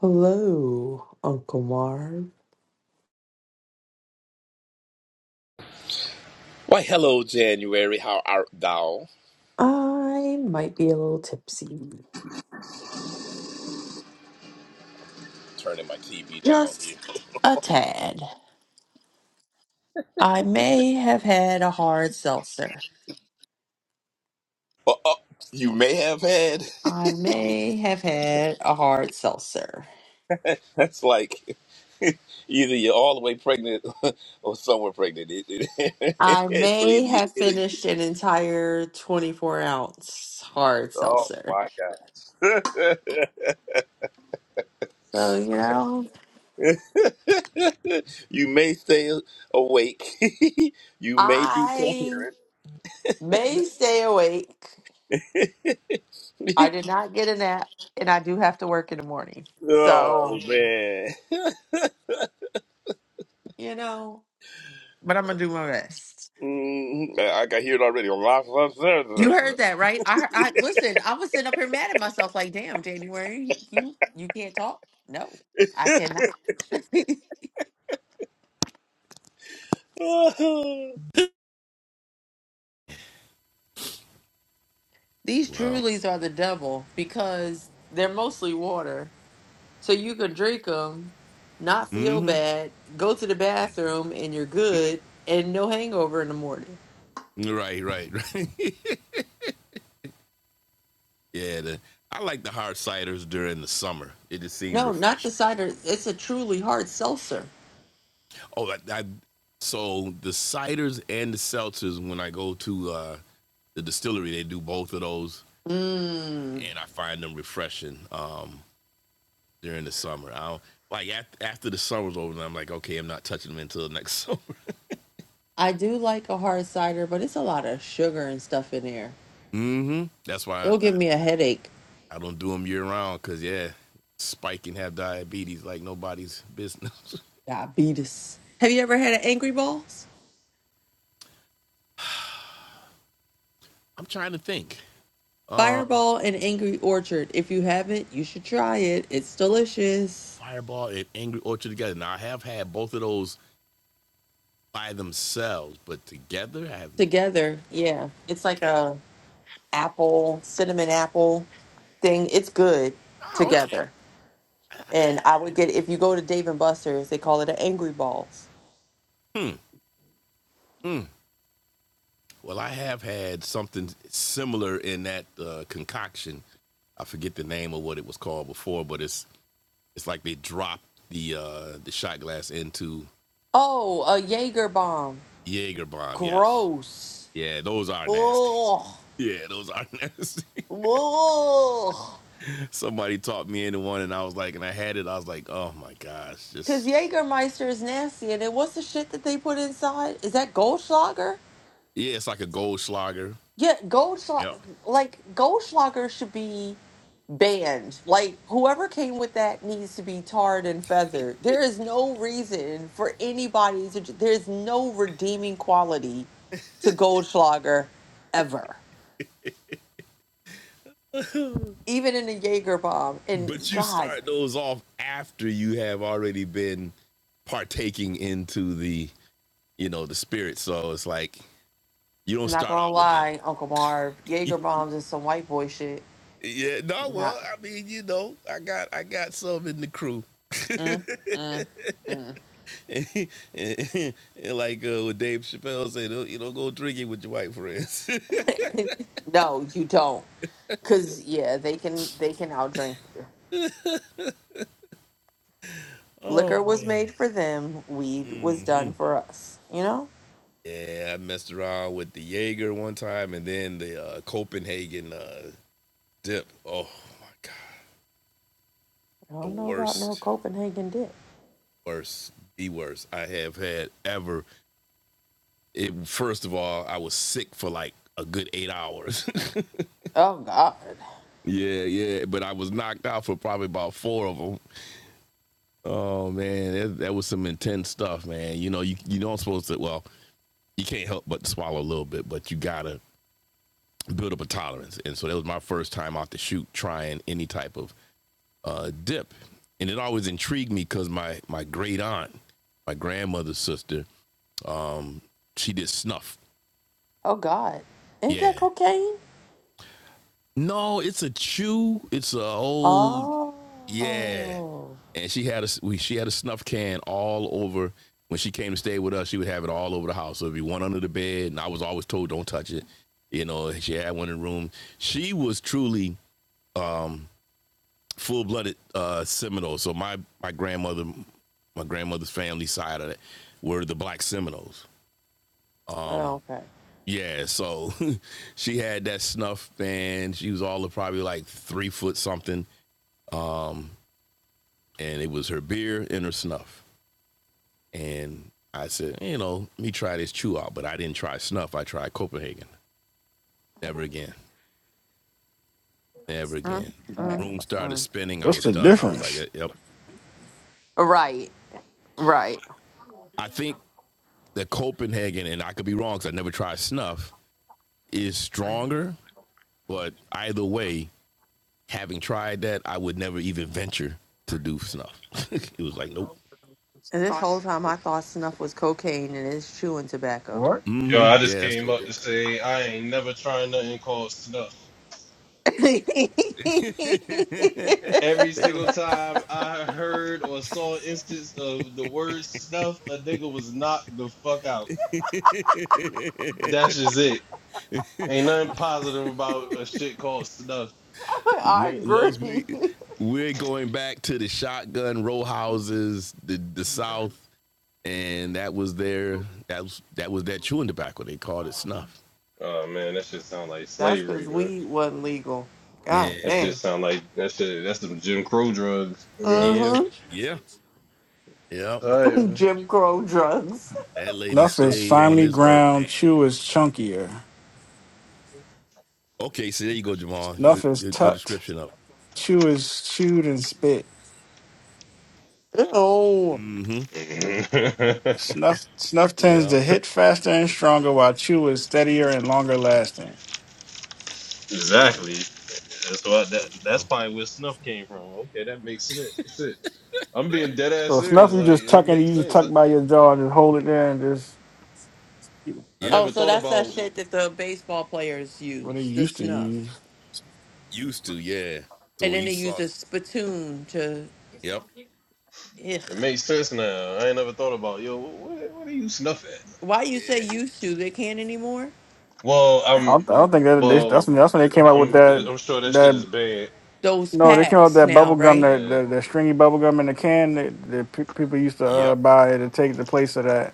Hello, Uncle Marv. Why, hello, January. How art thou? I might be a little tipsy. Turning my TV down Just here. a tad. I may have had a hard seltzer. Oh, oh, you may have had. I may have had a hard seltzer. That's like either you're all the way pregnant or somewhere pregnant. It- I it- so may either you have did or you- did. finished an entire 24 ounce hard Oh seltzer. my God. So, you know, you may stay awake. you may be I coherent. may stay awake. I did not get a nap, and I do have to work in the morning. oh So, man. you know. but I'm gonna do my best. Mm, I I got hear it already. You heard that, right? I, I listen. I was sitting up here mad at myself, like, "Damn, January, you you can't talk." No, I cannot. These Wow. Trulies are the devil because they're mostly water, so you can drink them, not feel bad, go to the bathroom, and you're good, and no hangover in the morning. Right, right, right. yeah, the, I like the hard ciders during the summer. It just seemed No, not the refreshing. cider. It's a truly hard seltzer. Oh, I, I, so the ciders and the seltzers. When I go to uh, the distillery, they do both of those, Mm. and I find them refreshing um, during the summer. I don't, like af after the summer's over, I'm like, okay, I'm not touching them until next summer. I do like a hard cider, but it's a lot of sugar and stuff in there. mm hmm That's why I, It'll give me I a headache. I don't do them year round. Cause yeah, spike and have diabetes like nobody's business. Diabetes. Have you ever had an Angry Balls? I'm trying to think. Um, Fireball and Angry Orchard. If you haven't, you should try it. It's delicious. Fireball and Angry Orchard together. Now I have had both of those by themselves, but together I have. Together, yeah. It's like Okay. a apple, cinnamon apple thing. It's good Oh, okay. together. I And have I would get if you go to Dave and Buster's, they call it an Angry Balls. Mm, well, I have had something similar in that uh, concoction. I forget the name of what it was called before, but it's it's like they drop the uh, the shot glass into Oh, a Jaeger bomb. Jaeger bomb. Yes, Gross. yeah, those are nasty. Ugh. Yeah, those are nasty. Ugh. Somebody taught me into one, and I was like, and I had it. I was like, oh my gosh, just Because Jägermeister is nasty, and then what's the shit that they put inside? Is that Goldschlager? Yeah, it's like a gold slogger. Yeah, Yep. Goldschlager. Like Goldschlager should be banned. Like whoever came with that needs to be tarred and feathered. There is no reason for anybody to. ju- There's no redeeming quality to Goldschlager ever, even in a Jaeger bomb. And But you God, start those off after you have already been partaking into the, you know, the spirit. So it's like you don't I'm not start gonna out with them. lie, Uncle Marv, Jaeger bombs is some white boy shit. Yeah, no, Not. well, I mean, you know, I got I got some in the crew. Mm, mm. mm. and, and, and like uh, what Dave Chappelle said, "Oh, you don't go drinking with your white friends. no, you don't. Cause yeah, they can they can outdrink you. Liquor was made for them. Weed was done for us. You know. yeah, I messed around with the Jaeger one time and then the uh, Copenhagen uh, dip. Oh my god, I the don't know about no worst. Copenhagen dip. worst, the worst I have had ever. It, first of all, I was sick for like a good eight hours. Oh God. yeah, yeah, but I was knocked out for probably about four of them. Oh man, that, that was some intense stuff, man. You know, you you don't supposed to. Well, you can't help but swallow a little bit, but you gotta build up a tolerance. And so that was my first time out the shoot trying any type of uh, dip, and it always intrigued me because my my great aunt, my grandmother's sister, um, she did snuff. Oh God. Ain't that Yeah, cocaine? No, it's a chew. It's a whole yeah. Oh. And she had a we, she had a snuff can all over. When she came to stay with us, she would have it all over the house. So it'd be one under the bed, and I was always told don't touch it. You know, she had one in the room. She was truly full blooded uh, Seminole. So my my grandmother, my grandmother's family side of it were the Black Seminoles. Oh, Okay. Yeah, so she had that snuff, and she was all of probably like three foot something and it was her beer and her snuff. And I said, you know, let me try this chew out, but I didn't try snuff. I tried Copenhagen. Never again. Never Mm, again. Man, mm, Room started mm. spinning. I What's was the done. I was like, difference? yep. yep." Right. Right. I think that Copenhagen, and I could be wrong because I never tried snuff, is stronger. But either way, having tried that, I would never even venture to do snuff. it was like, nope. And this whole time I thought snuff was cocaine and it's chewing tobacco. What? Yo, hmm I just Yeah, that's came what up they're. to say I ain't never tried nothing called snuff. Every single time I heard or saw an instance of the word snuff, a nigga was knocked the fuck out. That's just it. Ain't nothing positive about a shit called snuff. I Lo- Lowe's, we, agree. we're going back to the shotgun row houses, the the South, and that was their that was that was their chewing tobacco. They called it snuff. Oh man, that shit sound like That's slavery, because man. weed wasn't legal. Yeah, God That shit damn. sound like that shit. That's some Jim Crow drugs. You know what yeah, Mm-hmm. yeah, yeah. I mean? Jim Crow drugs. That lady Nuff is stayed on finely this earth, ground, man. chew is chunkier. Okay, so there you go, Jamal. Good, Snuff is good, good tucked, description of. it. chew is chewed and spit. Oh. It's all right, man. Snuff snuff tends Yeah, to hit faster and stronger while chew is steadier and longer lasting. there you go. exactly. That's why that There you that's go. probably where snuff came from. Okay, that makes sen- sense. I'm being dead ass So snuff serious. you Like just it tuck and makes you just sense. tuck I, by your jaw and just hold it there and just I Yeah, Oh, never so thought that's that about shit that the baseball players what they use, the used to use. snuff. used to. Yeah. So And when then you they use saw, a spittoon to yep. it ugh. makes sense now. I ain't never thought about yo. What what are you snuff at? Why Yeah. you say used to? They can't anymore? Well, I I'm don't, I don't think that they, that's well. when, that's when they came out with I'm that I'm sure that shit that is bad. Those no they came out with packs that now, bubble gum right? that Yeah, that, that stringy bubble gum in the can that, that pe- people used to uh, Yep. buy to take the place of that.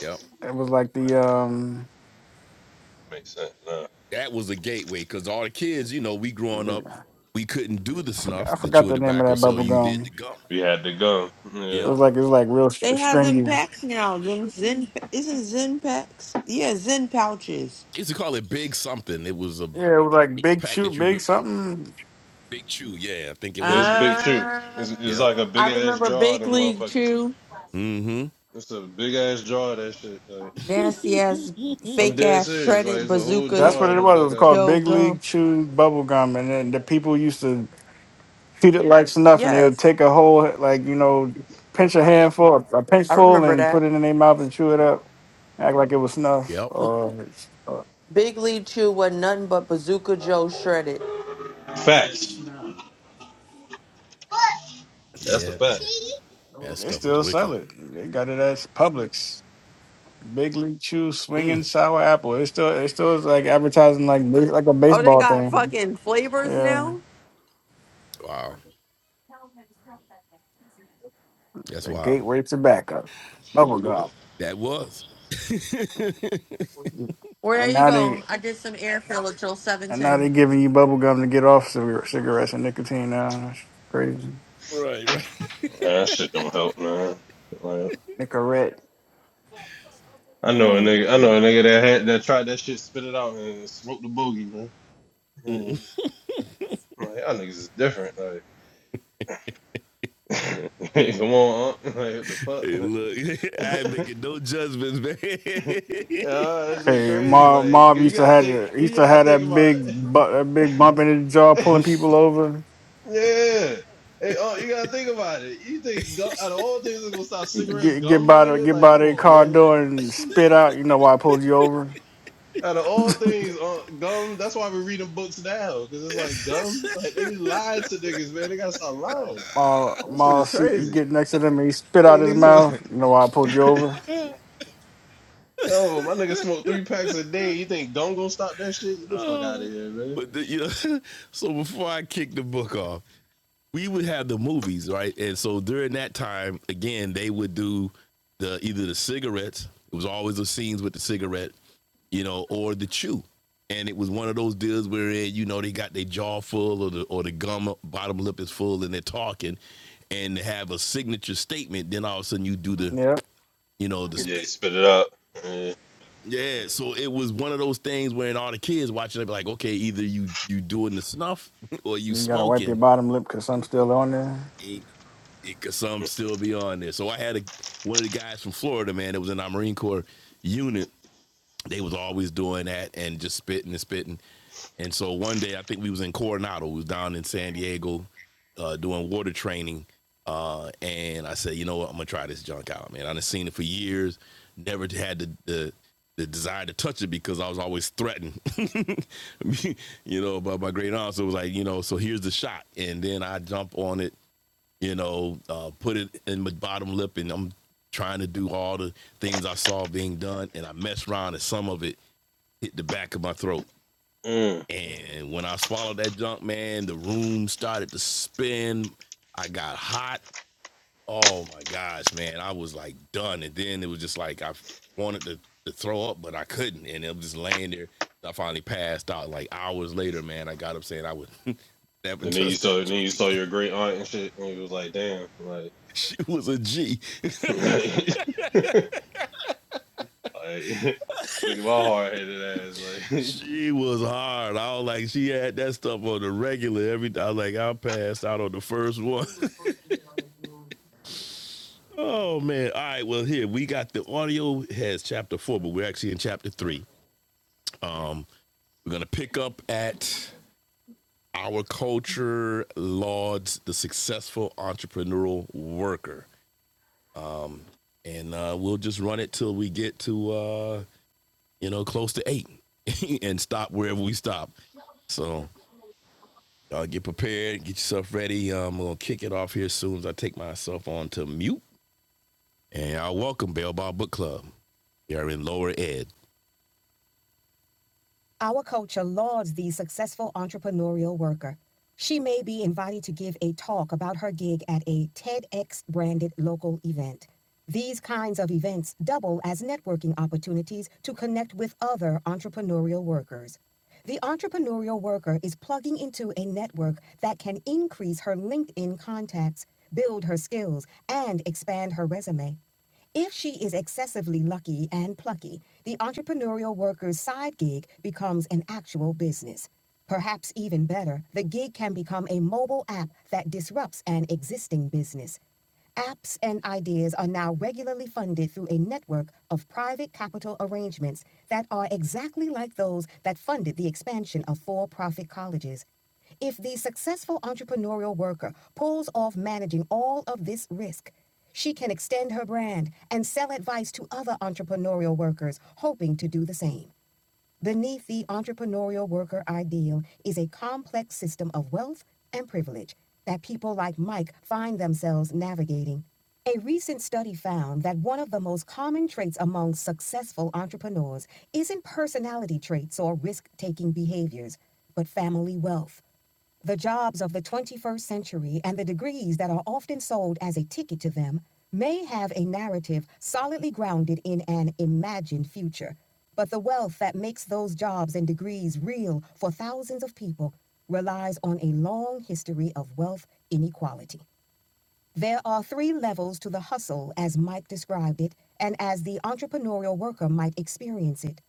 Yep. It was like the um, that makes sense. Now that was a gateway because all the kids, you know, we growing up, the- we couldn't do the I forgot snuff, I the forgot chewing the name of tobacco, that so bubble you did the gum. gum. we had the gum. Yeah, It was Yep. like it was like real str- They have them stringy. packs now. Them Zen isn't Zen packs? Yeah, Zen pouches. used to call it Big Something. It was a Yeah, it was like big pack chew, that you big ripped off. something. Big Chew. Yeah, I think it was it's Big big Chew. chew. Uh, It's it's Yep. like a I big ass remember jar. Of Big them League motherfuckers. Chew. It's a big ass jar. Of that shit. Like Nasty ass, I'm fake dead ass, serious. Like shredded it's a whole bazooka That's jar what in it the was. It duck was called out. Joe Big League gum. Chew bubble gum, and then the people used to treat it like snuff, and they would Yes, take a whole like you know, pinch a Yep. handful, a I pinchful, remember and that. put it in their mouth and chew it up, act like it was snuff. Yep. Or Big League Chew was nothing but bazooka Joe shredded. Facts. That's a Yeah, fact. man. That they stuff was still sell wicked. it. They got it at Publix. Big League Chew swinging sour apple. It's still it's still is like advertising like bas- like a Oh, they baseball got thing. fucking flavors Yeah, now? Wow. That's the wild. gateway to backup, bubble gum, That was. Well, there and you now go. they I did some air fill at Joe and now 710. they giving you bubble gum to get off cigar- cigarettes and nicotine. Now that's crazy. Right, right. Man, that shit don't help, man. Like Nicorette. I know a nigga, I know a nigga that had that tried that shit, spit it out, and smoked the boogie, man. Like, like y'all niggas is different. Like, come on, huh? like Hey, what the look, I ain't fuck. making no judgments, man. Yeah, that shit Hey, crazy. Mob Like Mob you used to gotta have think, the, he used you to gotta have think that about. big bu- that it. big bump in his jaw, pulling people over. yeah, hey, oh, you gotta think about it. You think gum, out of all things, it's gonna stop He'd cigarettes, Get get gum, my by the nigga? get Like, by come their on, car man. door and spit out. You know why I pulled you over? Out of all things, uh, gum. That's why we're reading books now, because it's like gum. Like they be lying to niggas, man. They gotta stop Um, lying. Ma, That shit Ma, is see, he crazy. get next to them and he spit out Think his niggas, mouth. You know why I pulled you over? yo, my nigga smoke three packs a day. You think gum gonna stop that shit? Get the fuck out of here, man. but the, you know, so before I kick the book off, we would have the movies, right? And so during that time, again, they would do the either the cigarettes. It was always the scenes with the cigarette, you know, or the chew. And it was one of those deals where you know they got their jaw full or the or the gum bottom lip is full and they're talking, and have a signature statement. Then all of a sudden you do the Yep. you know the Yeah, spit. spit it up. Yeah. Yeah, so it was one of those things where all the kids watching, they be like, okay, either you you doing the snuff or you You gotta wipe your smoking. bottom lip because I'm still on there. it could some still be on there. So I had a, one of the guys from Florida, man, that was in our Marine Corps unit. They was always doing that and just spitting and spitting. And so one day, I think we was in Coronado. We was down in San Diego uh, doing water training. Uh, and I said, you know what? I'm gonna try this junk out, man. I done seen it for years. Never had the the, the desire to touch it because I was always threatened, you know, by my great aunt. So it was like, you know, so here's the shot. And then I jump on it you know, uh, put it in my bottom lip, and I'm trying to do all the things I saw being done, and I messed around, and some of it hit the back of my throat. Mm. And when I swallowed that junk, man, the room started to spin. I got hot. Oh my gosh, man, I was like done. And then it was just like I wanted to, to throw up, but I couldn't. And it was just laying there. I finally passed out. Like hours later, man, I got up saying I would never And then you touch saw, that and then junk you saw again. your great aunt and shit, and you was like, damn, like, She was a G. like, look at my hard headed ass, like. She was hard. I was like, she had that stuff on the regular. Every I was like, I passed out on the first one. oh man! All right, well here we got the audio has chapter four, but we're actually in chapter three. Um, we're gonna pick up at our culture lauds the successful entrepreneurial worker, and uh, we'll just run it till we get to uh, you know close to eight, and stop wherever we stop. So Y'all get prepared, get yourself ready. Um, I'm gonna kick it off here soon as I take myself on to mute. And y'all welcome Bell Ball Book Club. you are in Lower Ed. Our culture lauds the successful entrepreneurial worker. She may be invited to give a talk about her gig at a TEDx branded local event. These kinds of events double as networking opportunities to connect with other entrepreneurial workers. The entrepreneurial worker is plugging into a network that can increase her LinkedIn contacts, build her skills, and expand her resume. If she is excessively lucky and plucky, the entrepreneurial worker's side gig becomes an actual business. Perhaps even better, the gig can become a mobile app that disrupts an existing business. Apps and ideas are now regularly funded through a network of private capital arrangements that are exactly like those that funded the expansion of for profit colleges. If the successful entrepreneurial worker pulls off managing all of this risk, she can extend her brand and sell advice to other entrepreneurial workers hoping to do the same. Beneath the entrepreneurial worker ideal is a complex system of wealth and privilege that people like Mike find themselves navigating. A recent study found that one of the most common traits among successful entrepreneurs isn't personality traits or risk taking behaviors, but family wealth. The jobs of the 21st century and the degrees that are often sold as a ticket to them may have a narrative solidly grounded in an imagined future, but the wealth that makes those jobs and degrees real for thousands of people relies on a long history of wealth inequality. There are three levels to the hustle, as Mike described it, and as the entrepreneurial worker might experience it.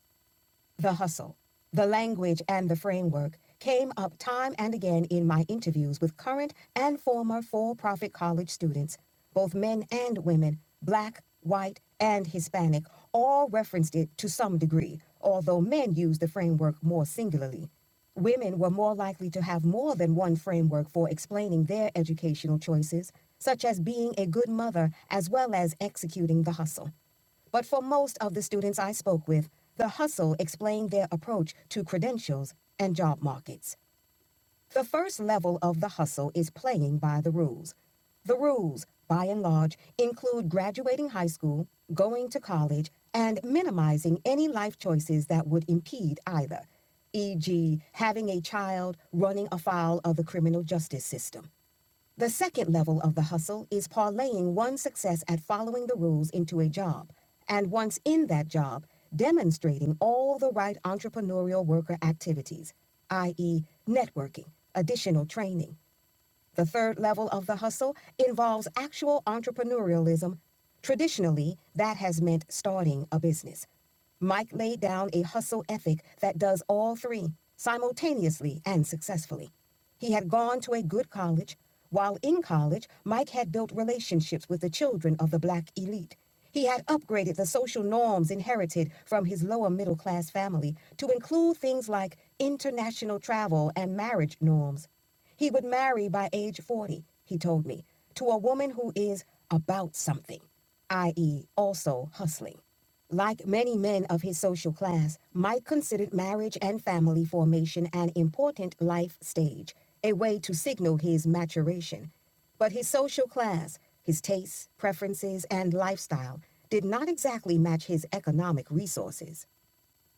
The hustle, the language, and the framework came up time and again in my interviews with current and former for profit college students, both men and women, black, white, and Hispanic, all referenced it to some degree, although men used the framework more singularly. Women were more likely to have more than one framework for explaining their educational choices, such as being a good mother as well as executing the hustle. But for most of the students I spoke with, the hustle explained their approach to credentials and job markets. The first level of the hustle is playing by the rules. The rules, by and large, include graduating high school, going to college, and minimizing any life choices that would impede either, e.g., having a child running afoul of the criminal justice system. The second level of the hustle is parlaying one's success at following the rules into a job, and once in that job, demonstrating all the right entrepreneurial worker activities, i.e., networking, additional training. The third level of the hustle involves actual entrepreneurialism. Traditionally, that has meant starting a business. Mike laid down a hustle ethic that does all three simultaneously and successfully. He had gone to a good college. While in college, Mike had built relationships with the children of the black elite. He had upgraded the social norms inherited from his lower middle class family to include things like international travel and marriage norms. He would marry by age 40, he told me, to a woman who is about something, i.e., also hustling. Like many men of his social class, Mike considered marriage and family formation an important life stage, a way to signal his maturation. But his social class, his tastes, preferences, and lifestyle did not exactly match his economic resources.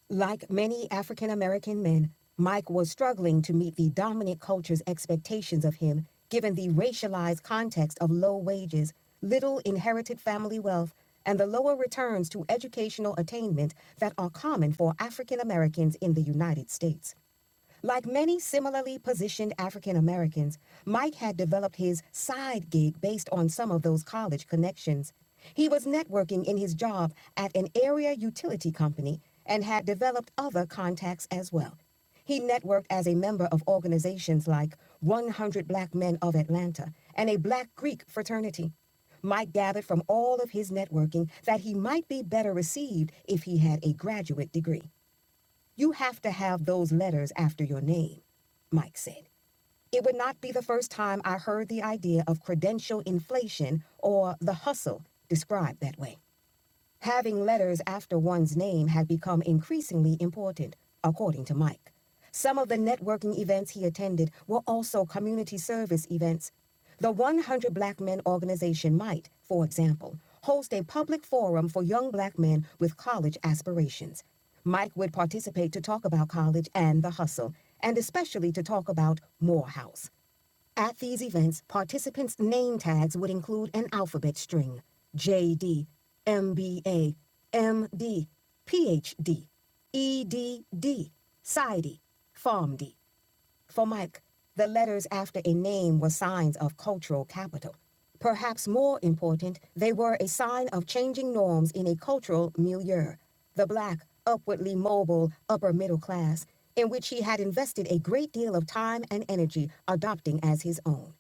Like many African American men, Mike was struggling to meet the dominant culture's expectations of him, given the racialized context of low wages, little inherited family wealth, and the lower returns to educational attainment that are common for African Americans in the United States. Like many similarly positioned African Americans, Mike had developed his side gig based on some of those college connections. He was networking in his job at an area utility company and had developed other contacts as well. He networked as a member of organizations like 100 Black Men of Atlanta and a Black Greek fraternity. Mike gathered from all of his networking that he might be better received if he had a graduate degree. You have to have those letters after your name, Mike said. It would not be the first time I heard the idea of credential inflation or the hustle described that way. Having letters after one's name had become increasingly important, according to Mike. Some of the networking events he attended were also community service events. The 100 Black Men organization might, for example, host a public forum for young black men with college aspirations. Mike would participate to talk about college and the hustle, and especially to talk about Morehouse. At these events, participants' name tags would include an alphabet string JD, MBA, MD, PhD, EDD, PsyD, PharmD. For Mike, the letters after a name were signs of cultural capital. Perhaps more important, they were a sign of changing norms in a cultural milieu. The black, upwardly mobile, upper middle class, in which he had invested a great deal of time and energy adopting as his own.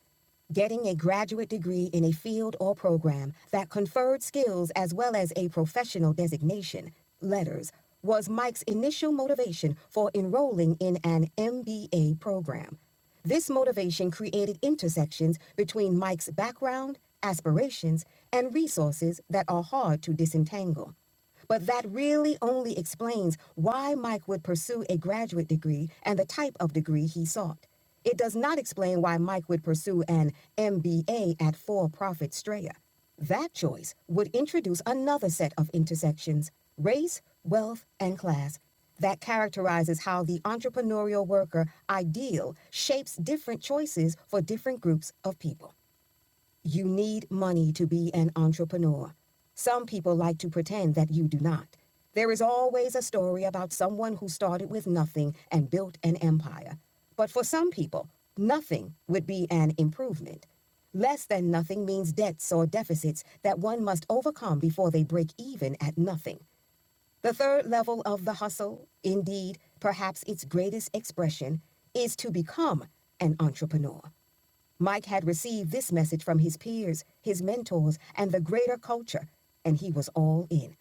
Getting a graduate degree in a field or program that conferred skills as well as a professional designation, letters, was Mike's initial motivation for enrolling in an MBA program. This motivation created intersections between Mike's background, aspirations, and resources that are hard to disentangle. But that really only explains why Mike would pursue a graduate degree and the type of degree he sought. It does not explain why Mike would pursue an MBA at for profit Strayer. That choice would introduce another set of intersections race, wealth, and class that characterizes how the entrepreneurial worker ideal shapes different choices for different groups of people. You need money to be an entrepreneur. Some people like to pretend that you do not. There is always a story about someone who started with nothing and built an empire. But for some people, nothing would be an improvement. Less than nothing means debts or deficits that one must overcome before they break even at nothing. The third level of the hustle, indeed, perhaps its greatest expression, is to become an entrepreneur. Mike had received this message from his peers, his mentors, and the greater culture, and he was all in.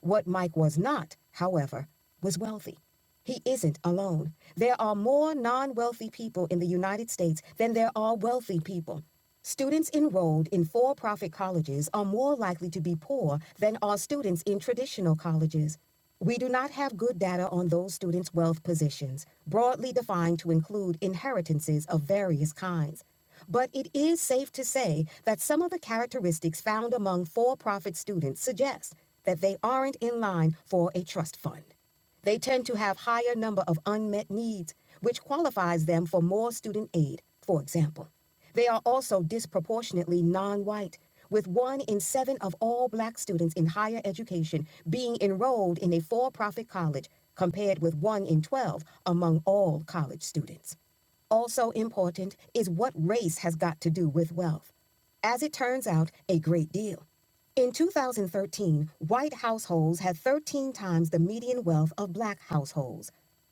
What Mike was not, however, was wealthy. He isn't alone. There are more non wealthy people in the United States than there are wealthy people. Students enrolled in for profit colleges are more likely to be poor than are students in traditional colleges. We do not have good data on those students' wealth positions, broadly defined to include inheritances of various kinds. But it is safe to say that some of the characteristics found among for profit students suggest that they aren't in line for a trust fund. They tend to have higher number of unmet needs, which qualifies them for more student aid, for example. They are also disproportionately non white, with one in seven of all black students in higher education being enrolled in a for profit college, compared with one in 12 among all college students. Also important is what race has got to do with wealth. As it turns out, a great deal. In 2013, white households had 13 times the median wealth of black households.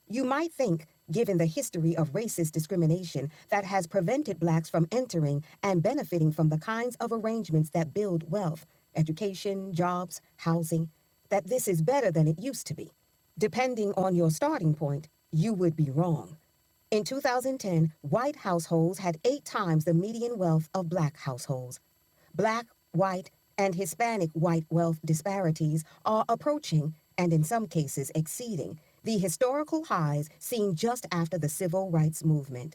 You might think, given the history of racist discrimination that has prevented blacks from entering and benefiting from the kinds of arrangements that build wealth, education, jobs, housing, that this is better than it used to be. Depending on your starting point, you would be wrong. In 2010, white households had eight times the median wealth of black households. Black, white, and Hispanic white wealth disparities are approaching, and in some cases exceeding, the historical highs seen just after the Civil Rights Movement.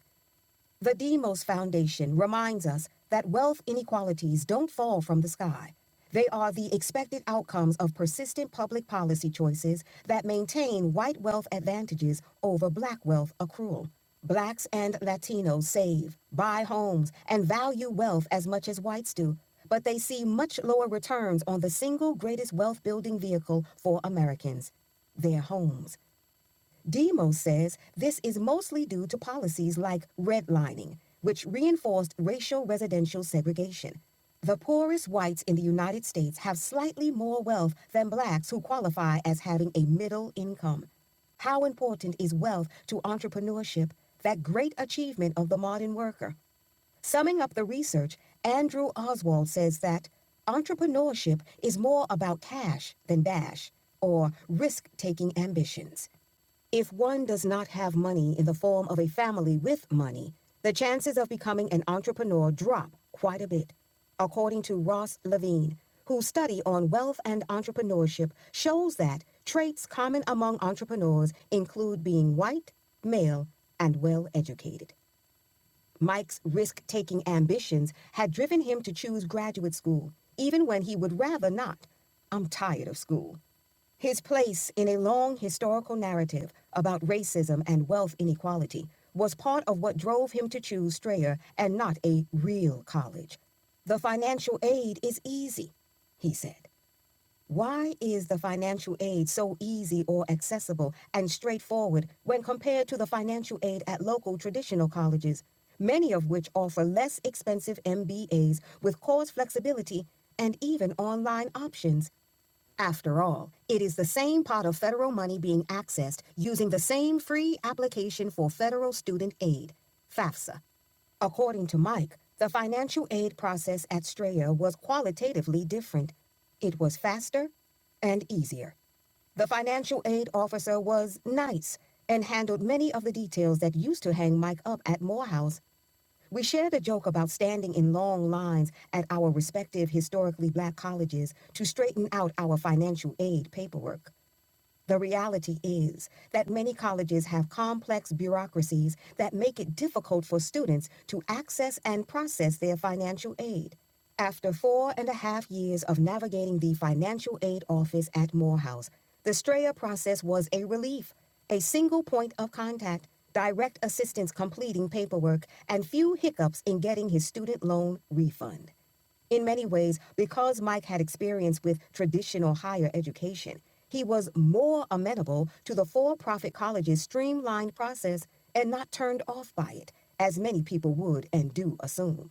The Demos Foundation reminds us that wealth inequalities don't fall from the sky. They are the expected outcomes of persistent public policy choices that maintain white wealth advantages over black wealth accrual. Blacks and Latinos save, buy homes, and value wealth as much as whites do, but they see much lower returns on the single greatest wealth building vehicle for Americans their homes. Demos says this is mostly due to policies like redlining, which reinforced racial residential segregation. The poorest whites in the United States have slightly more wealth than blacks who qualify as having a middle income. How important is wealth to entrepreneurship, that great achievement of the modern worker? Summing up the research, Andrew Oswald says that entrepreneurship is more about cash than dash or risk taking ambitions. If one does not have money in the form of a family with money, the chances of becoming an entrepreneur drop quite a bit. According to Ross Levine, whose study on wealth and entrepreneurship shows that traits common among entrepreneurs include being white, male, and well educated. Mike's risk taking ambitions had driven him to choose graduate school, even when he would rather not. I'm tired of school. His place in a long historical narrative about racism and wealth inequality was part of what drove him to choose Strayer and not a real college. The financial aid is easy, he said. Why is the financial aid so easy or accessible and straightforward when compared to the financial aid at local traditional colleges, many of which offer less expensive MBAs with course flexibility and even online options? After all, it is the same pot of federal money being accessed using the same free application for federal student aid, FAFSA. According to Mike, the financial aid process at Strayer was qualitatively different. It was faster and easier. The financial aid officer was nice and handled many of the details that used to hang Mike up at Morehouse we shared a joke about standing in long lines at our respective historically black colleges to straighten out our financial aid paperwork. The reality is that many colleges have complex bureaucracies that make it difficult for students to access and process their financial aid. After four and a half years of navigating the financial aid office at Morehouse, the Strayer process was a relief. A single point of contact, direct assistance completing paperwork, and few hiccups in getting his student loan refund. In many ways, because Mike had experience with traditional higher education, he was more amenable to the for profit college's streamlined process and not turned off by it, as many people would and do assume.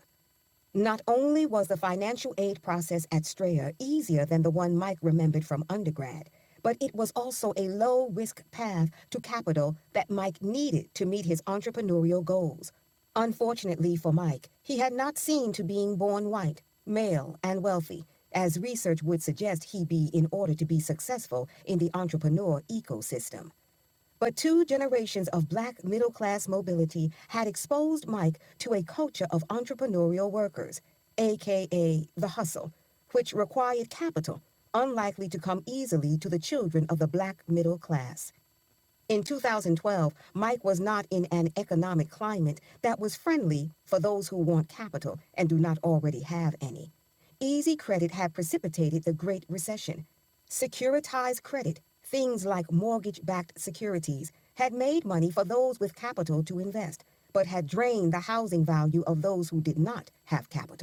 Not only was the financial aid process at Strayer easier than the one Mike remembered from undergrad, but it was also a low risk path to capital that Mike needed to meet his entrepreneurial goals. Unfortunately for Mike, he had not seen to being born white, male, and wealthy, as research would suggest he be in order to be successful in the entrepreneur ecosystem. But two generations of black middle class mobility had exposed Mike to a culture of entrepreneurial workers, aka the hustle, which required capital, unlikely to come easily to the children of the black middle class. In 2012, Mike was not in an economic climate that was friendly for those who want capital and do not already have any. Easy credit had precipitated the Great Recession. Securitized credit, things like mortgage backed securities, had made money for those with capital to invest, but had drained the housing value of those who did not have capital.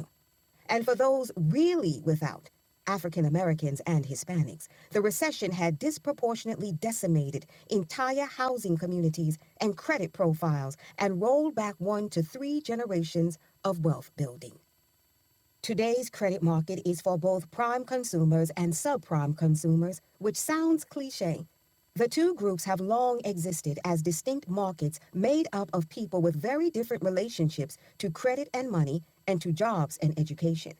And for those really without, African Americans and Hispanics, the recession had disproportionately decimated entire housing communities and credit profiles and rolled back one to three generations of wealth building. Today's credit market is for both prime consumers and subprime consumers, which sounds cliche. The two groups have long existed as distinct markets made up of people with very different relationships to credit and money and to jobs and education.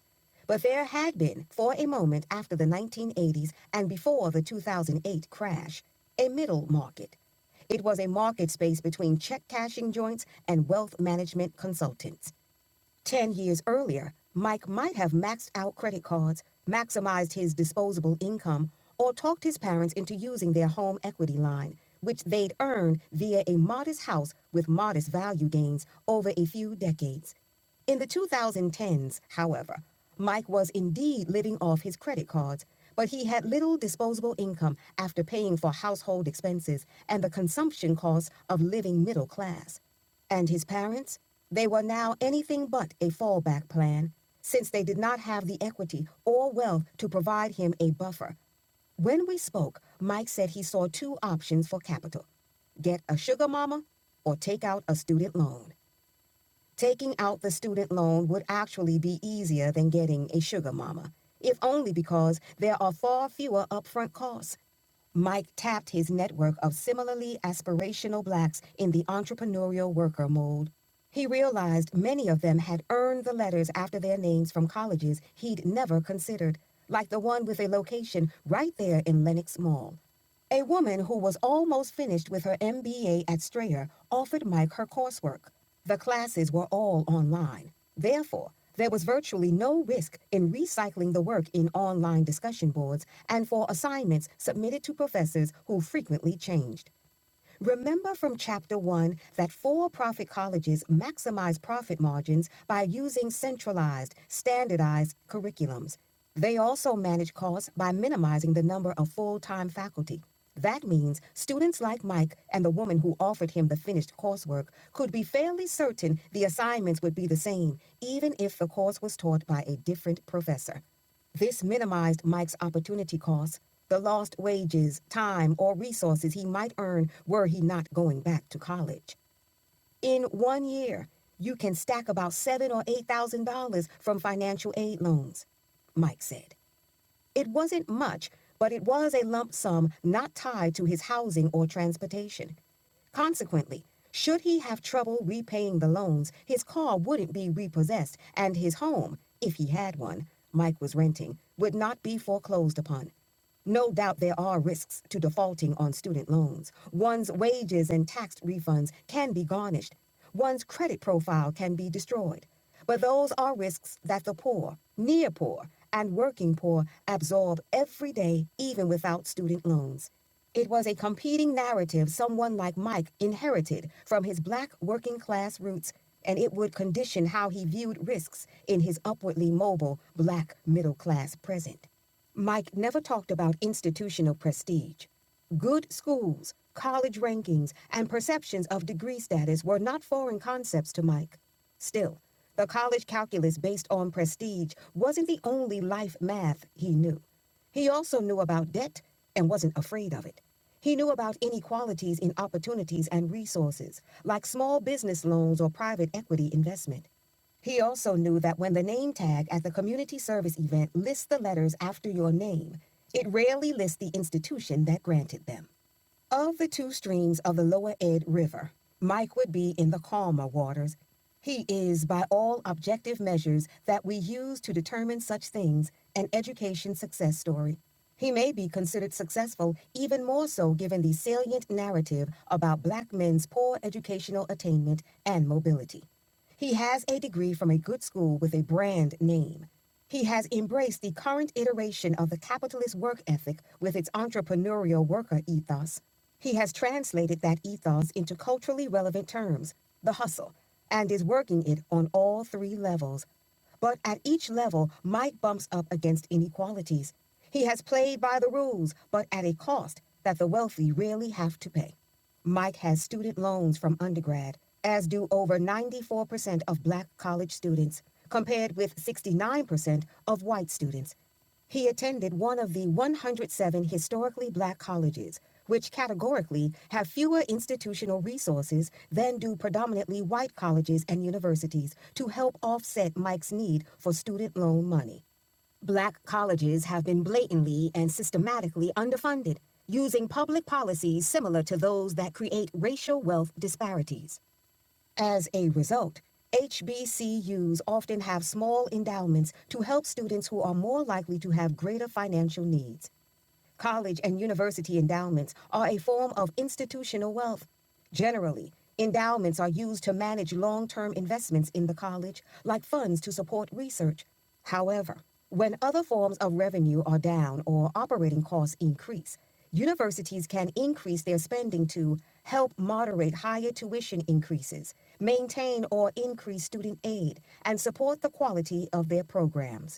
But there had been, for a moment after the 1980s and before the 2008 crash, a middle market. It was a market space between check cashing joints and wealth management consultants. Ten years earlier, Mike might have maxed out credit cards, maximized his disposable income, or talked his parents into using their home equity line, which they'd earned via a modest house with modest value gains over a few decades. In the 2010s, however, Mike was indeed living off his credit cards, but he had little disposable income after paying for household expenses and the consumption costs of living middle class. And his parents? They were now anything but a fallback plan, since they did not have the equity or wealth to provide him a buffer. When we spoke, Mike said he saw two options for capital get a sugar mama or take out a student loan. Taking out the student loan would actually be easier than getting a sugar mama, if only because there are far fewer upfront costs. Mike tapped his network of similarly aspirational blacks in the entrepreneurial worker mold. He realized many of them had earned the letters after their names from colleges he'd never considered, like the one with a location right there in Lenox Mall. A woman who was almost finished with her MBA at Strayer offered Mike her coursework. The classes were all online. Therefore, there was virtually no risk in recycling the work in online discussion boards and for assignments submitted to professors who frequently changed. Remember from chapter one that for profit colleges maximize profit margins by using centralized, standardized curriculums. They also manage costs by minimizing the number of full time faculty. That means students like Mike and the woman who offered him the finished coursework could be fairly certain the assignments would be the same, even if the course was taught by a different professor. This minimized Mike's opportunity costs, the lost wages, time, or resources he might earn were he not going back to college. In one year, you can stack about seven or eight thousand dollars from financial aid loans, Mike said. It wasn't much, but it was a lump sum not tied to his housing or transportation. Consequently, should he have trouble repaying the loans, his car wouldn't be repossessed, and his home, if he had one, Mike was renting, would not be foreclosed upon. No doubt there are risks to defaulting on student loans. One's wages and tax refunds can be garnished. One's credit profile can be destroyed. But those are risks that the poor, near poor, and working poor absorb every day, even without student loans. It was a competing narrative someone like Mike inherited from his black working class roots, and it would condition how he viewed risks in his upwardly mobile black middle class present. Mike never talked about institutional prestige. Good schools, college rankings, and perceptions of degree status were not foreign concepts to Mike. Still, the college calculus based on prestige wasn't the only life math he knew. He also knew about debt and wasn't afraid of it. He knew about inequalities in opportunities and resources, like small business loans or private equity investment. He also knew that when the name tag at the community service event lists the letters after your name, it rarely lists the institution that granted them. Of the two streams of the Lower Ed River, Mike would be in the calmer waters. He is, by all objective measures that we use to determine such things, an education success story. He may be considered successful, even more so given the salient narrative about black men's poor educational attainment and mobility. He has a degree from a good school with a brand name. He has embraced the current iteration of the capitalist work ethic with its entrepreneurial worker ethos he has translated that ethos into culturally relevant terms, the hustle, and is working it on all three levels. But at each level, Mike bumps up against inequalities. He has played by the rules, but at a cost that the wealthy really have to pay. Mike has student loans from undergrad, as do over 94% of black college students, compared with 69% of white students. He attended one of the 107 historically black colleges, which categorically have fewer institutional resources than do predominantly white colleges and universities to help offset Mike's need for student loan money. Black colleges have been blatantly and systematically underfunded, using public policies similar to those that create racial wealth disparities. As a result, HBCUs often have small endowments to help students who are more likely to have greater financial needs college and university endowments are a form of institutional wealth. Generally, endowments are used to manage long term investments in the college, like funds to support research. However, when other forms of revenue are down or operating costs increase, universities can increase their spending to help moderate higher tuition increases, maintain or increase student aid, and support the quality of their programs.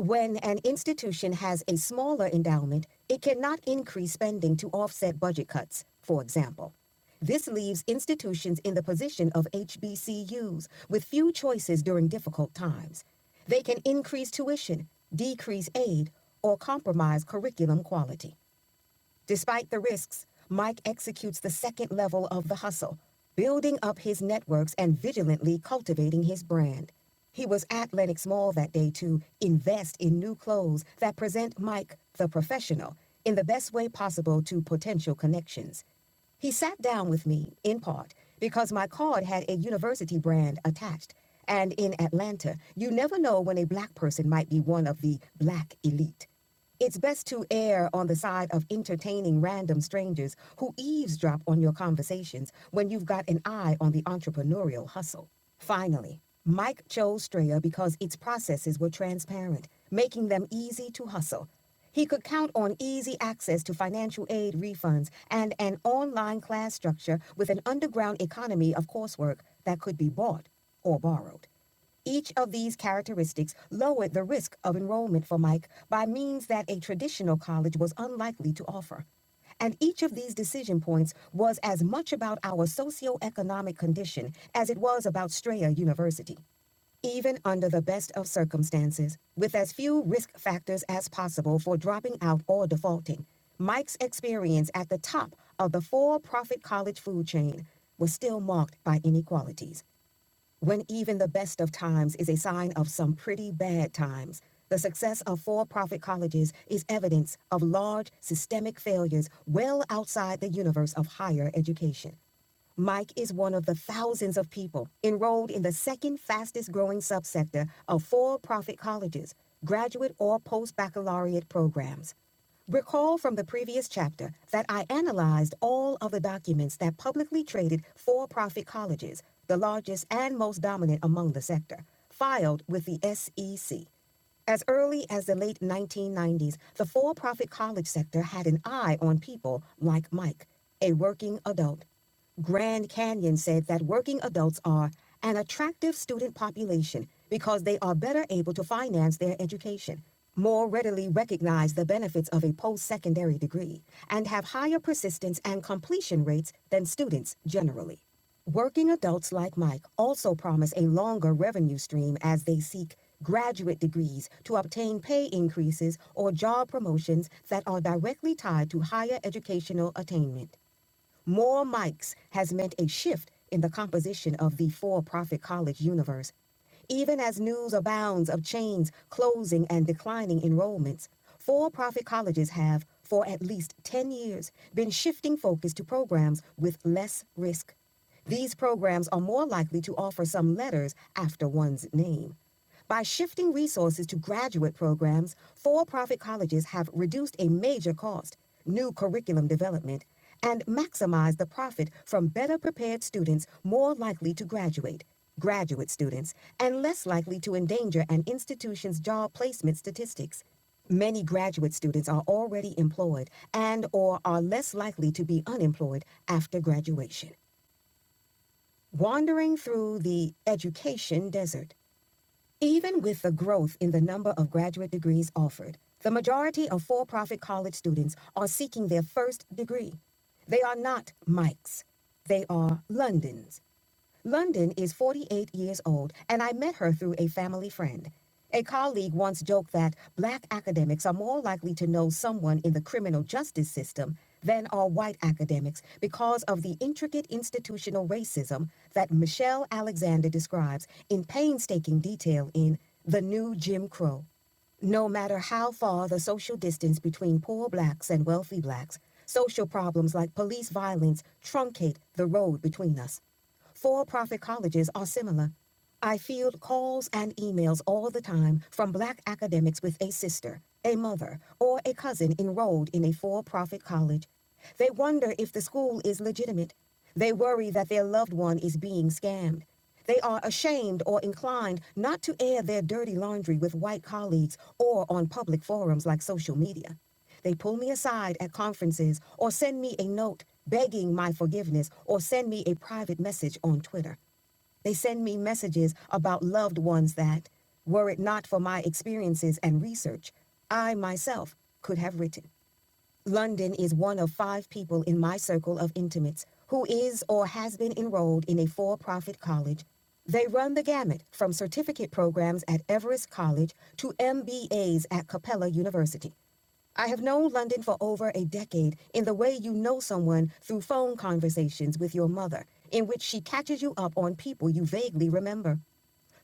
When an institution has a smaller endowment, it cannot increase spending to offset budget cuts, for example. This leaves institutions in the position of HBCUs with few choices during difficult times. They can increase tuition, decrease aid, or compromise curriculum quality. Despite the risks, Mike executes the second level of the hustle, building up his networks and vigilantly cultivating his brand. He was at Lenox Mall that day to invest in new clothes that present Mike, the professional, in the best way possible to potential connections. He sat down with me, in part, because my card had a university brand attached. And in Atlanta, you never know when a black person might be one of the black elite. It's best to err on the side of entertaining random strangers who eavesdrop on your conversations when you've got an eye on the entrepreneurial hustle. Finally, Mike chose Straya because its processes were transparent, making them easy to hustle. He could count on easy access to financial aid refunds and an online class structure with an underground economy of coursework that could be bought or borrowed. Each of these characteristics lowered the risk of enrollment for Mike by means that a traditional college was unlikely to offer. And each of these decision points was as much about our socioeconomic condition as it was about Strayer University. Even under the best of circumstances, with as few risk factors as possible for dropping out or defaulting, Mike's experience at the top of the for profit college food chain was still marked by inequalities. When even the best of times is a sign of some pretty bad times, the success of for profit colleges is evidence of large systemic failures well outside the universe of higher education. Mike is one of the thousands of people enrolled in the second fastest growing subsector of for profit colleges, graduate or post baccalaureate programs. Recall from the previous chapter that I analyzed all of the documents that publicly traded for profit colleges, the largest and most dominant among the sector, filed with the SEC. As early as the late 1990s, the for profit college sector had an eye on people like Mike, a working adult Grand Canyon said that working adults are an attractive student population because they are better able to finance their education, more readily recognize the benefits of a post secondary degree, and have higher persistence and completion rates than students generally. Working adults like Mike also promise a longer revenue stream as they seek graduate degrees to obtain pay increases or job promotions that are directly tied to higher educational attainment. More mics has meant a shift in the composition of the for profit college universe. Even as news abounds of chains closing and declining enrollments, for profit colleges have, for at least 10 years, been shifting focus to programs with less risk. These programs are more likely to offer some letters after one's name. By shifting resources to graduate programs, for profit colleges have reduced a major cost, new curriculum development, and maximized the profit from better prepared students more likely to graduate, graduate students, and less likely to endanger an institution's job placement statistics. Many graduate students are already employed and or are less likely to be unemployed after graduation. Wandering through the education desert. Even with the growth in the number of graduate degrees offered, the majority of for profit college students are seeking their first degree. They are not Mikes, they are Londons. London is 48 years old, and I met her through a family friend. A colleague once joked that black academics are more likely to know someone in the criminal justice system than are white academics because of the intricate institutional racism that Michelle Alexander describes in painstaking detail in The New Jim Crow. No matter how far the social distance between poor blacks and wealthy blacks, social problems like police violence truncate the road between us. For profit colleges are similar. I field calls and emails all the time from black academics with a sister, a mother, or a cousin enrolled in a for profit college. They wonder if the school is legitimate. They worry that their loved one is being scammed. They are ashamed or inclined not to air their dirty laundry with white colleagues or on public forums like social media. They pull me aside at conferences or send me a note begging my forgiveness or send me a private message on Twitter. They send me messages about loved ones that, were it not for my experiences and research, I myself could have written. London is one of five people in my circle of intimates who is or has been enrolled in a for profit college. They run the gamut from certificate programs at Everest College to MBAs at Capella University. I have known London for over a decade in the way you know someone through phone conversations with your mother, in which she catches you up on people you vaguely remember.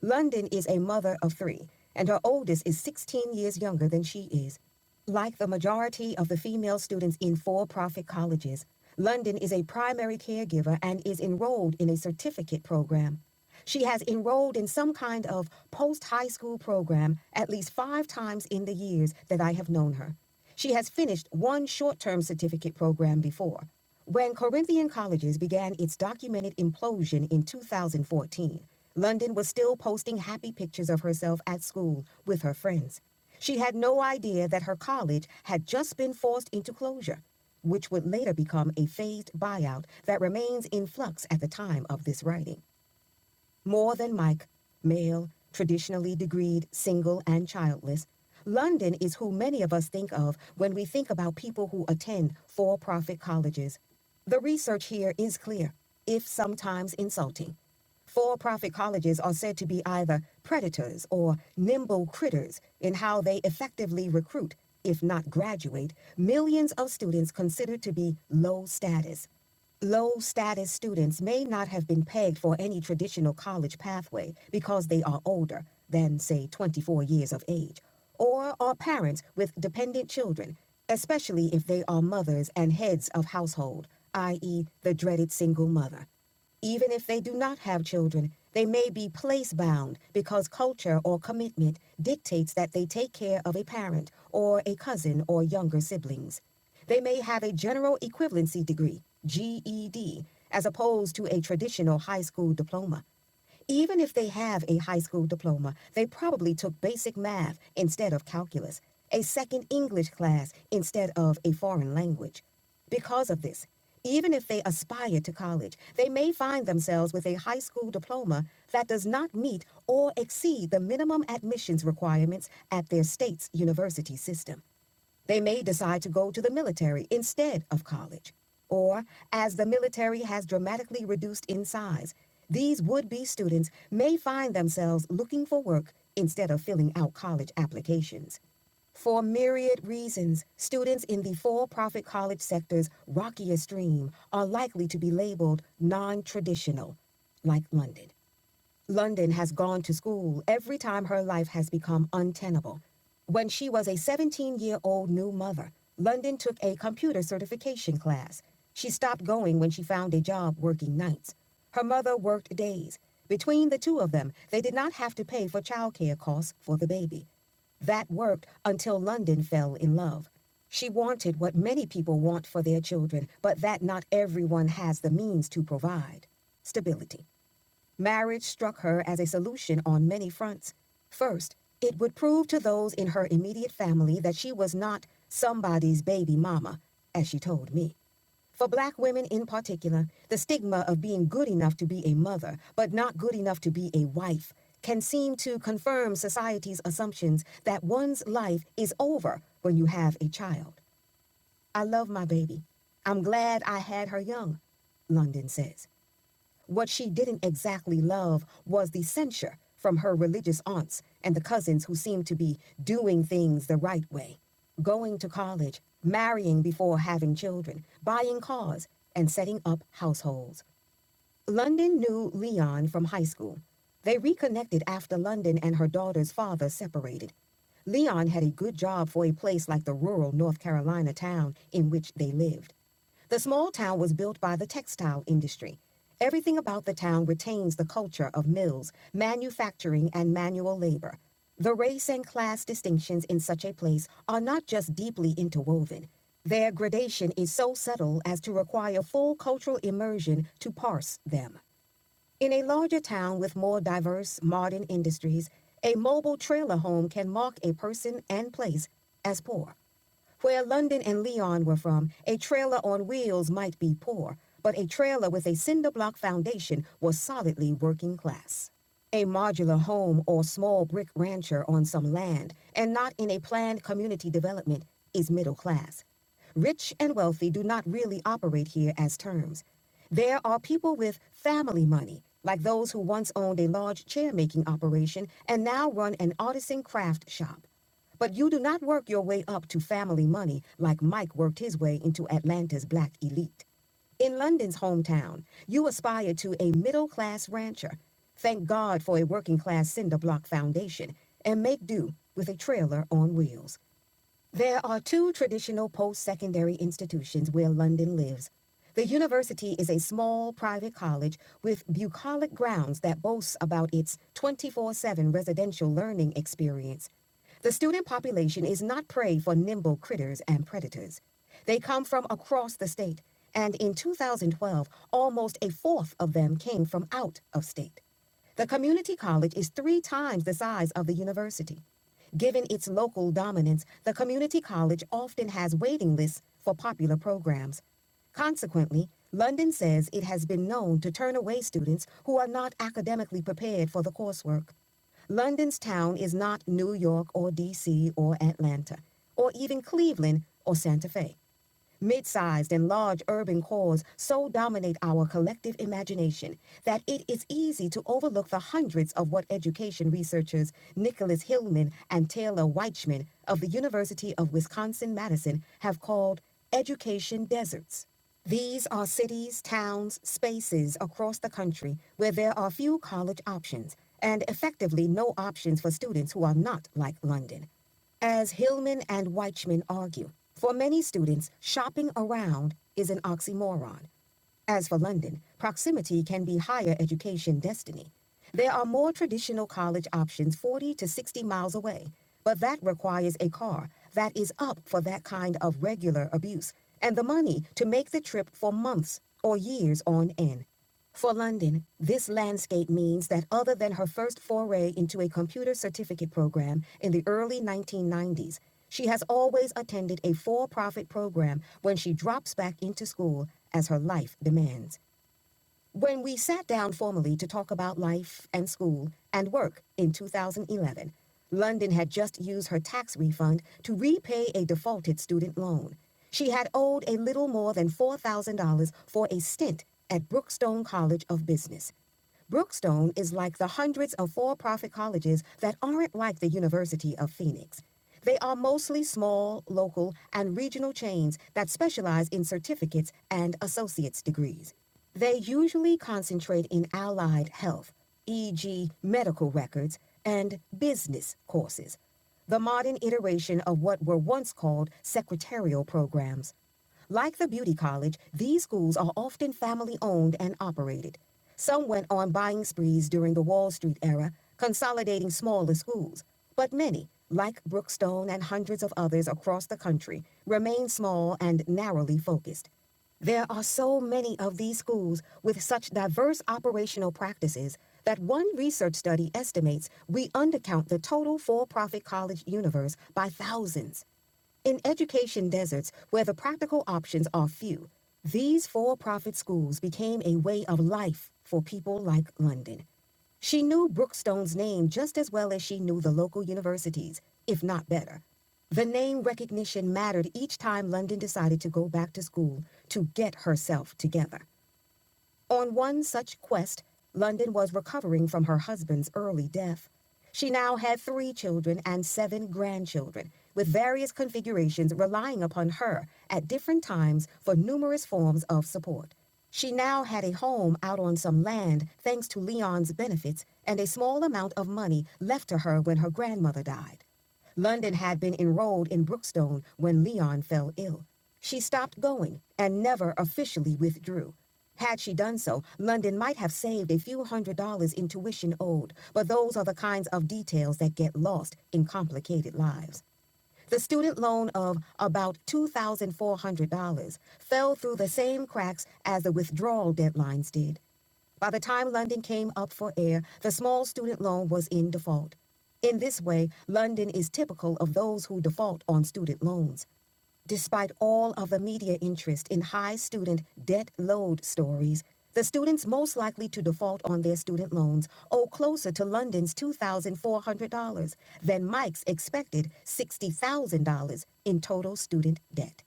London is a mother of three, and her oldest is 16 years younger than she is. Like the majority of the female students in for profit colleges, London is a primary caregiver and is enrolled in a certificate program. She has enrolled in some kind of post high school program at least five times in the years that I have known her. She has finished one short term certificate program before. When Corinthian Colleges began its documented implosion in 2014, London was still posting happy pictures of herself at school with her friends. She had no idea that her college had just been forced into closure, which would later become a phased buyout that remains in flux at the time of this writing. More than Mike, male, traditionally degreed, single, and childless, London is who many of us think of when we think about people who attend for profit colleges. The research here is clear, if sometimes insulting. For profit colleges are said to be either predators or nimble critters in how they effectively recruit, if not graduate, millions of students considered to be low status. Low status students may not have been pegged for any traditional college pathway because they are older than, say, 24 years of age, or are parents with dependent children, especially if they are mothers and heads of household, i.e., the dreaded single mother. Even if they do not have children, they may be place bound because culture or commitment dictates that they take care of a parent or a cousin or younger siblings. They may have a general equivalency degree, GED, as opposed to a traditional high school diploma. Even if they have a high school diploma, they probably took basic math instead of calculus, a second English class instead of a foreign language. Because of this, even if they aspire to college, they may find themselves with a high school diploma that does not meet or exceed the minimum admissions requirements at their state's university system. They may decide to go to the military instead of college. Or, as the military has dramatically reduced in size, these would be students may find themselves looking for work instead of filling out college applications. For myriad reasons, students in the for profit college sector's rockiest stream are likely to be labeled non traditional, like London. London has gone to school every time her life has become untenable. When she was a 17 year old new mother, London took a computer certification class. She stopped going when she found a job working nights. Her mother worked days. Between the two of them, they did not have to pay for childcare costs for the baby. That worked until London fell in love. She wanted what many people want for their children, but that not everyone has the means to provide stability. Marriage struck her as a solution on many fronts. First, it would prove to those in her immediate family that she was not somebody's baby mama, as she told me. For black women in particular, the stigma of being good enough to be a mother, but not good enough to be a wife, can seem to confirm society's assumptions that one's life is over when you have a child. I love my baby. I'm glad I had her young, London says. What she didn't exactly love was the censure from her religious aunts and the cousins who seemed to be doing things the right way going to college, marrying before having children, buying cars, and setting up households. London knew Leon from high school. They reconnected after London and her daughter's father separated. Leon had a good job for a place like the rural North Carolina town in which they lived. The small town was built by the textile industry. Everything about the town retains the culture of mills, manufacturing, and manual labor. The race and class distinctions in such a place are not just deeply interwoven. Their gradation is so subtle as to require full cultural immersion to parse them. In a larger town with more diverse modern industries, a mobile trailer home can mark a person and place as poor. Where London and Leon were from, a trailer on wheels might be poor, but a trailer with a cinder block foundation was solidly working class. A modular home or small brick rancher on some land, and not in a planned community development, is middle class. Rich and wealthy do not really operate here as terms. There are people with family money, like those who once owned a large chair making operation and now run an artisan craft shop. But you do not work your way up to family money like Mike worked his way into Atlanta's black elite. In London's hometown, you aspire to a middle class rancher. Thank God for a working class cinder block foundation and make do with a trailer on wheels. There are two traditional post secondary institutions where London lives. The university is a small private college with bucolic grounds that boasts about its 24 7 residential learning experience the student population is not prey for nimble critters and predators. They come from across the state, and in 2012, almost a fourth of them came from out of state. The community college is three times the size of the university. Given its local dominance, the community college often has waiting lists for popular programs. Consequently, London says it has been known to turn away students who are not academically prepared for the coursework. London's town is not New York or DC or Atlanta or even Cleveland or Santa Fe. Mid sized and large urban cores so dominate our collective imagination that it is easy to overlook the hundreds of what education researchers Nicholas Hillman and Taylor Weichman of the University of Wisconsin Madison have called education deserts. These are cities, towns, spaces across the country where there are few college options and effectively no options for students who are not like London. As Hillman and Weichman argue, for many students, shopping around is an oxymoron. As for London, proximity can be higher education destiny. There are more traditional college options 40 to 60 miles away, but that requires a car that is up for that kind of regular abuse and the money to make the trip for months or years on end. For London, this landscape means that other than her first foray into a computer certificate program in the early 1990s, she has always attended a for profit program when she drops back into school as her life demands. When we sat down formally to talk about life and school and work in 2011, London had just used her tax refund to repay a defaulted student loan. She had owed a little more than $4,000 for a stint at Brookstone College of Business. Brookstone is like the hundreds of for profit colleges that aren't like the University of Phoenix. They are mostly small, local, and regional chains that specialize in certificates and associate's degrees. They usually concentrate in allied health, e.g., medical records, and business courses, the modern iteration of what were once called secretarial programs. Like the beauty college, these schools are often family owned and operated. Some went on buying sprees during the Wall Street era, consolidating smaller schools. But many, like Brookstone and hundreds of others across the country, remain small and narrowly focused. There are so many of these schools with such diverse operational practices that one research study estimates we undercount the total for profit college universe by thousands. In education deserts, where the practical options are few, these for profit schools became a way of life for people like London. She knew Brookstone's name just as well as she knew the local universities, if not better. The name recognition mattered each time London decided to go back to school to get herself together. On one such quest, London was recovering from her husband's early death. She now had three children and seven grandchildren, with various configurations relying upon her at different times for numerous forms of support. She now had a home out on some land thanks to Leon's benefits and a small amount of money left to her when her grandmother died. London had been enrolled in Brookstone when Leon fell ill. She stopped going and never officially withdrew. Had she done so, London might have saved a few hundred dollars in tuition owed, but those are the kinds of details that get lost in complicated lives. The student loan of about $2,400 fell through the same cracks as the withdrawal deadlines did. By the time London came up for air, the small student loan was in default. In this way, London is typical of those who default on student loans. Despite all of the media interest in high student debt load stories, the students most likely to default on their student loans owe closer to London's $2,400 than Mike's expected $60,000 in total student debt.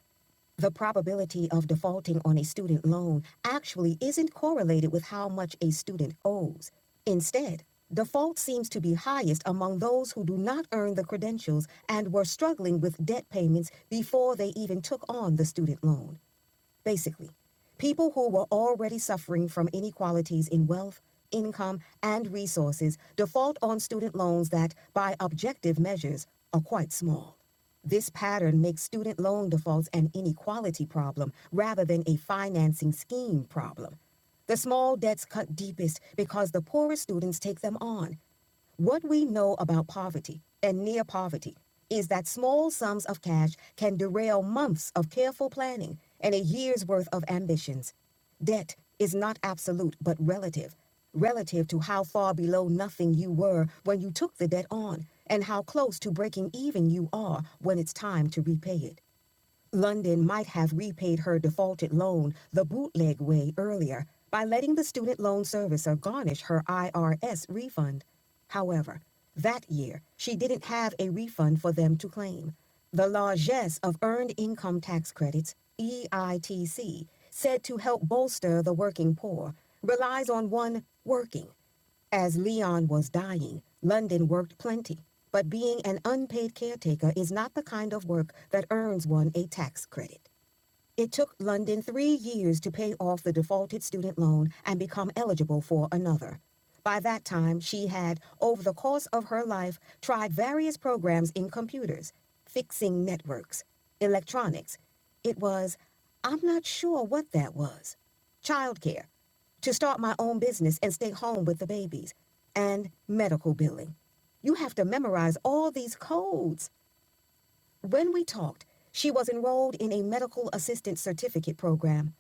The probability of defaulting on a student loan actually isn't correlated with how much a student owes. Instead, default seems to be highest among those who do not earn the credentials and were struggling with debt payments before they even took on the student loan. Basically, people who were already suffering from inequalities in wealth, income, and resources default on student loans that, by objective measures, are quite small. This pattern makes student loan defaults an inequality problem rather than a financing scheme problem. The small debts cut deepest because the poorest students take them on what we know about poverty and near poverty is that small sums of cash can derail months of careful planning and a year's worth of ambitions. Debt is not absolute but relative, relative to how far below nothing you were when you took the debt on and how close to breaking even you are when it's time to repay it. London might have repaid her defaulted loan the bootleg way earlier by letting the student loan servicer garnish her IRS refund. However, that year, she didn't have a refund for them to claim. The largesse of Earned Income Tax Credits, EITC, said to help bolster the working poor, relies on one working. As Leon was dying, London worked plenty, but being an unpaid caretaker is not the kind of work that earns one a tax credit. It took London three years to pay off the defaulted student loan and become eligible for another. By that time, she had, over the course of her life, tried various programs in computers, fixing networks, electronics. It was, I'm not sure what that was. Childcare, to start my own business and stay home with the babies and medical billing. You have to memorize all these codes. When we talked, she was enrolled in a medical assistant certificate program.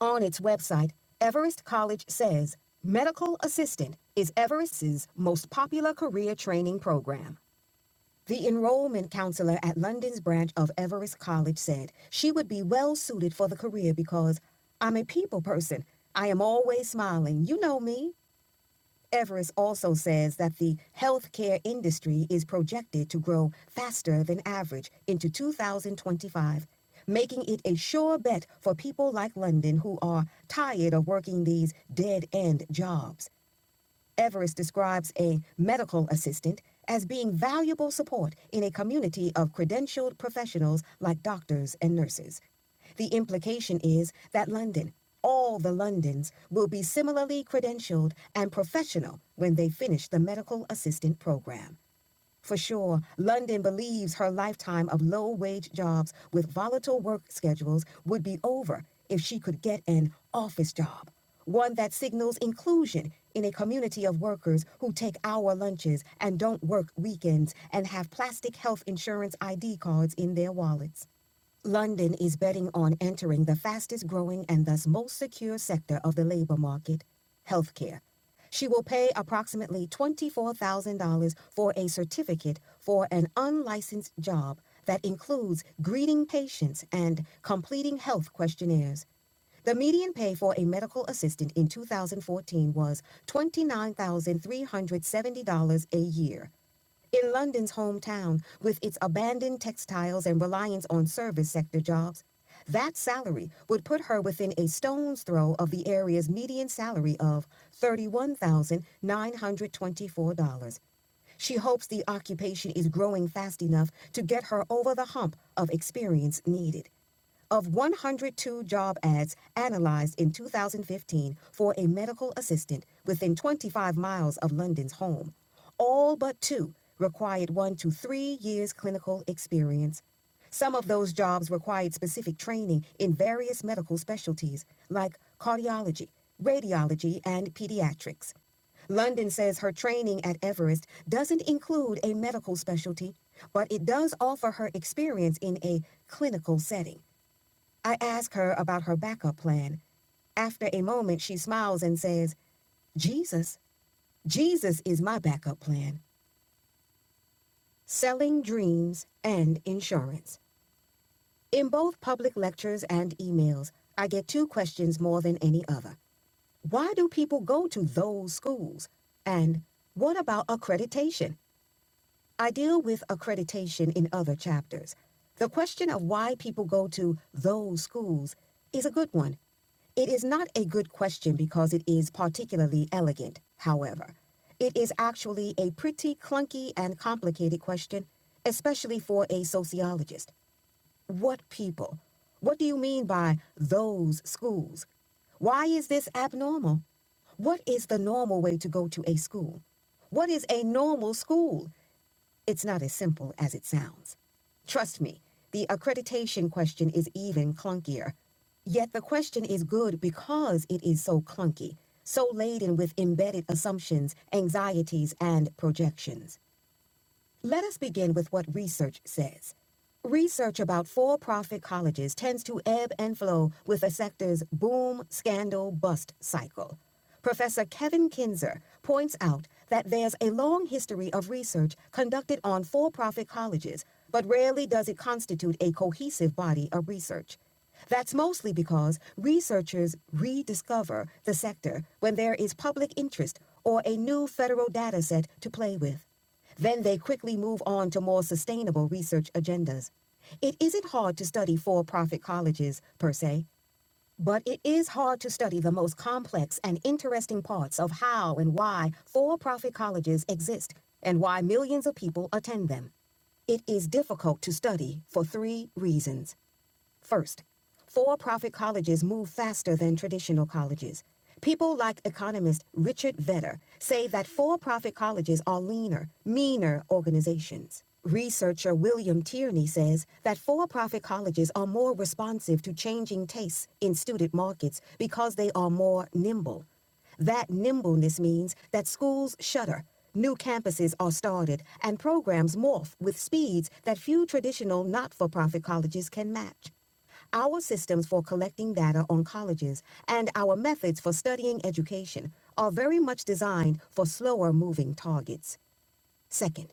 On its website, Everest College says medical assistant is Everest's most popular career training program. The enrollment counselor at London's branch of Everest College said she would be well suited for the career because I'm a people person. I am always smiling. You know me. Everest also says that the healthcare industry is projected to grow faster than average into 2025, making it a sure bet for people like London who are tired of working these dead end jobs. Everest describes a medical assistant as being valuable support in a community of credentialed professionals like doctors and nurses. The implication is that London, all the Londons, will be similarly credentialed and professional when they finish the medical assistant program. For sure, London believes her lifetime of low wage jobs with volatile work schedules would be over if she could get an office job, one that signals inclusion in a community of workers who take hour lunches and don't work weekends and have plastic health insurance ID cards in their wallets. London is betting on entering the fastest growing and thus most secure sector of the labor market healthcare. She will pay approximately $24,000 for a certificate for an unlicensed job that includes greeting patients and completing health questionnaires. The median pay for a medical assistant in 2014 was $29,370 a year. In London's hometown, with its abandoned textiles and reliance on service sector jobs, that salary would put her within a stone's throw of the area's median salary of $31,924. She hopes the occupation is growing fast enough to get her over the hump of experience needed. Of 102 job ads analyzed in 2015 for a medical assistant within 25 miles of London's home, all but two required one to three years clinical experience. Some of those jobs required specific training in various medical specialties like cardiology, radiology, and pediatrics. London says her training at Everest doesn't include a medical specialty, but it does offer her experience in a clinical setting. I ask her about her backup plan. After a moment, she smiles and says, Jesus, Jesus is my backup plan. Selling dreams and insurance. In both public lectures and emails, I get two questions more than any other. Why do people go to those schools? And what about accreditation? I deal with accreditation in other chapters. The question of why people go to those schools is a good one It is not a good question because it is particularly elegant, however. It is actually a pretty clunky and complicated question, especially for a sociologist. What people? What do you mean by those schools? Why is this abnormal? What is the normal way to go to a school? What is a normal school? It's not as simple as it sounds. Trust me, the accreditation question is even clunkier. Yet the question is good because it is so clunky, so laden with embedded assumptions, anxieties, and projections. Let us begin with what research says. Research about for profit colleges tends to ebb and flow with a sector's boom, scandal, bust cycle. Professor Kevin Kinzer points out that there's a long history of research conducted on for profit colleges, but rarely does it constitute a cohesive body of research. That's mostly because researchers rediscover the sector when there is public interest or a new federal data set to play with. Then they quickly move on to more sustainable research agendas. It isn't hard to study for profit colleges, per se, but it is hard to study the most complex and interesting parts of how and why for profit colleges exist and why millions of people attend them. It is difficult to study for three reasons. First, for profit colleges move faster than traditional colleges. People like economist Richard Vedder say that for profit colleges are leaner, meaner organizations. Researcher William Tierney says that for profit colleges are more responsive to changing tastes in student markets because they are more nimble. That nimbleness means that schools shutter, new campuses are started, and programs morph with speeds that few traditional not for profit colleges can match our systems for collecting data on colleges, and our methods for studying education are very much designed for slower moving targets. Second,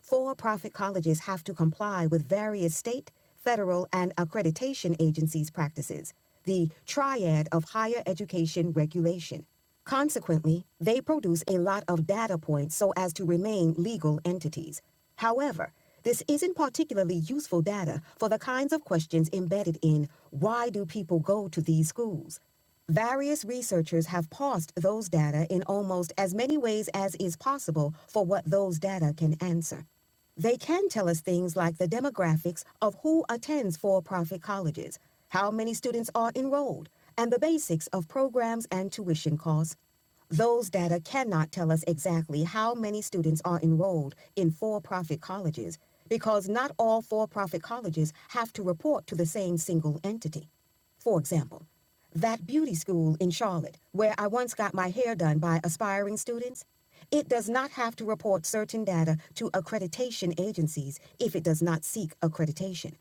for profit colleges have to comply with various state, federal, and accreditation agencies' practices, the triad of higher education regulation. Consequently, they produce a lot of data points so as to remain legal entities. However, this isn't particularly useful data for the kinds of questions embedded in why do people go to these schools? Various researchers have parsed those data in almost as many ways as is possible for what those data can answer. They can tell us things like the demographics of who attends for profit colleges, how many students are enrolled, and the basics of programs and tuition costs. Those data cannot tell us exactly how many students are enrolled in for profit colleges because not all for profit colleges have to report to the same single entity. For example, that beauty school in Charlotte, where I once got my hair done by aspiring students, it does not have to report certain data to accreditation agencies if it does not seek accreditation.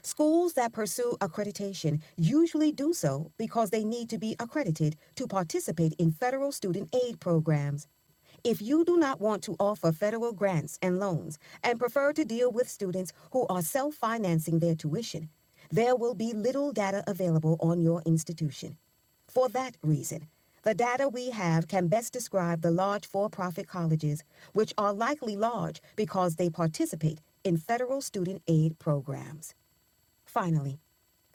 Schools that pursue accreditation usually do so because they need to be accredited to participate in federal student aid programs. If you do not want to offer federal grants and loans and prefer to deal with students who are self financing their tuition, there will be little data available on your institution. For that reason, the data we have can best describe the large for profit colleges, which are likely large because they participate in federal student aid programs. Finally,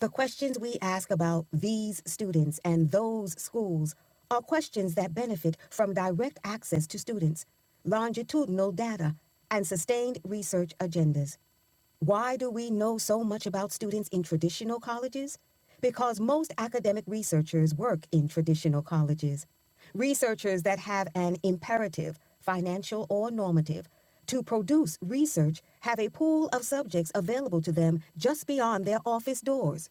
the questions we ask about these students and those schools are questions that benefit from direct access to students, longitudinal data, and sustained research agendas. Why do we know so much about students in traditional colleges? Because most academic researchers work in traditional colleges. Researchers that have an imperative, financial or normative, to produce research have a pool of subjects available to them just beyond their office doors.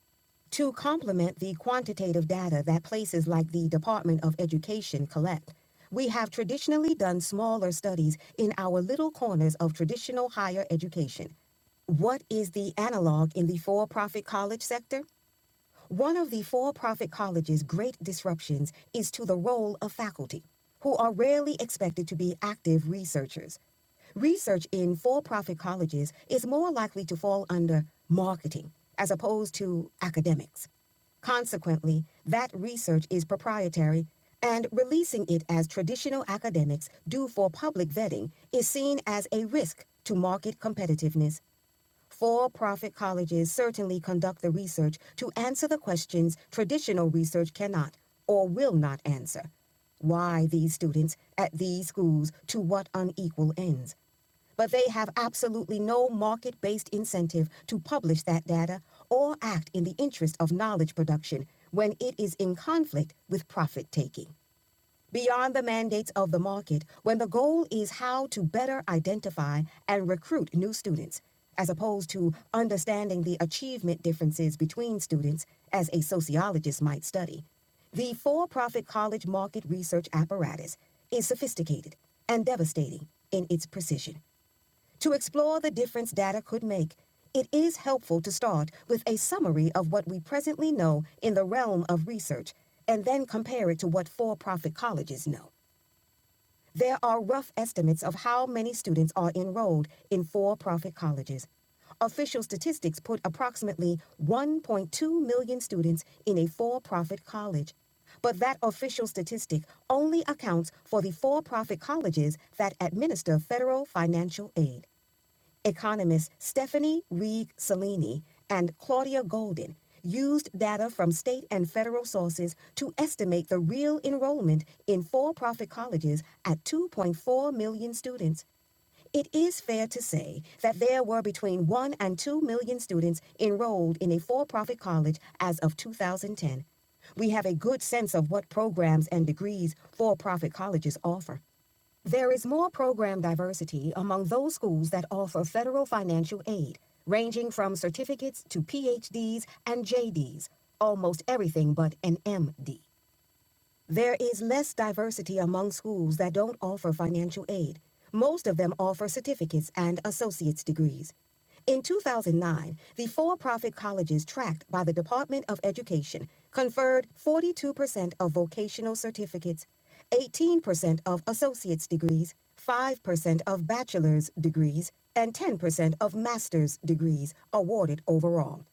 To complement the quantitative data that places like the Department of Education collect, we have traditionally done smaller studies in our little corners of traditional higher education what is the analog in the for profit college sector? One of the for profit college's great disruptions is to the role of faculty, who are rarely expected to be active researchers. Research in for profit colleges is more likely to fall under marketing as opposed to academics. Consequently, that research is proprietary, and releasing it as traditional academics do for public vetting is seen as a risk to market competitiveness. For profit colleges certainly conduct the research to answer the questions traditional research cannot or will not answer. Why these students at these schools to what unequal ends? But they have absolutely no market based incentive to publish that data or act in the interest of knowledge production when it is in conflict with profit taking beyond the mandates of the market when the goal is how to better identify and recruit new students, as opposed to understanding the achievement differences between students as a sociologist might study. The for profit college market research apparatus is sophisticated and devastating in its precision. To explore the difference data could make, it is helpful to start with a summary of what we presently know in the realm of research and then compare it to what for profit colleges know. There are rough estimates of how many students are enrolled in for profit colleges. Official statistics put approximately 1.2 million students in a for profit college. But that official statistic only accounts for the for profit colleges that administer federal financial aid. Economists Stephanie Reed Salini and Claudia Golden used data from state and federal sources to estimate the real enrollment in for profit colleges at 2.4 million students. It is fair to say that there were between 1 and 2 million students enrolled in a for profit college as of 2010. We have a good sense of what programs and degrees for profit colleges offer. There is more program diversity among those schools that offer federal financial aid, ranging from certificates to PhDs and JDs, almost everything but an MD. There is less diversity among schools that don't offer financial aid. Most of them offer certificates and associate's degrees. In 2009, the for profit colleges tracked by the Department of Education conferred 42% of vocational certificates, 18% of associate's degrees, 5% of bachelor's degrees, and 10% of master's degrees awarded overall.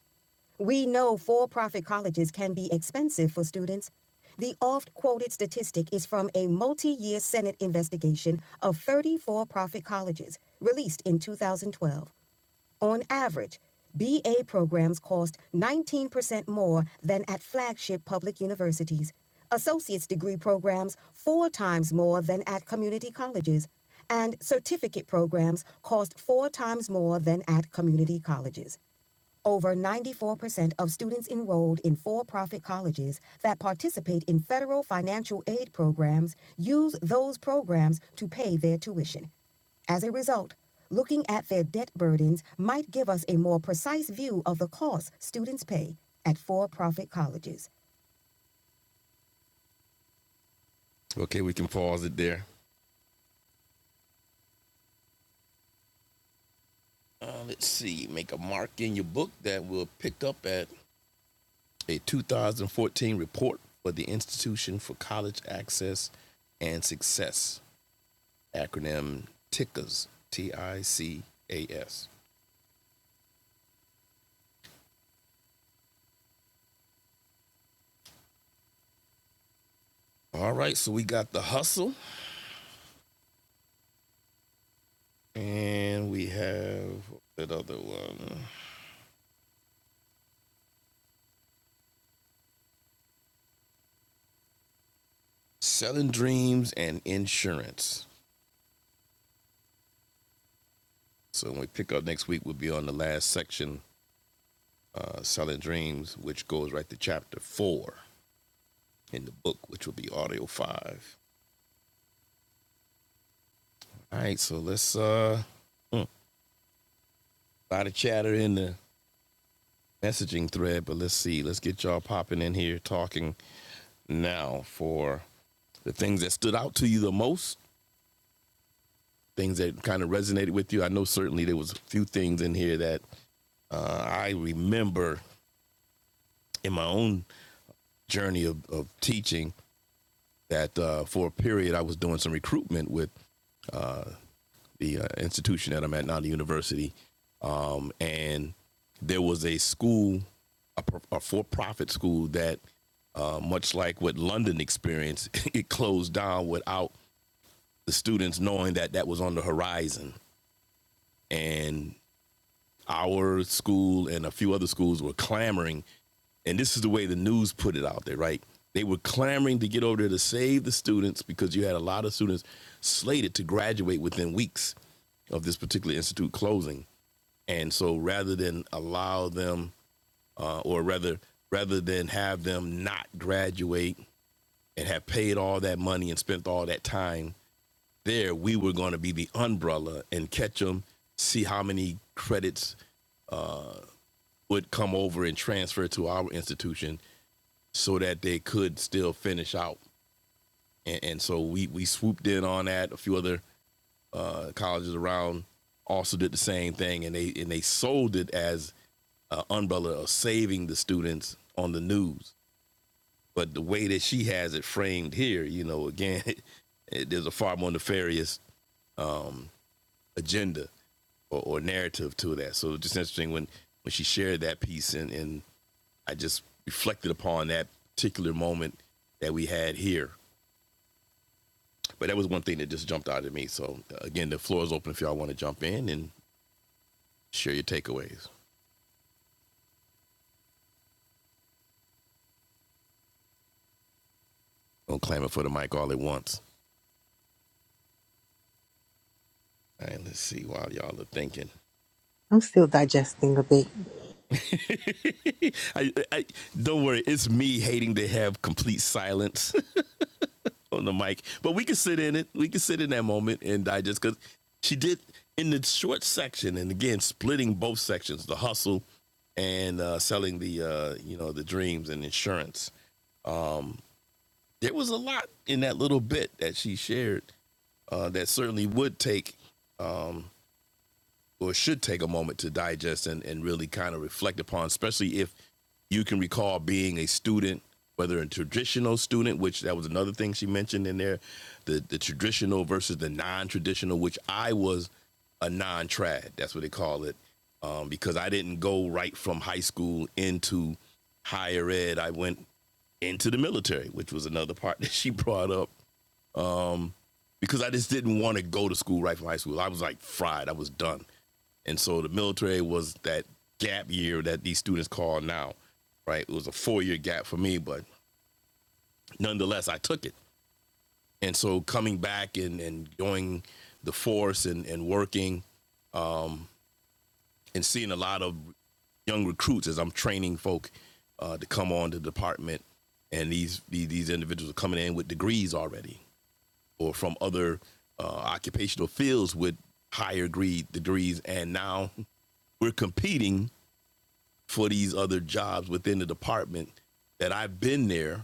We know for profit colleges can be expensive for students. The oft quoted statistic is from a multi year Senate investigation of 30 for profit colleges released in 2012. On average, BA programs cost 19% more than at flagship public universities, associate's degree programs four times more than at community colleges, and certificate programs cost four times more than at community colleges. Over 94% of students enrolled in for profit colleges that participate in federal financial aid programs use those programs to pay their tuition. As a result, looking at their debt burdens might give us a more precise view of the costs students pay at for profit colleges. Okay, we can pause it there. Uh, let's see. Make a mark in your book that we will pick up at a 2014 report for the Institution for College Access and Success, acronym TICAS, T I C A S. All right, so we got the hustle, and we have that other one. selling dreams and insurance. So when we pick up next week, we'll be on the last section, uh, selling dreams, which goes right to chapter four in the book, which will be audio five. All right, so let's uh, mm, a lot of chatter in the messaging thread, but let's see, let's get y'all popping in here talking now for the things that stood out to you the most, things that kind of resonated with you. I know certainly there was a few things in here that uh, I remember in my own journey of, of teaching that uh, for a period I was doing some recruitment with uh, the uh, institution that I'm at now, the university, um, and there was a school, a, a for-profit school that, uh, much like what London experienced, it closed down without the students knowing that that was on the horizon, and our school and a few other schools were clamoring and this is the way the news put it out there, right? They were clamoring to get over there to save the students because you had a lot of students slated to graduate within weeks of this particular institute closing. And so rather than allow them, uh, or rather, rather than have them not graduate and have paid all that money and spent all that time there, we were going to be the umbrella and catch them, see how many credits uh, would come over and transfer to our institution so that they could still finish out. And, and so we we swooped in on that. A few other uh, colleges around also did the same thing, and they and they sold it as an umbrella of saving the students on the news. But the way that she has it framed here, you know, again, it, it, there's a far more nefarious um, agenda or, or narrative to that. So it's just interesting when when she shared that piece, and and I just reflected upon that particular moment that we had here But that was one thing that just jumped out at me. So uh, again, the floor is open if y'all want to jump in and share your takeaways. Don't clamor for the mic all at once. All right, let's see while y'all are thinking. I'm still digesting a bit. I, I, don't worry, it's me hating to have complete silence on the mic, but we can sit in it. We can sit in that moment and digest because she did in the short section, and again, splitting both sections, the hustle and uh, selling the uh, you know the dreams and insurance. Um, there was a lot in that little bit that she shared uh, that certainly would take um, or should take a moment to digest and, and really kind of reflect upon, especially if you can recall being a student, whether a traditional student, which that was another thing she mentioned in there, the, the traditional versus the non traditional, which I was a non trad, that's what they call it, um, because I didn't go right from high school into higher ed. I went into the military, which was another part that she brought up um, because I just didn't want to go to school right from high school. I was like fried. I was done. And so the military was that gap year that these students call now, right? It was a four year gap for me, but nonetheless, I took it. And so coming back and, and doing the force and, and working and seeing a lot of young recruits as I'm training folk uh, to come on to the department. And these, these these individuals are coming in with degrees already, or from other uh, occupational fields with higher degree, degrees, and now we're competing for these other jobs within the department that I've been there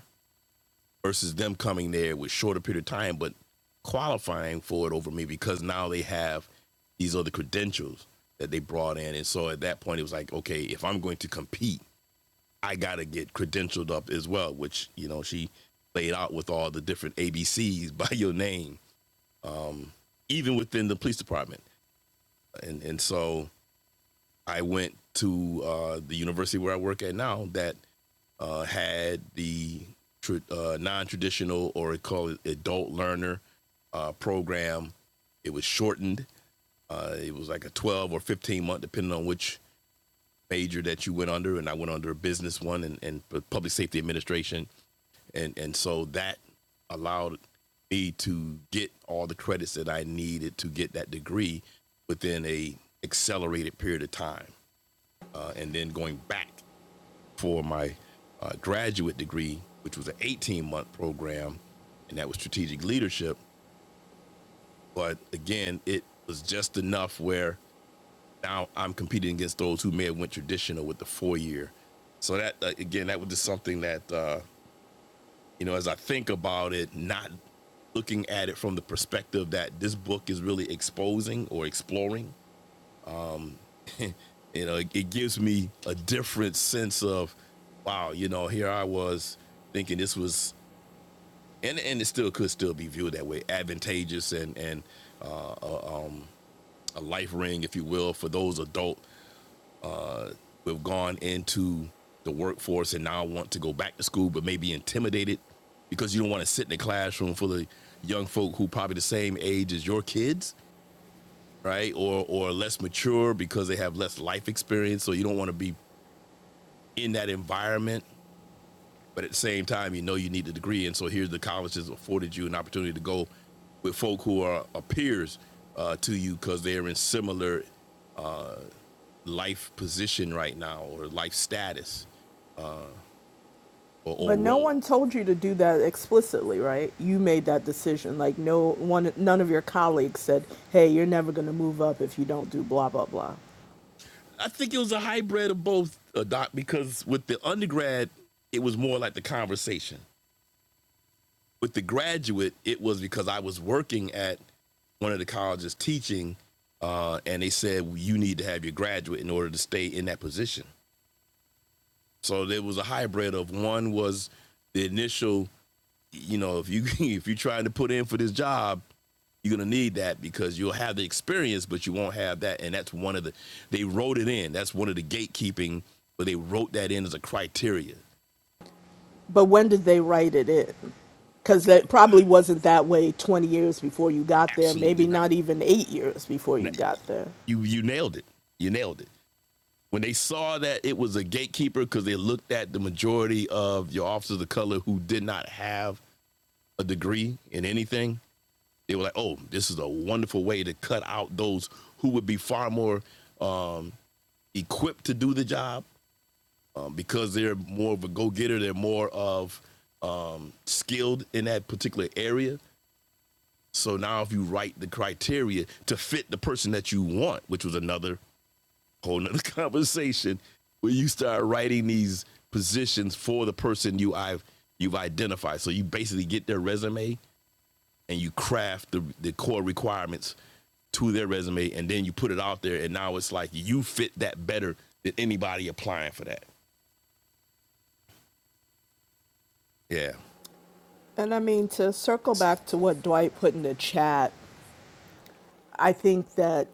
versus them coming there with shorter period of time, but qualifying for it over me because now they have these other credentials that they brought in. And so at that point, it was like, okay, if I'm going to compete, I got to get credentialed up as well, which, you know, she laid out with all the different ABCs by your name um, even within the police department. And and so I went to uh, the university where I work at now that uh, had the tr uh, non-traditional or call it adult learner uh, program. It was shortened. Uh, it was like a 12 or 15 month, depending on which major that you went under. And I went under a business one and, and public safety administration and and so that allowed me to get all the credits that I needed to get that degree within a accelerated period of time, uh, and then going back for my uh, graduate degree, which was an 18 month program, and that was strategic leadership. But again, it was just enough where now I'm competing against those who may have went traditional with the four year. So that uh, again, that was just something that uh, you know, as I think about it, not looking at it from the perspective that this book is really exposing or exploring, you know, it, it gives me a different sense of, wow, you know, here I was thinking this was, and and it still could still be viewed that way, advantageous and and a life ring, if you will, for those adult who have gone into the workforce and now want to go back to school, but may be intimidated because you don't want to sit in the classroom full of young folk who probably the same age as your kids right? Or or less mature because they have less life experience. So you don't want to be in that environment, but at the same time, you know you need a degree, and so here the colleges afforded you an opportunity to go with folk who are, are peers uh, to you because they're in similar life position right now or life status or, or But no role. one told you to do that explicitly, right? You made that decision. Like no one none of your colleagues said, "Hey, you're never going to move up if you don't do blah blah blah." I think it was a hybrid of both, uh, Doc, because with the undergrad, it was more like the conversation with the graduate, it was because I was working at one of the colleges teaching, uh, and they said well, you need to have your graduate in order to stay in that position. So there was a hybrid of one was the initial, you know, if you if you're trying to put in for this job, you're gonna need that because you'll have the experience, but you won't have that. And that's one of the they wrote it in. That's one of the gatekeeping, but they wrote that in as a criteria. But when did they write it in? Cuz that probably wasn't that way 20 years before you got there, Absolutely maybe not. not even 8 years before No, you got there. You you nailed it. You nailed it. when they saw that it was a gatekeeper because they looked at the majority of your officers of color who did not have a degree in anything, they were like, "Oh, this is a wonderful way to cut out those who would be far more um, equipped to do the job um, because they're more of a go-getter, they're more of um, skilled in that particular area." So now, if you write the criteria to fit the person that you want, which was another whole nother conversation where you start writing these positions for the person you I've you've identified. So you basically get their resume and you craft the, the core requirements to their resume and then you put it out there and now it's like you fit that better than anybody applying for that. Yeah. And I mean to circle back to what Dwight put in the chat I think that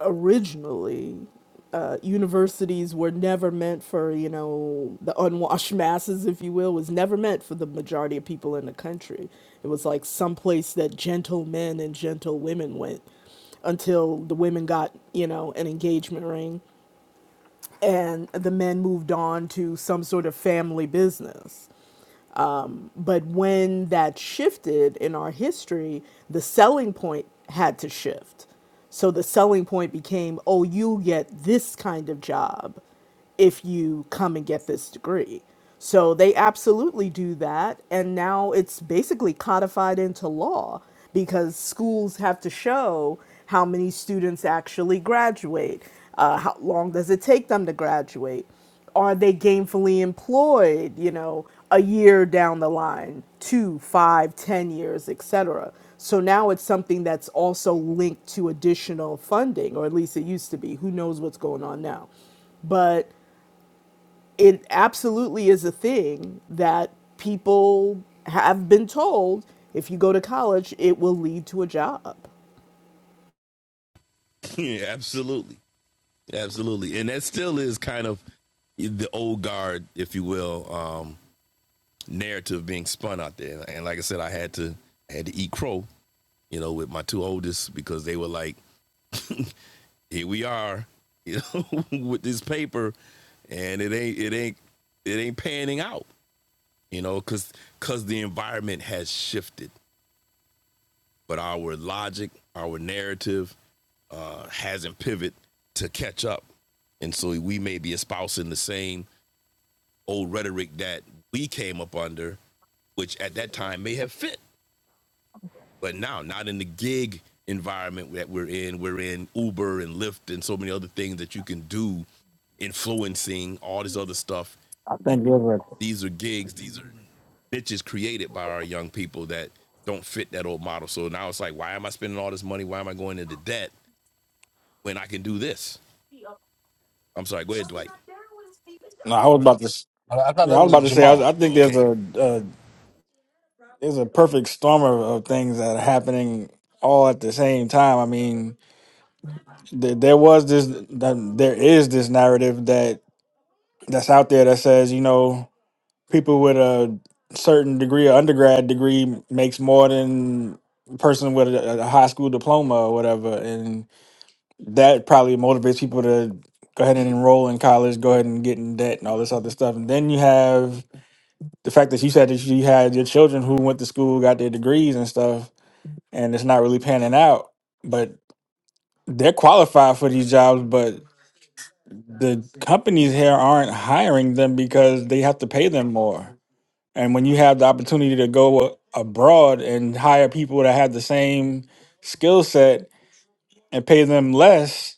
originally uh, universities were never meant for, you know, the unwashed masses, if you will, was never meant for the majority of people in the country. It was like some place that gentlemen and gentlewomen went until the women got, you know, an engagement ring and the men moved on to some sort of family business but when that shifted in our history, the selling point had to shift. So the selling point became, oh, you get this kind of job if you come and get this degree. So they absolutely do that. And now it's basically codified into law because schools have to show how many students actually graduate, uh, how long does it take them to graduate. Are they gainfully employed, you know, a year down the line, two, five, ten years, et cetera? So now it's something that's also linked to additional funding, or at least it used to be. Who knows what's going on now? But it absolutely is a thing that people have been told if you go to college, it will lead to a job. yeah, absolutely. Absolutely. And that still is kind of the old guard, if you will, um, narrative being spun out there. And like I said, I had to I had to eat crow you know, with my two oldest because they were like, here we are, you know, with this paper and it ain't it ain't it ain't panning out, you know, cause cause the environment has shifted. But our logic, our narrative uh hasn't pivoted to catch up. And so we may be espousing the same old rhetoric that we came up under, which at that time may have fit But now, not in the gig environment that we're in, we're in Uber and Lyft and so many other things that you can do, influencing all this other stuff. I think there's a. These are gigs. These are bitches created by our young people that don't fit that old model. So now it's like, why am I spending all this money? Why am I going into debt when I can do this? I'm sorry. Go ahead, Dwight. No, I was about to. s- I, I thought Yeah, that I was was about to say. I, was- I Jamal. think there's Okay. a, a there's a perfect storm of, of things that are happening all at the same time. I mean, th- there was this. th- there is this narrative that. that's out there that says you know people with a certain degree or undergrad degree makes more than a person with a, a high school diploma or whatever and that probably motivates people to go ahead and enroll in college go ahead and get in debt and all this other stuff and then you have the fact that you said that you had your children who went to school got their degrees and stuff and it's not really panning out but they're qualified for these jobs but the companies here aren't hiring them because they have to pay them more And when you have the opportunity to go a- abroad and hire people that have the same skill set and pay them less,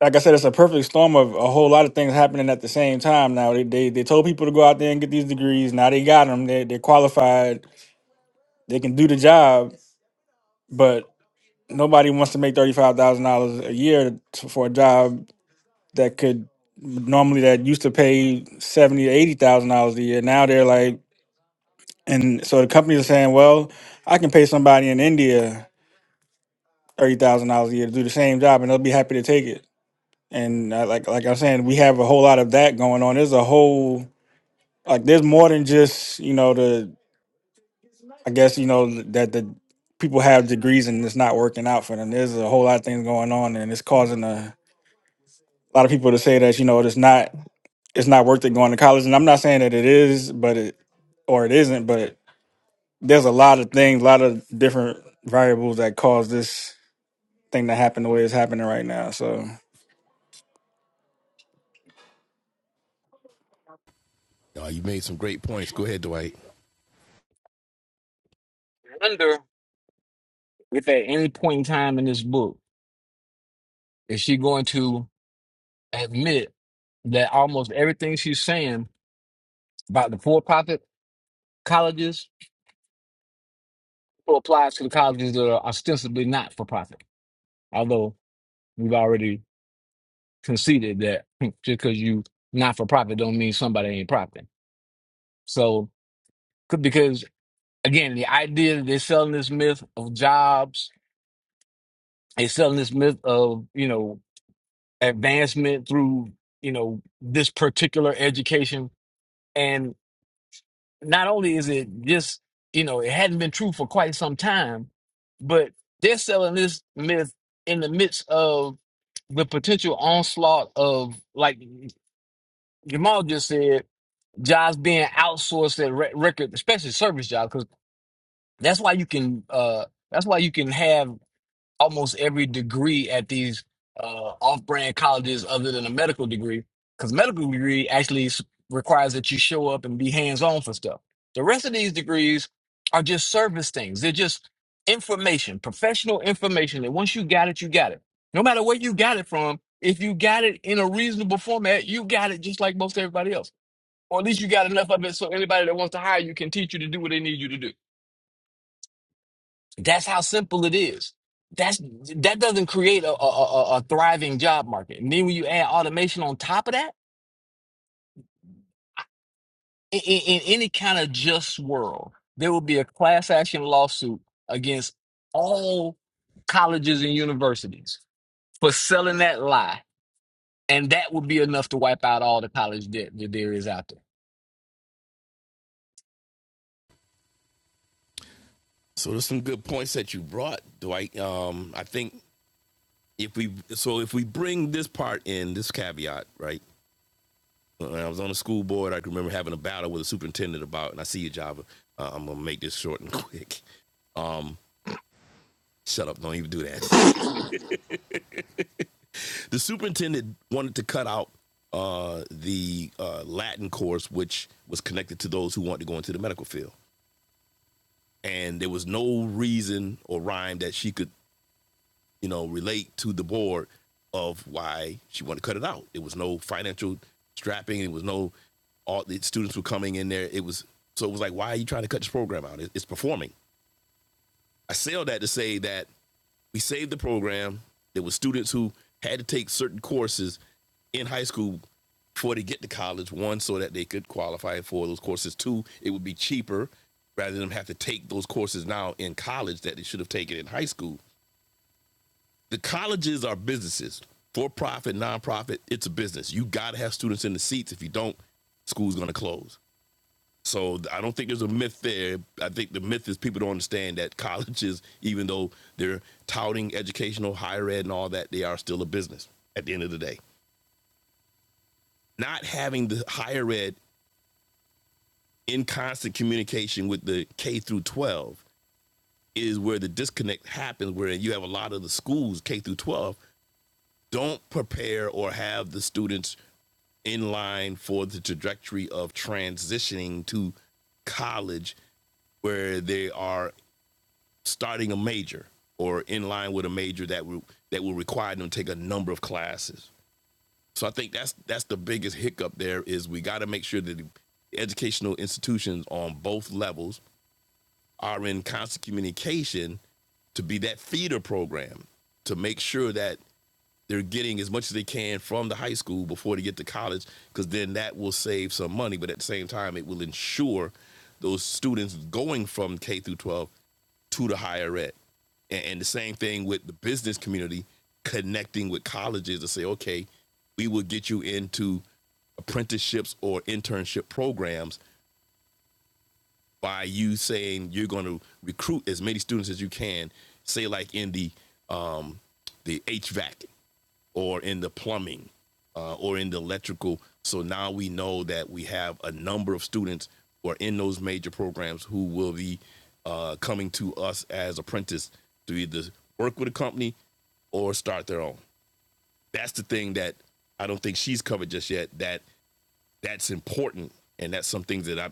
like I said, it's a perfect storm of a whole lot of things happening at the same time. Now they they, they told people to go out there and get these degrees. Now they got them. They they're qualified. They can do the job, but nobody wants to make thirty five thousand dollars a year t- for a job that could normally that used to pay seventy eighty thousand dollars a year. Now they're like And so the companies are saying, well, I can pay somebody in India thirty thousand dollars a year to do the same job, and they'll be happy to take it. And uh, like like I'm saying, we have a whole lot of that going on. There's a whole like there's more than just you know the I guess you know that the people have degrees and it's not working out for them. There's a whole lot of things going on, and it's causing a, a lot of people to say that you know it's not it's not worth it going to college. And I'm not saying that it is, but it or it isn't, but there's a lot of things, a lot of different variables that cause this thing to happen the way it's happening right now. So Uh, you made some great points. Go ahead, Dwight. I wonder if at any point in time in this book is she going to admit that almost everything she's saying about the for-profit colleges applies to the colleges that are ostensibly not for profit. Although we've already conceded that just because you not for profit don't mean somebody ain't profiting. So could- because again, the idea that they're selling this myth of jobs, they're selling this myth of you know advancement through you know this particular education and not only is it just you know it hadn't been true for quite some time but they're selling this myth in the midst of the potential onslaught of like Jamal just said jobs being outsourced at re- record especially service jobs because that's why you can uh that's why you can have almost every degree at these uh, off-brand colleges other than a medical degree because medical degree actually s- requires that you show up and be hands-on for stuff the rest of these degrees are just service things they're just information professional information that once you got it you got it no matter where you got it from if you got it in a reasonable format you got it just like most everybody else or at least you got enough of it so anybody that wants to hire you can teach you to do what they need you to do that's how simple it is. That's that doesn't create a, a, a, a thriving job market. And then when you add automation on top of that, in, in, in any kind of just world, there will be a class action lawsuit against all colleges and universities for selling that lie, and that would be enough to wipe out all the college debt that there is out So there's some good points that you brought, Dwight. Um, I think if we so if we bring this part in, this caveat, right? When I was on the school board, I can remember having a battle with a superintendent about, and I see you, Java. Uh, I'm gonna make this short and quick. Shut up! Don't even do that. the superintendent wanted to cut out uh, the uh, Latin course, which was connected to those who wanted to go into the medical field, and there was no reason or rhyme that she could, you know, relate to the board of why she wanted to cut it out. There was no financial strapping. There was no all the students were coming in there. It was so it was like, why are you trying to cut this program out? It, it's performing. I say all that to say that we saved the program. There were students who had to take certain courses in high school before they get to college. One, so that they could qualify for those courses. Two, it would be cheaper rather than them have to take those courses now in college that they should have taken in high school. The colleges are businesses, for profit, nonprofit. It's a business. You got to have students in the seats. If you don't, school's going to close. So I don't think there's a myth there. I think the myth is people don't understand that colleges, even though they're touting educational, higher ed, and all that, they are still a business at the end of the day. Not having the higher ed in constant communication with the K through 12 is where the disconnect happens, where you have a lot of the schools, K through 12, don't prepare or have the students in line for the trajectory of transitioning to college where they are starting a major or in line with a major that will that will require them to take a number of classes. So I think that's that's the biggest hiccup there is we got to make sure that the educational institutions on both levels are in constant communication to be that feeder program to make sure that they're getting as much as they can from the high school before they get to college because then that will save some money but at the same time it will ensure those students going from k through 12 to the higher ed and, the same thing with the business community connecting with colleges to say okay we will get you into apprenticeships or internship programs by you saying you're going to recruit as many students as you can say like in the um the hvac or in the plumbing uh, or in the electrical. So now we know that we have a number of students who are in those major programs who will be uh, coming to us as apprentices to either work with a company or start their own. That's the thing that I don't think she's covered just yet. That that's important, and that's some things that I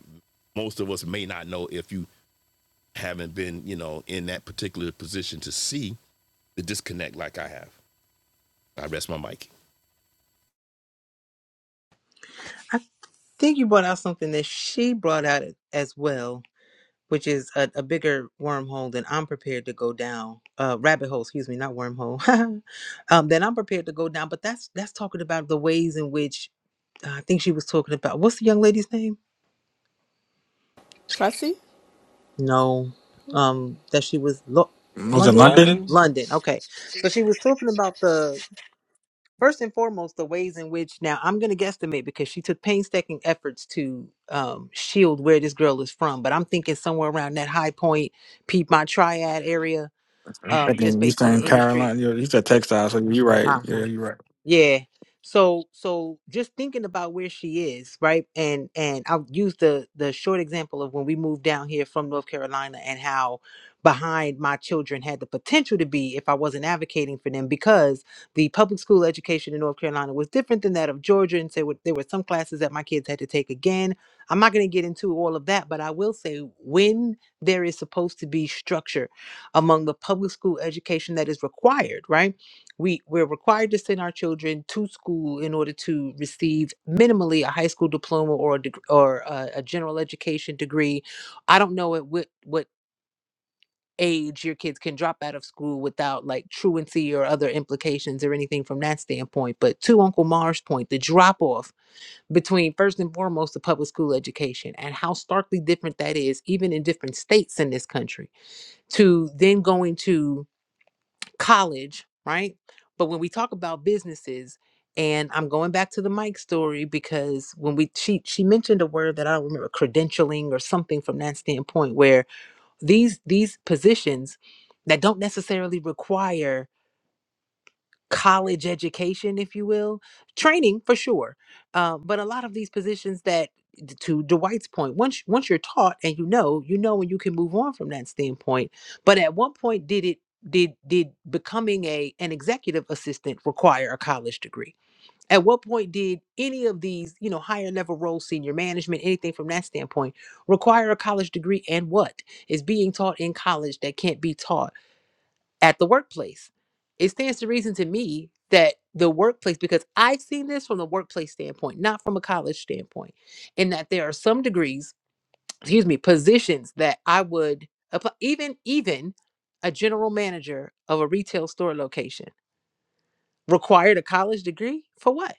most of us may not know if you haven't been, you know, in that particular position to see the disconnect like I have. I rest my mic. I think you brought out something that she brought out as well, which is a, a bigger wormhole than I'm prepared to go down. Uh, rabbit hole, excuse me, not wormhole. um, that I'm prepared to go down. But that's that's talking about the ways in which uh, I think she was talking about. What's the young lady's name? Tressy? No, um, that she was Lo- was it London. London? there. London. Okay, so she was talking about the first and foremost the ways in which now i'm going to guesstimate because she took painstaking efforts to um, shield where this girl is from but i'm thinking somewhere around that high point piedmont triad area I'm um, just thinking you based on the saying industry Carolina. You you said textile, so you're right. Uh-huh. Yeah, you're right. Yeah. So so just thinking about where she is, right? And and I'll use the the short example of when we moved down here from North Carolina and how behind my children had the potential to be if I wasn't advocating for them because the public school education in North Carolina was different than that of Georgia and so there were there were some classes that my kids had to take again. I'm not going to get into all of that, but I will say when there is supposed to be structure among the public school education that is required, right? we we're required to send our children to school in order to receive minimally a high school diploma or a deg- or a, a general education degree. I don't know at what what age your kids can drop out of school without like truancy or other implications or anything from that standpoint. But to Uncle Mar's point, the drop off between first and foremost the public school education and how starkly different that is, even in different states in this country, to then going to college, right? But when we talk about businesses, and I'm going back to the Mike story because when we she she mentioned a word that I don't remember, credentialing or something from that standpoint, where these these positions that don't necessarily require college education, if you will, training for sure. Uh, but a lot of these positions that, to Dwight's point, once once you're taught and you know, you know, and you can move on from that standpoint. But at one point, did it did did becoming a an executive assistant require a college degree? At what point did any of these, you know, higher level roles, senior management, anything from that standpoint, require a college degree? And what is being taught in college that can't be taught? at the workplace. It stands to reason to me that the workplace, because I've seen this from the workplace standpoint, not from a college standpoint, in that there are some degrees, excuse me, positions that I would apply, even even a general manager of a retail store location required a college degree for what?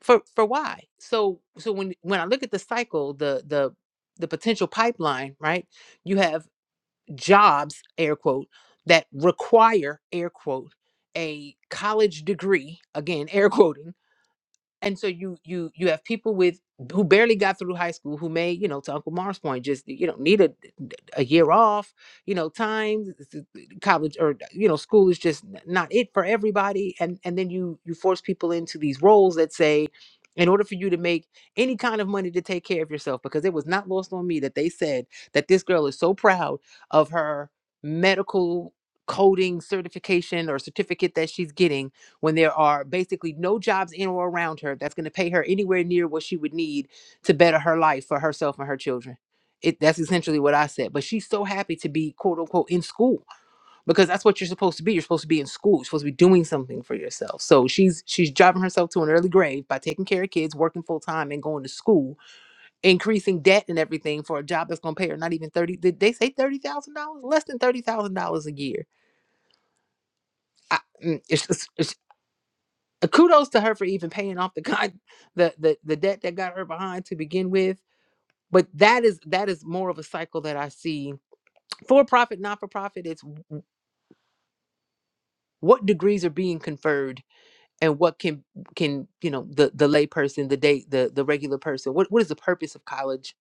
For for why? So so when when I look at the cycle, the the the potential pipeline, right? You have. jobs air quote that require air quote a college degree again air quoting and so you you you have people with who barely got through high school who may you know to uncle Mars point just you know need a, a year off you know time s- s- college or you know school is just n- not it for everybody and and then you you force people into these roles that say in order for you to make any kind of money to take care of yourself because it was not lost on me that they said that this girl is so proud of her medical coding certification or certificate that she's getting when there are basically no jobs in or around her that's going to pay her anywhere near what she would need to better her life for herself and her children. It, that's essentially what I said. But she's so happy to be quote unquote in school because that's what you're supposed to be. You're supposed to be in school. You're supposed to be doing something for yourself. So she's she's driving herself to an early grave by taking care of kids, working full time, and going to school, increasing debt and everything for a job that's going to pay her not even thirty. Did they say thirty thousand dollars? Less than thirty thousand dollars a year. I, mm, it's just- it's Uh, kudos to her for even paying off the con the, the the debt that got her behind to begin with but that is that is more of a cycle that i see for profit not for profit it's what degrees are being conferred and what can can you know the the lay person the date the the regular person what what is the purpose of college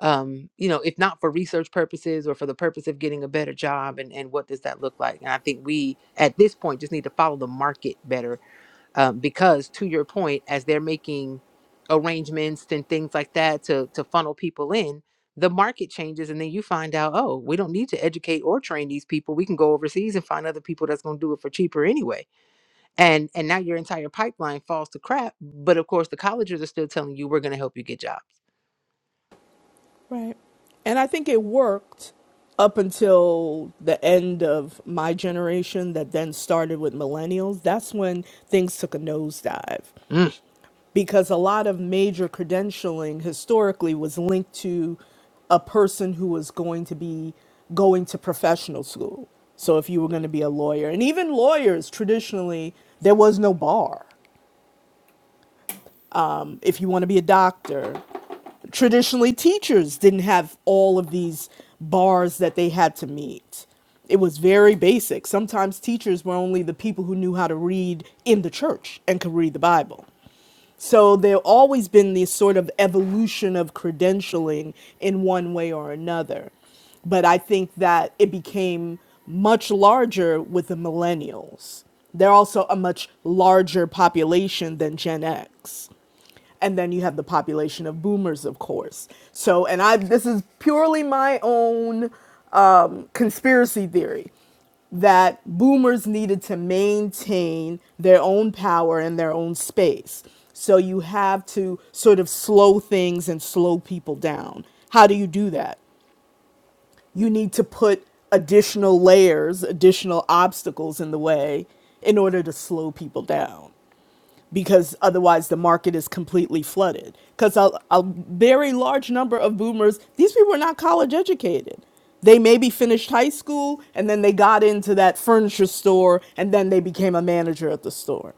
um you know if not for research purposes or for the purpose of getting a better job and and what does that look like and i think we at this point just need to follow the market better um, because to your point as they're making arrangements and things like that to to funnel people in the market changes and then you find out oh we don't need to educate or train these people we can go overseas and find other people that's going to do it for cheaper anyway and and now your entire pipeline falls to crap but of course the colleges are still telling you we're going to help you get jobs Right. And I think it worked up until the end of my generation that then started with millennials. That's when things took a nosedive Mm. because a lot of major credentialing historically was linked to a person who was going to be going to professional school. So if you were going to be a lawyer, and even lawyers traditionally, there was no bar. If you want to be a doctor, traditionally teachers didn't have all of these bars that they had to meet. It was very basic. Sometimes teachers were only the people who knew how to read in the church and could read the Bible. So there always been this sort of evolution of credentialing in one way or another. But I think that it became much larger with the millennials. They're also a much larger population than Gen X and then you have the population of boomers of course so and i this is purely my own um, conspiracy theory that boomers needed to maintain their own power and their own space so you have to sort of slow things and slow people down how do you do that you need to put additional layers additional obstacles in the way in order to slow people down because otherwise the market is completely flooded. Because a, a very large number of boomers, these people are not college educated. They maybe finished high school and then they got into that furniture store and then they became a manager at the store.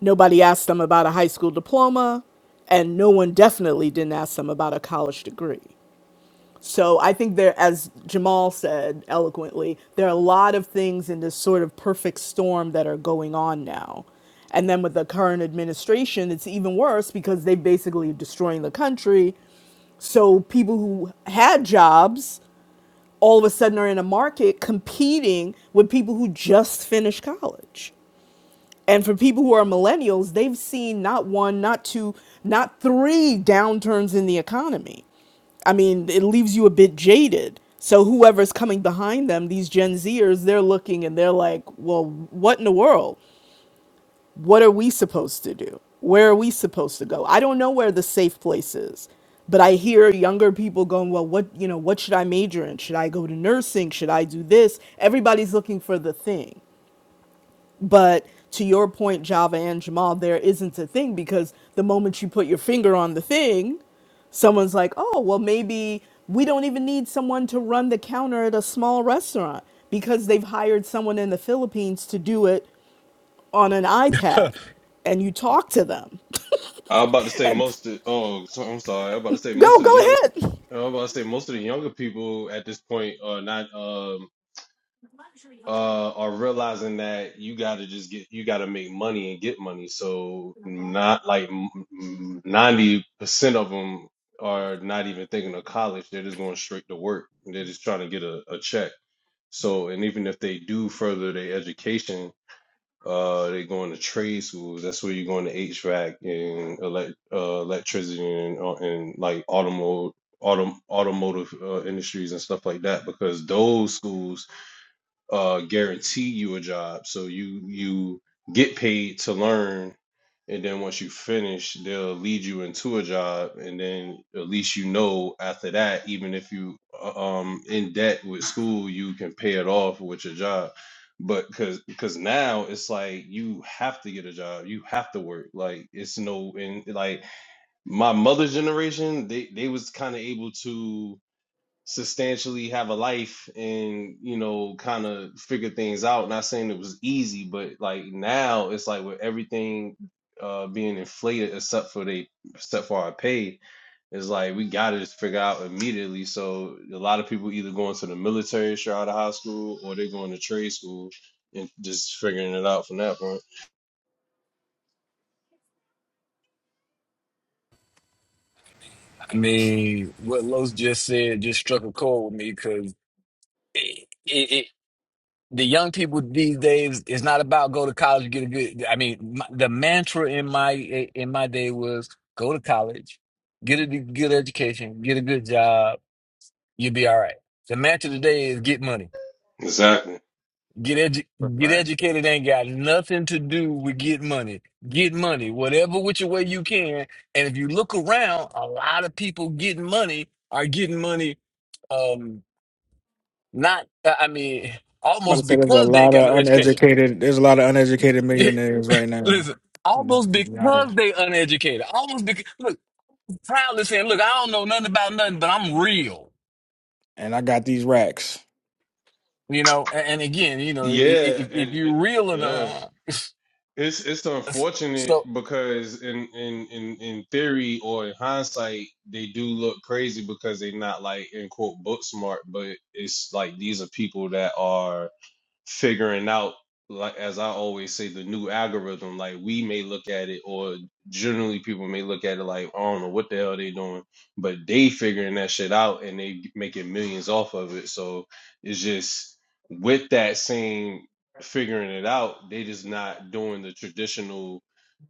Nobody asked them about a high school diploma, and no one definitely didn't ask them about a college degree. So I think there, as Jamal said eloquently, there are a lot of things in this sort of perfect storm that are going on now. And then with the current administration, it's even worse because they basically are destroying the country. So people who had jobs all of a sudden are in a market competing with people who just finished college. And for people who are millennials, they've seen not one, not two, not three downturns in the economy. I mean, it leaves you a bit jaded. So whoever's coming behind them, these Gen Zers, they're looking and they're like, well, what in the world? What are we supposed to do? Where are we supposed to go? I don't know where the safe place is. But I hear younger people going, well, what, you know, what should I major in? Should I go to nursing? Should I do this? Everybody's looking for the thing. But to your point, Java and Jamal, there isn't a thing because the moment you put your finger on the thing, someone's like, oh, well, maybe we don't even need someone to run the counter at a small restaurant because they've hired someone in the Philippines to do it on an iPad. And you talk to them I was about to say and most of oh so, I'm sorry. I was about to say most go, of the go young ahead. I was about to say most of the younger people at this point are not um uh are realizing that you got to just get you got to make money and get money. So not like ninety percent of them are not even thinking of college. They're just going straight to work. They're just trying to get a, a check. So and even if they do further their education, uh, they going to trade schools. That's where you're going to HVAC and elect, uh, electricity and, uh, and like automotive, autom automotive uh, industries and stuff like that. Because those schools uh guarantee you a job so you you get paid to learn and then once you finish they'll lead you into a job and then at least you know after that even if you uh, um in debt with school you can pay it off with your job but because because now it's like you have to get a job you have to work like it's no and like my mother's generation they they was kind of able to substantially have a life and you know kind of figure things out not saying it was easy but like now it's like with everything uh being inflated except for they except for our pay it's like we gotta just figure out immediately so a lot of people either going to the military straight out of high school or they're going to trade school and just figuring it out from that point I mean, what Los just said just struck a chord with me because it, it, the young people these days it's not about go to college to get a good i mean my, the mantra in my in my day was go to college get a de- good education get a good job you'll be all right the mantra today is get money exactly get edu- get Right. educated ain't got nothing to do with get money get money whatever which way you can and if you look around a lot of people getting money are getting money um not i I mean I'm about to almost say there's a because they ain't lot got no of education uneducated. There's a lot of uneducated millionaires right now. Listen, Just- almost just not because a- they uneducated. Almost because look, proudly saying, "Look, I don't know nothing about nothing, but I'm real." And I got these racks. You know, and, and again, you know, i- i- yeah if, if and, you're and- real yeah enough, It's it's unfortunate so because in in in in theory or in hindsight they do look crazy because they're not like in quote book smart, but it's like these are people that are figuring out like as I always say the new algorithm like we may look at it or generally people may look at it like I don't know what the hell they doing but they figuring that shit out and they making millions off of it so it's just with that same figuring it out they just not doing the traditional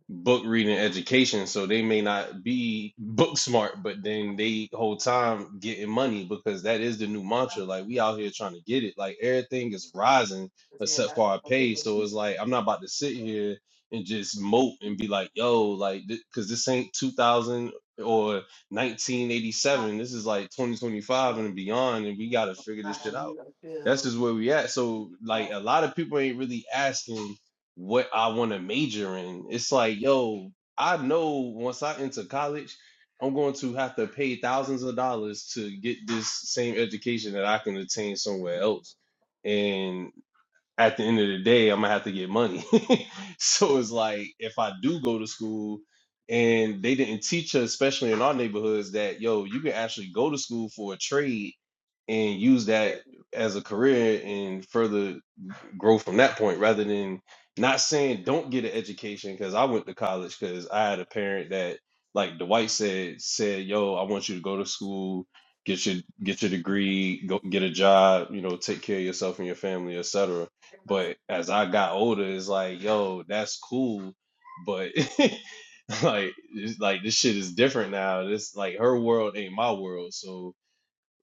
book reading education, so they may not be book smart, but then they whole time getting money because that is the new mantra. Like we out here trying to get it. Like everything is rising except for our pay. So it's like I'm not about to sit here and just mope and be like, yo, like because this ain't 2000 or 1987. This is like 2025 and beyond, and we got to figure this shit out. That's just where we at. So like a lot of people ain't really asking what I want to major in. It's like, yo, I know once I enter college, I'm going to have to pay thousands of dollars to get this same education that I can attain somewhere else. And at the end of the day, I'm gonna have to get money. so it's like if I do go to school and they didn't teach us, especially in our neighborhoods, that yo, you can actually go to school for a trade and use that as a career and further grow from that point rather than not saying don't get an education because I went to college because I had a parent that like Dwight said said yo I want you to go to school get your get your degree go get a job you know take care of yourself and your family etc but as I got older it's like yo that's cool but like it's like this shit is different now this like her world ain't my world so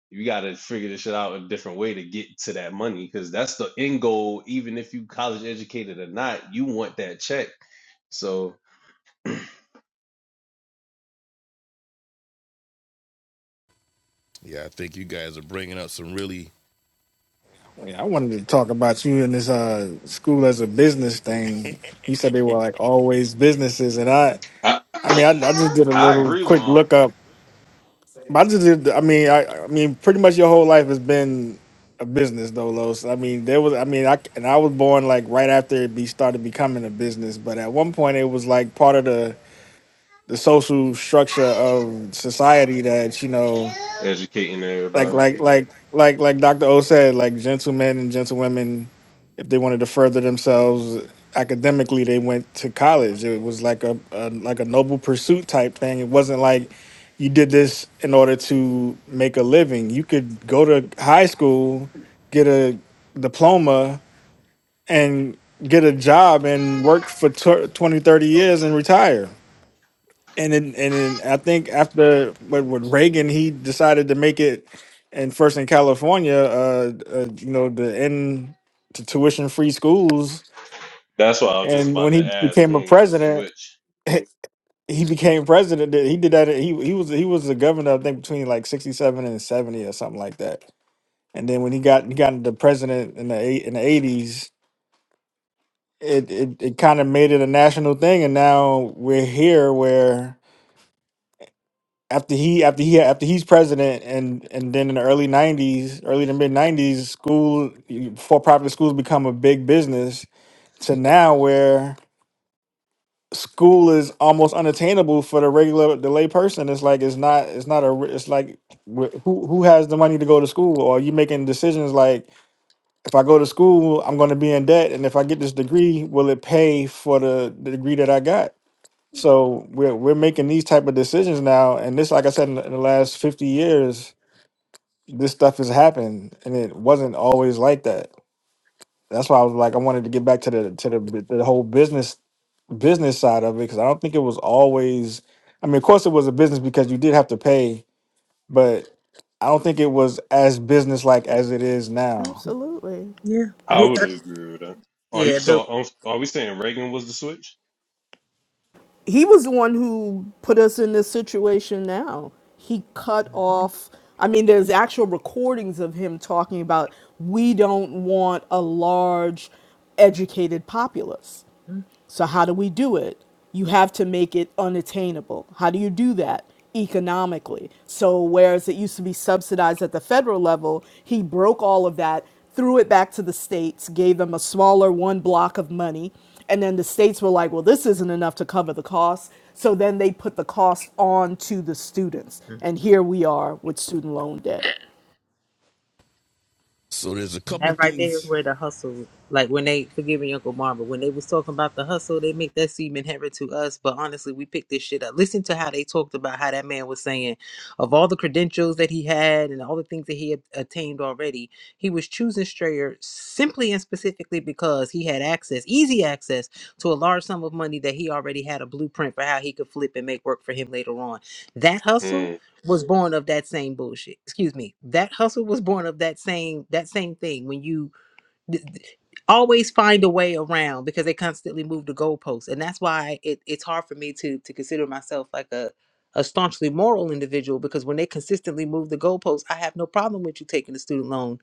you got to figure this shit out a different way to get to that money because that's the end goal. Even if you college educated or not, you want that check. So Yeah, I think you guys are bringing up some really. Yeah, I wanted to talk about you in this uh, school as a business thing. You said they were like always businesses, and I, I, I mean, I, I just did a I little agree with quick um, lookup But just I mean, I, I mean, pretty much your whole life has been a business, though, Los. I mean, there was. I mean, I c- and I was born like right after it be started becoming a business, but at one point it was like part of the the social structure of society that you know educating like everybody. like like like like Dr. O said, like gentlemen and gentlewomen, if they wanted to further themselves academically, they went to college. It was like a, a like a noble pursuit type thing. It wasn't like you did this in order to make a living. You could go to high school, get a diploma, and get a job and work for tw 20, thirty years and retire and then and then I think after with, with Reagan, he decided to make it, and first in California, uh, uh you know, the end to tuition free schools. That's what I was just And when about he to ask. became a When was the president, switch? he became president. He did that. He he was he was the governor, I think, between like sixty seven and seventy or something like that. And then when he got he got into president in the eight in the eighties, it it, it kind of made it a national thing. And now we're here where after he after he after he's president and and then in the early 90s early to mid 90s school for profit schools become a big business to now where school is almost unattainable for the regular the lay person it's like it's not it's not a re- it's like wh- who who has the money to go to school or are you making decisions like if i go to school i'm going to be in debt and if i get this degree will it pay for the, the degree that i got so we're we're making these type of decisions now, and this, like I said, in the, in the last fifty years, this stuff has happened, and it wasn't always like that. That's why I was like, I wanted to get back to the to the bu- the whole business business side of it because I don't think it was always. I mean, of course, it was a business because you did have to pay, but I don't think it was as business like as it is now. Absolutely. Yeah. I would agree with that. Are you, Yeah. so The, um, are we saying Reagan was the switch? he was the one who put us in this situation now. He cut Mhm. off, I mean, there's actual recordings of him talking about we don't want a large educated populace. So, how do we do it? You have to make it unattainable. How do you do that? Economically. So, whereas it used to be subsidized at the federal level, he broke all of that, threw it back to the states, gave them a smaller one block of money. And then the states were like, well, this isn't enough to cover the cost. So then they put the cost on to the students. mhm. And here we are with student loan debt. So there's a And couple that right there is things. where the hustle, like when they, forgive me, Uncle Marvin, when they was talking about the hustle, they make that seem inherent to us. But honestly, we picked this shit up. Listen to how they talked about how that man was saying of all the credentials that he had and all the things that he had attained already, he was choosing Strayer simply and specifically because he had access, easy access to a large sum of money that he already had a blueprint for how he could flip and make work for him later on. That hustle Mm, was born of that same bullshit. Excuse me. That hustle was born of that same that same thing. When you th- th- always find a way around because they constantly move the goalposts and that's why it, it's hard for me to to consider myself like a a staunchly moral individual because when they consistently move the goalposts i have no problem with you taking a student loan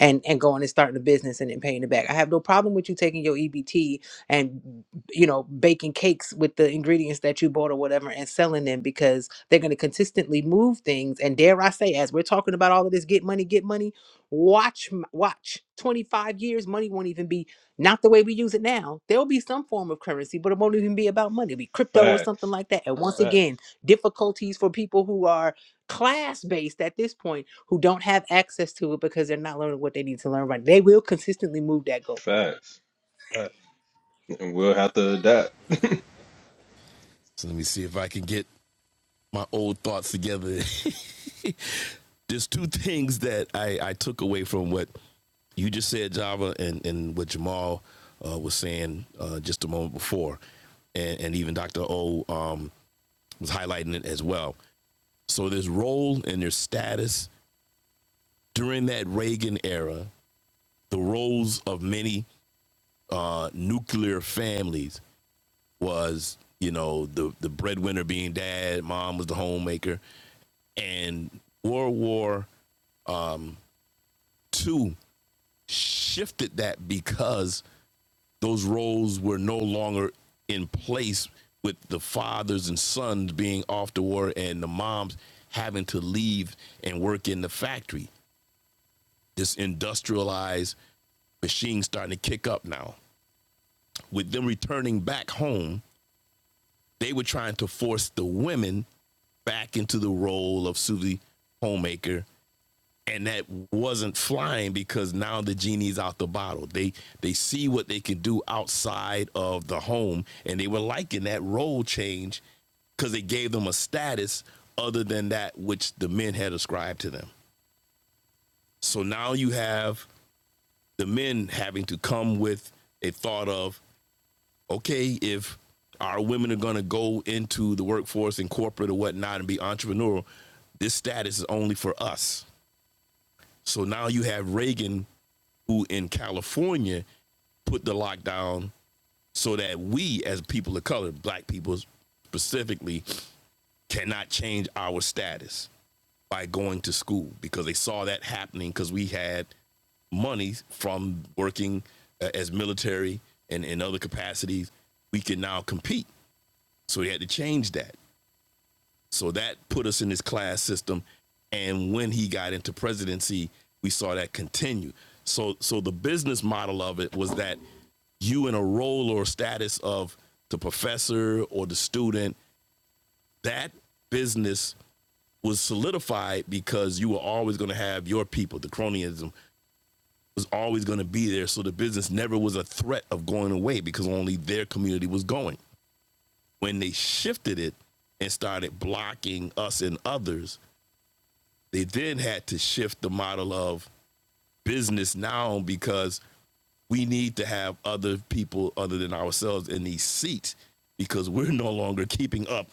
and and going and starting a business and then paying it back i have no problem with you taking your ebt and you know baking cakes with the ingredients that you bought or whatever and selling them because they're going to consistently move things and dare i say as we're talking about all of this get money get money Watch, watch. 25 years, money won't even be not the way we use it now. There'll be some form of currency, but it won't even be about money. It'll be crypto or something facts, like that. And once again, facts, difficulties for people who are class based at this point who don't have access to it because they're not learning what they need to learn right. They will consistently move that goalpost. facts, facts. And we'll have to adapt. So let me see if I can get my old thoughts together. there's two things that I, I took away from what you just said, Java, and, and what Jamal uh, was saying uh, just a moment before, and, and even Dr. O um, was highlighting it as well. So there's role and their status during that Reagan era, the roles of many uh, nuclear families was you know the the breadwinner being dad, mom was the homemaker, and World War Two shifted that because those roles were no longer in place with the fathers and sons being off to war and the moms having to leave and work in the factory. This industrialized machine starting to kick up now. With them returning back home, they were trying to force the women back into the role of Susie Homemaker. And that wasn't flying because now the genie's out the bottle. They they see what they can do outside of the home, and they were liking that role change because it gave them a status other than that which the men had ascribed to them. So now you have the men having to come with a thought of okay, if our women are going to go into the workforce and corporate or whatnot and be entrepreneurial, this status is only for us. So now you have Reagan, who in California put the lockdown so that we, as people of color, black people specifically, cannot change our status by going to school because they saw that happening because we had money from working uh, as military and in other capacities. We can now compete so he had to change that. So that put us in this class system. And when he got into presidency, we saw that continue. So so the business model of it was that you in a role or status of the professor or the student, that business was solidified because you were always going to have your people. The cronyism was always going to be there. So the business never was a threat of going away because only their community was going. when they shifted it and started blocking us and others, they then had to shift the model of business now because we need to have other people other than ourselves in these seats because we're no longer keeping up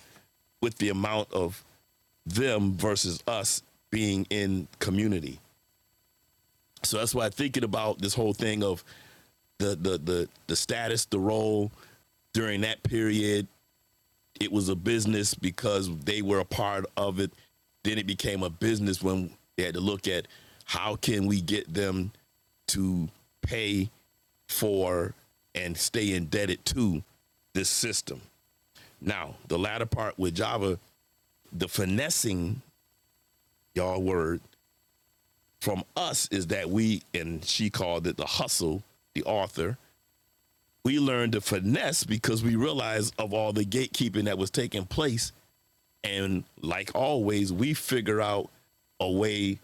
with the amount of them versus us being in community. So that's why thinking about this whole thing of the the the the status, the role during that period it was a business because they were a part of it. Then it became a business when they had to look at how can we get them to pay for and stay indebted to this system. Now, the latter part with Java, the finessing, y'all word, from us is that we, and she called it the hustle, the author, we learned to finesse because we realized of all the gatekeeping that was taking place And like always, we figure out a way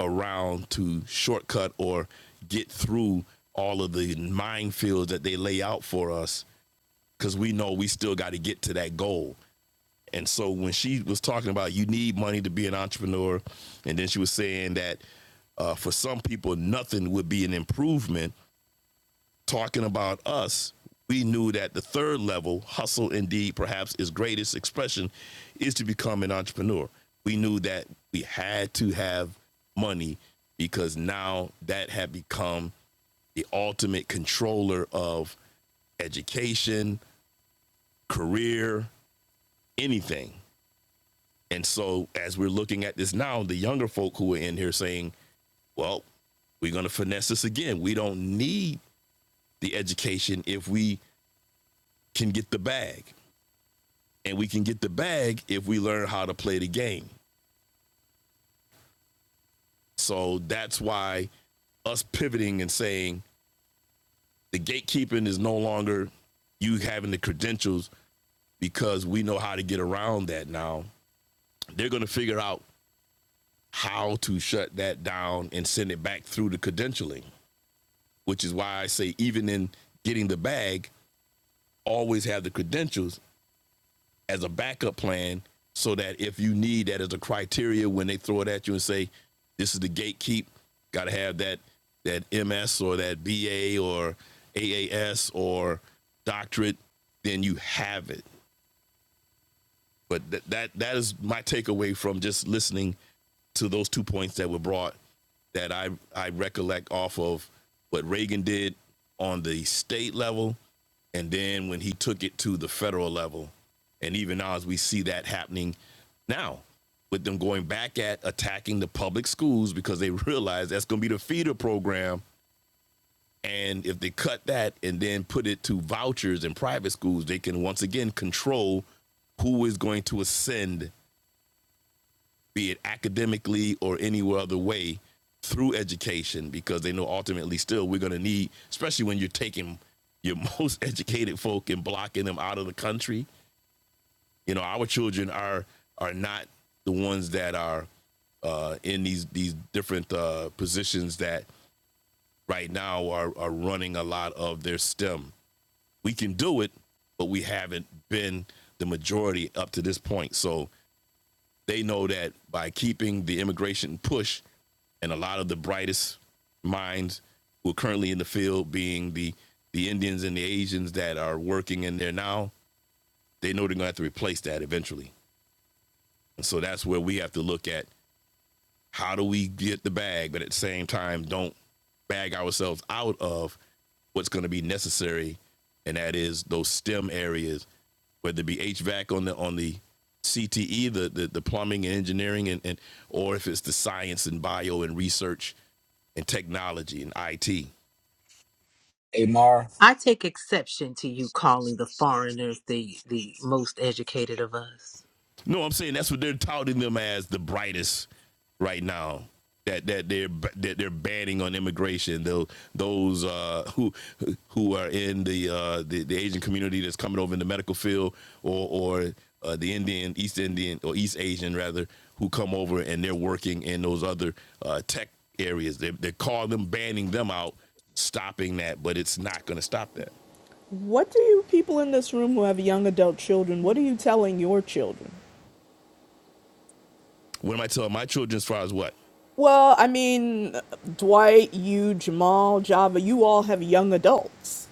around to shortcut or get through all of the minefields that they lay out for us because we know we still got to get to that goal. And so when she was talking about you need money to be an entrepreneur, and then she was saying that uh, for some people, nothing would be an improvement talking about us, we knew that the third level, hustle indeed, perhaps its greatest expression, is to become an entrepreneur. We knew that we had to have money because now that had become the ultimate controller of education, career, anything. And so as we're looking at this now, the younger folk who are in here saying, well, we're going to finesse this again. We don't need the education if we can get the bag. and we can get the bag if we learn how to play the game. So that's why us pivoting and saying the gatekeeping is no longer you having the credentials because we know how to get around that now. They're going to figure out how to shut that down and send it back through the credentialing, which is why I say even in getting the bag, always have the credentials as a backup plan so that if you need that as a criteria when they throw it at you and say this is the gatekeep got to have that that ms or that ba or aas or doctorate then you have it but th- that that is my takeaway from just listening to those two points that were brought that I I recollect off of what Reagan did on the state level, and then when he took it to the federal level, and even now as we see that happening now with them going back at attacking the public schools because they realize that's going to be the feeder program and if they cut that and then put it to vouchers in private schools, they can once again control who is going to ascend, be it academically or any other way, through education, because they know ultimately still we're going to need, especially when you're taking your most educated folk and blocking them out of the country. You know, our children are are not the ones that are uh, in these these different uh, positions that right now are are running a lot of their STEM we can do it, but we haven't been the majority up to this point. So they know that by keeping the immigration push and a lot of the brightest minds who are currently in the field being the the Indians and the Asians that are working in there now, they know they're gonna have to replace that eventually. And so that's where we have to look at how do we get the bag, but at the same time, don't bag ourselves out of what's going to be necessary, and that is those STEM areas, whether it be HVAC on the on the CTE, the the, the plumbing and engineering, and, and or if it's the science and bio and research and technology and IT. hey, Mar, I take exception to you calling the foreigners the the most educated of us. No, I'm saying that's what they're touting them as the brightest right now. That that they're that they're banning on immigration. Those those uh, who who are in the, uh, the the Asian community that's coming over in the medical field, or or uh, the Indian East Indian or East Asian rather, who come over and they're working in those other uh, tech areas. They they call them banning them out, stopping that, but it's not going to stop that. What do you people in this room who have young adult children, what are you telling your children? What am I telling my children as far as what? Well, I mean, Dwight, you, Jamal, Java, you all have young adults.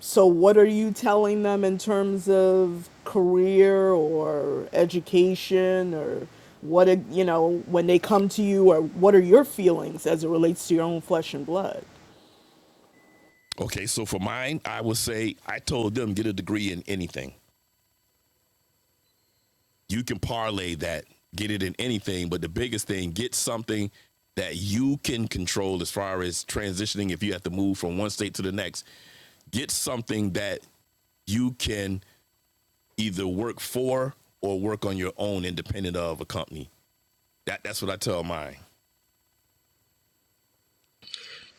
So, what are you telling them in terms of career or education or what, you know, when they come to you, or what are your feelings as it relates to your own flesh and blood? Okay, so for mine, I would say I told them get a degree in anything. You can parlay that, get it in anything, but the biggest thing, get something that you can control as far as transitioning if you have to move from one state to the next. Get something that you can either work for or work on your own independent of a company. That that's what I tell mine.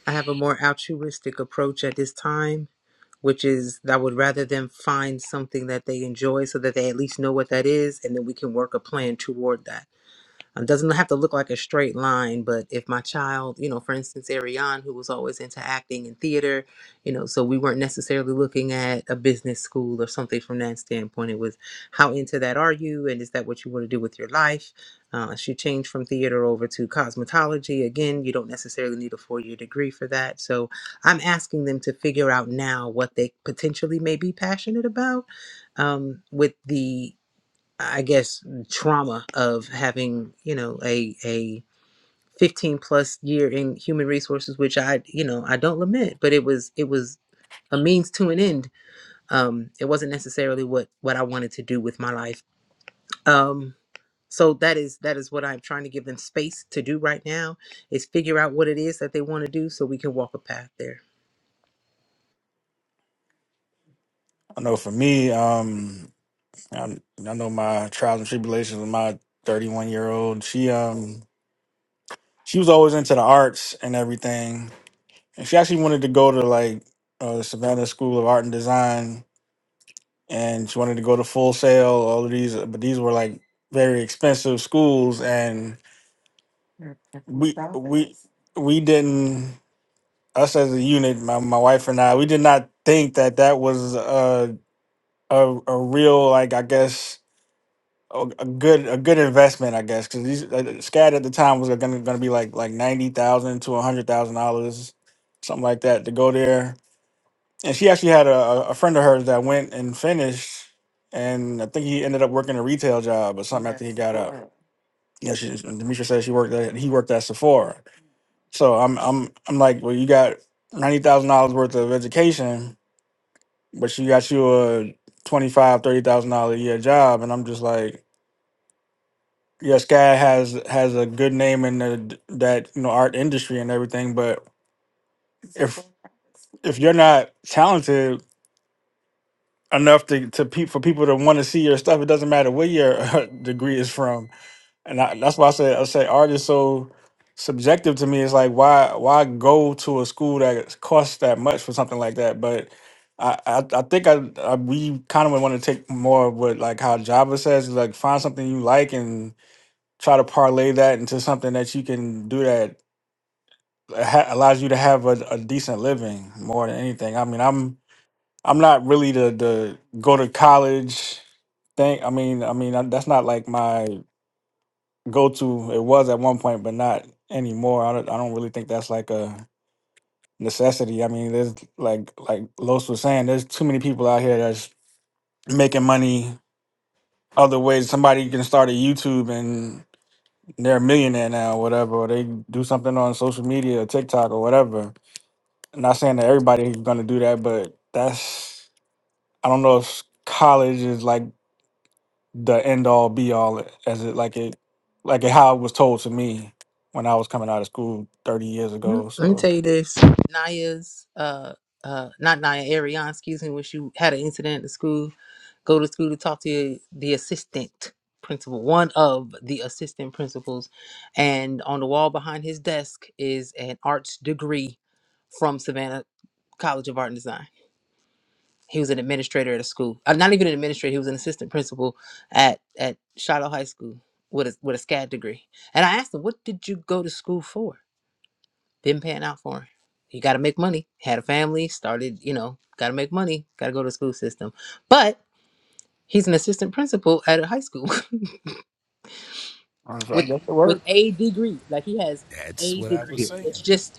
I have a more altruistic approach at this time which is I would rather them find something that they enjoy so that they at least know what that is, and then we can work a plan toward that um, doesn't have to look like a straight line but if my child you know for instance ariane who was always into acting and theater you know so we weren't necessarily looking at a business school or something from that standpoint it was how into that are you and is that what you want to do with your life uh, she changed from theater over to cosmetology again you don't necessarily need a four-year degree for that so i'm asking them to figure out now what they potentially may be passionate about um, with the I guess trauma of having you know a a 15 plus year in human resources, which I you know I don't lament, but it was it was a means to an end. Um, it wasn't necessarily what what I wanted to do with my life. Um, so that is that is what I'm trying to give them space to do right now is figure out what it is that they want to do so we can walk a path there. I know for me, um, I, I know my trials and tribulations with my thirty-one year old. She um she was always into the arts and everything. And she actually wanted to go to like uh, the Savannah School of Art and Design, and she wanted to go to Full Sail. All of these, but these were like very expensive schools, and we we we didn't us as a unit, my, my wife and I, we did not think that that was a a, a real like I guess a, a good a good investment, I guess, because these uh, SCAD at the time was gonna gonna be like like ninety thousand to a hundred thousand dollars, something like that, to go there. And she actually had a, a a friend of hers that went and finished, and I think he ended up working a retail job or something after he got out. Yeah, she Demetria said she worked at he worked at Sephora. So I'm I'm I'm like, well, you got ninety thousand dollars worth of education, but you got you a twenty five thirty thousand dollar a year job, and I'm just like. yes, guy has has a good name in the d- that you know art industry and everything. But if if you're not talented enough to to pe- for people to want to see your stuff, it doesn't matter where your degree is from. And I, that's why I say I say art is so subjective to me. It's like why why go to a school that costs that much for something like that? But I, I, I think I, I we kind of want to take more of what like how Java says like find something you like try to parlay that into something that you can do that ha- allows you to have a, a decent living more than anything. I mean, I'm I'm not really the the go to college thing. I mean, I mean I, that's not like my go to. It was at one point, but not anymore. I don't, I don't really think that's like a necessity. I mean, there's like like Los was saying, there's too many people out here that's making money other ways. Somebody can start a YouTube and they're a millionaire now, or whatever, or they do something on social media or TikTok or whatever. I'm not saying that everybody's gonna do that, but that's I don't know if college is like the end all be all as it like it like it, how it was told to me when I was coming out of school 30 years Mm, ago. Let me So tell you this. Naya's uh uh not Naya Ariana, excuse me, when she had an incident at school, go to school to talk to the assistant principal, one of the assistant principals, and on the wall behind his desk is an arts degree from Savannah College of Art and Design. He was an administrator at a school. Uh, not even an administrator, he was an assistant principal at at Shiloh High School with a with a SCAD degree. And I asked him, "What did you go to school for?" Been paying out for. him. You got to make money. Had a family, started, you know, got to make money, got to go to the school system. But he's an assistant principal at a high school I was like, with I guess it with worked. a degree. Like he has That's a what I was degree. saying. It's just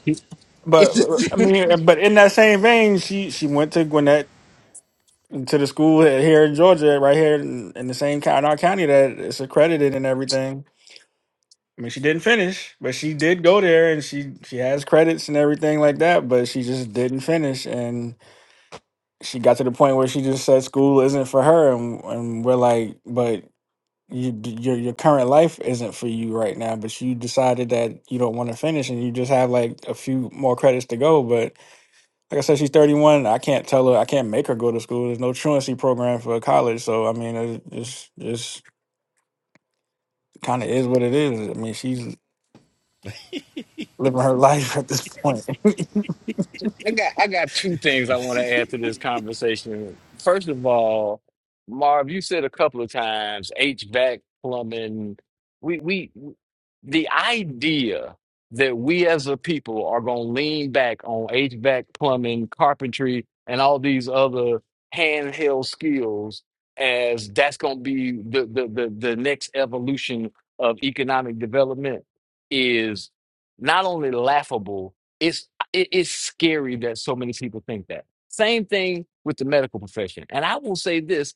But it's uh, just I mean, but in that same vein, she she went to Gwinnett to the school here in Georgia, right here in, in the same county, our county that is accredited and everything I mean, she didn't finish, but she did go there, and she she has credits and everything like that. But she just didn't finish, and she got to the point where she just said school isn't for her, and and we're like, but you, d- your your current life isn't for you right now. But you decided that you don't want to finish, and you just have like a few more credits to go. But like I said, she's thirty one. I can't tell her, I can't make her go to school. There's no truancy program for college, so I mean, it, it's just kind of is what it is. I mean, she's living her life at this point. I got I got two things I want to add to this conversation. First of all, Marv, you said a couple of times HVAC plumbing. We we the idea that we as a people are going to lean back on HVAC, plumbing, carpentry, and all these other handheld skills as that's going to be the, the, the, the next evolution of economic development is not only laughable, it's, it, it's scary that so many people think that. Same thing with the medical profession. And I will say this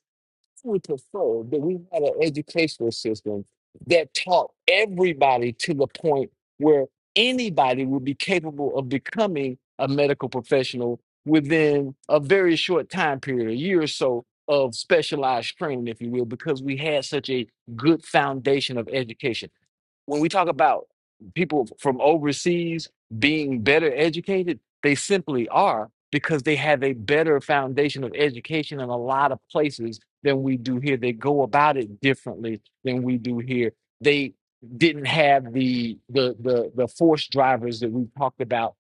would prefer that we had an educational system that taught everybody to the point where anybody would be capable of becoming a medical professional within a very short time period, a year or so of specialized training, if you will, because we had such a good foundation of education when we talk about people from overseas being better educated, they simply are because they have a better foundation of education in a lot of places than we do here. They go about it differently than we do here. They didn't have the the the, the force drivers that we talked about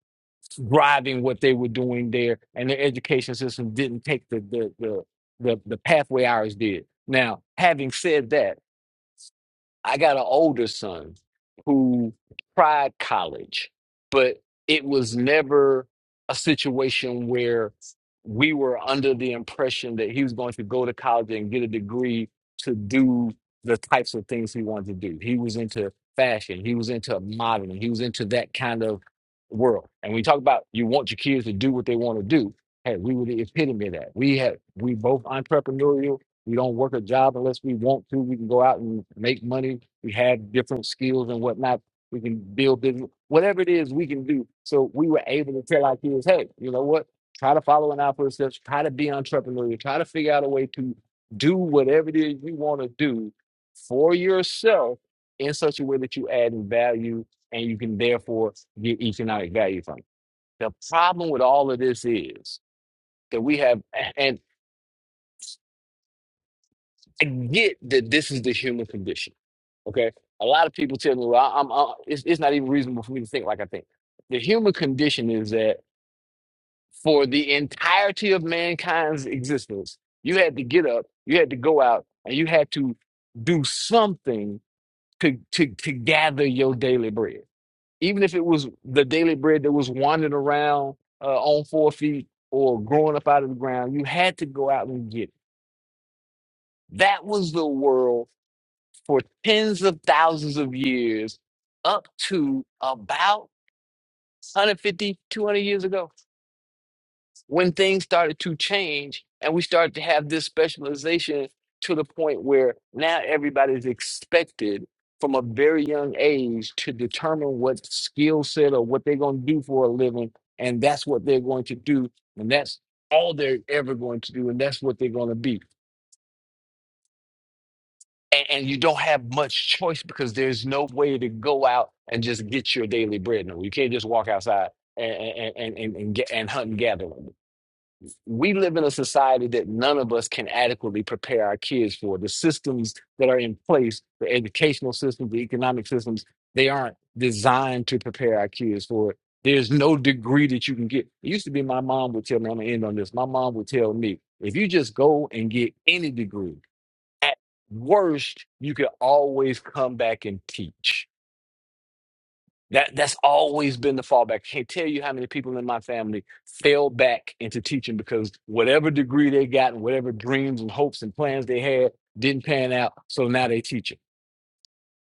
driving what they were doing there, and their education system didn't take the the the the, the pathway ours did. Now, having said that I got an older son who tried college, but it was never a situation where we were under the impression that he was going to go to college and get a degree to do the types of things he wanted to do. He was into fashion, he was into modeling, he was into that kind of world. And we talk about you want your kids to do what they want to do. Hey, we were the epitome of that. We had we both entrepreneurial. We don't work a job unless we want to. We can go out and make money. We have different skills and whatnot. We can build business, whatever it is we can do. So we were able to tell our kids, hey, you know what? Try to follow in our footsteps. Try to be entrepreneurial. Try to figure out a way to do whatever it is you want to do for yourself in such a way that you add in value and you can therefore get economic value from it. The problem with all of this is that we have, and I get that this is the human condition. Okay, a lot of people tell me, "Well, I, I'm. I, it's, it's not even reasonable for me to think like I think." The human condition is that for the entirety of mankind's existence, you had to get up, you had to go out, and you had to do something to to to gather your daily bread, even if it was the daily bread that was wandering around uh, on four feet or growing up out of the ground. You had to go out and get. It. That was the world for tens of thousands of years up to about 150, 200 years ago when things started to change and we started to have this specialization to the point where now everybody's expected from a very young age to determine what skill set or what they're going to do for a living. And that's what they're going to do. And that's all they're ever going to do. And that's what they're going to be. and, and you don't have much choice because there's no way to go out and just get your daily bread. No, you can't just walk outside and and and and, and get and hunt and gather. We live in a society that none of us can adequately prepare our kids for. The systems that are in place, the educational systems, the economic systems, they aren't designed to prepare our kids for it. There's no degree that you can get. It used to be my mom would tell me, I'm gonna end on this. My mom would tell me, if you just go and get any degree, at worst, you can always come back and teach. That that's always been the fallback. Can't tell you how many people in my family fell back into teaching because whatever degree they got and whatever dreams and hopes and plans they had didn't pan out. So now they teaching.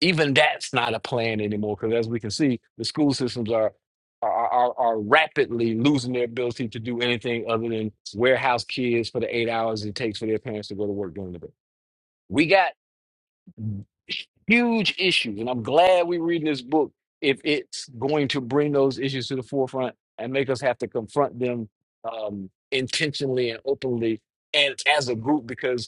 Even that's not a plan anymore because as we can see, the school systems are are, are are rapidly losing their ability to do anything other than warehouse kids for the eight hours it takes for their parents to go to work during the day. We got Huge issues. And I'm glad we're reading this book if it's going to bring those issues to the forefront and make us have to confront them um, intentionally and openly and as a group because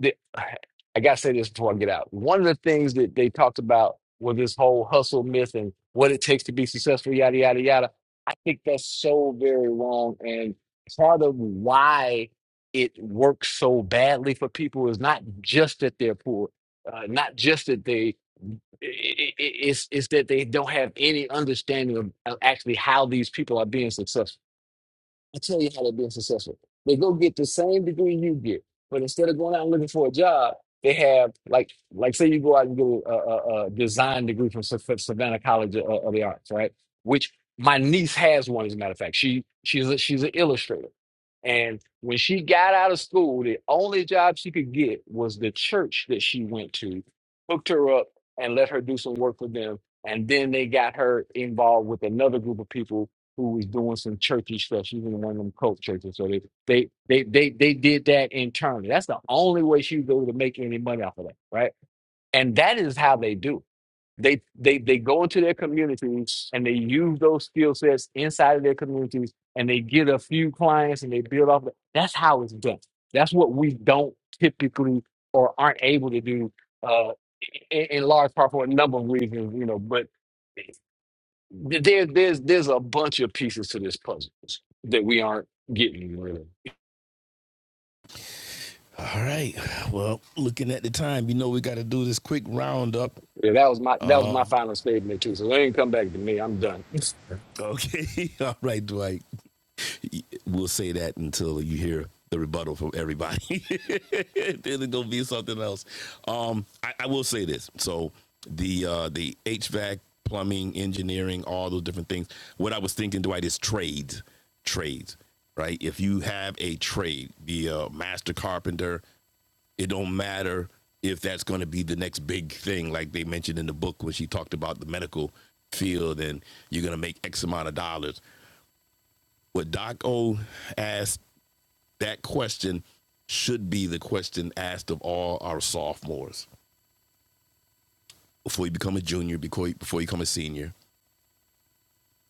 the, I gotta say this before I get out. One of the things that they talked about was this whole hustle myth and what it takes to be successful, yada yada yada. I think that's so very wrong, and part of why it works so badly for people is not just that they're poor, uh, not just that they i- i- i- it's it's that they don't have any understanding of, of actually how these people are being successful I tell you how they're being successful. They go get the same degree you get, but instead of going out and looking for a job, they have like like say you go out and get a, a, a design degree from Sa- from Savannah College of, of the Arts, right? Which my niece has one, as a matter of fact. She she's a, she's an illustrator, and when she got out of school, the only job she could get was the church that she went to, hooked her up and let her do some work for them, and then they got her involved with another group of people who was doing some churchy stuff. She was in one of them cult churches. So they they they they they did that internally. That's the only way she was able to make any money off of that, right? And that is how they do. They they they go into their communities and they use those skill sets inside of their communities and they get a few clients and they build off of it. That's how it's done. That's what we don't typically or aren't able to do uh, in, in large part for a number of reasons, you know, but there, there's there's a bunch of pieces to this puzzle that we aren't getting really. All right. Well, looking at the time, you know we got to do this quick roundup. Yeah, that was my that was my Um, final statement too. So it ain't come back to me. I'm done. Okay. All right, Dwight. We'll say that until you hear the rebuttal from everybody. then it'll be something else. Um, I, I will say this. So the uh, the HVAC, plumbing, engineering, all those different things. What I was thinking, Dwight, is trades. Trades. Right? If you have a trade, be a master carpenter, it don't matter if that's going to be the next big thing, like they mentioned in the book when she talked about the medical field and you're going to make X amount of dollars what Doc O asked that question should be the question asked of all our sophomores before you become a junior, before you, before you become a senior.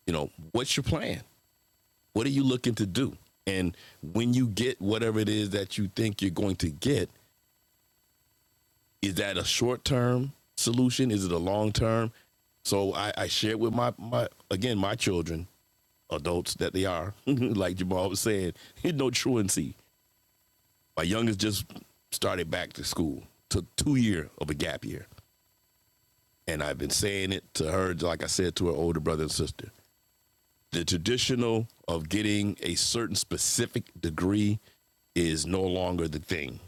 You know, what's your plan? What are you looking to do? And when you get whatever it is that you think you're going to get, is that a short term solution? Is it a long term? So I, I shared with my, my again my children, adults that they are, like Jamal was saying, no truancy. My youngest just started back to school. Took two year of a gap year, and I've been saying it to her, like I said to her older brother and sister. The traditional of getting a certain specific degree is no longer the thing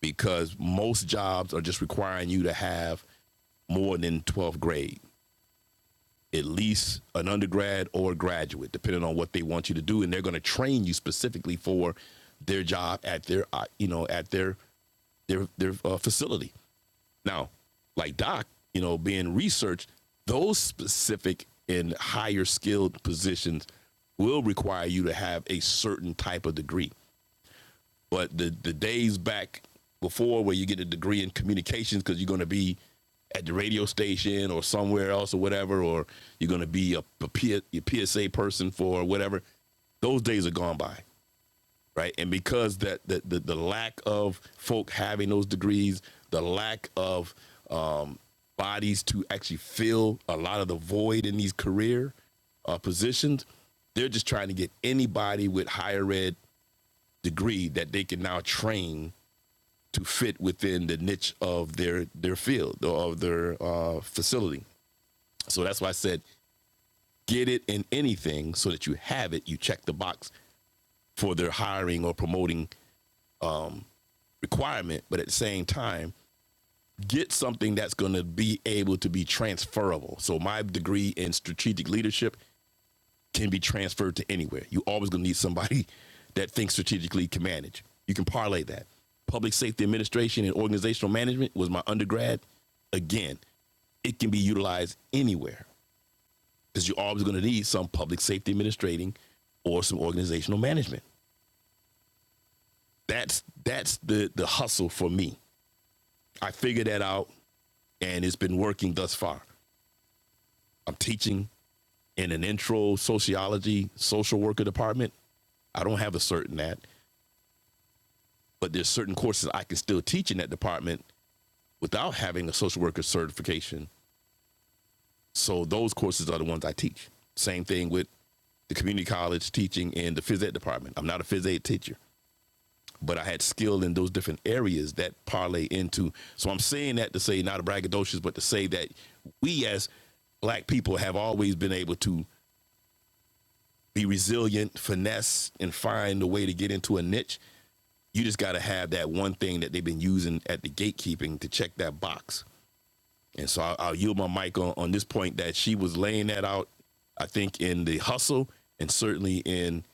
because most jobs are just requiring you to have more than 12th grade, at least an undergrad or a graduate, depending on what they want you to do, and they're going to train you specifically for their job at their uh, you know at their their their uh, facility. Now, like Doc, you know, being researched, those specific and higher skilled positions will require you to have a certain type of degree. But the the days back before where you get a degree in communications because you're going to be at the radio station or somewhere else or whatever, or you're going to be a, a, P, a PSA person for whatever, those days are gone by right? And because that the, the, the lack of folk having those degrees, the lack of um, bodies to actually fill a lot of the void in these career uh, positions, they're just trying to get anybody with higher ed degree that they can now train to fit within the niche of their their field or of their uh, facility. So that's why I said get it in anything so that you have it. You check the box for their hiring or promoting requirement, but at the same time, get something that's going to be able to be transferable. So my degree in strategic leadership can be transferred to anywhere. You always going to need somebody that thinks strategically can manage. You can parlay that. Public safety administration and organizational management was my undergrad. Again, it can be utilized anywhere because you're always going to need some public safety administrating or some organizational management. That's that's the the hustle for me. I figured that out and it's been working thus far. I'm teaching in an intro sociology social worker department. I don't have a cert in that, but there's certain courses I can still teach in that department without having a social worker certification. So those courses are the ones I teach. Same thing with the community college teaching in the phys ed department. I'm not a phys ed teacher, but I had skill in those different areas that parlay into. So I'm saying that to say not a braggadocious, but to say that we as black people have always been able to be resilient, finesse, and find a way to get into a niche. You just got to have that one thing that they've been using at the gatekeeping to check that box. And so I'll, I'll yield my mic on, on this point that she was laying that out, I think, in the hustle and certainly in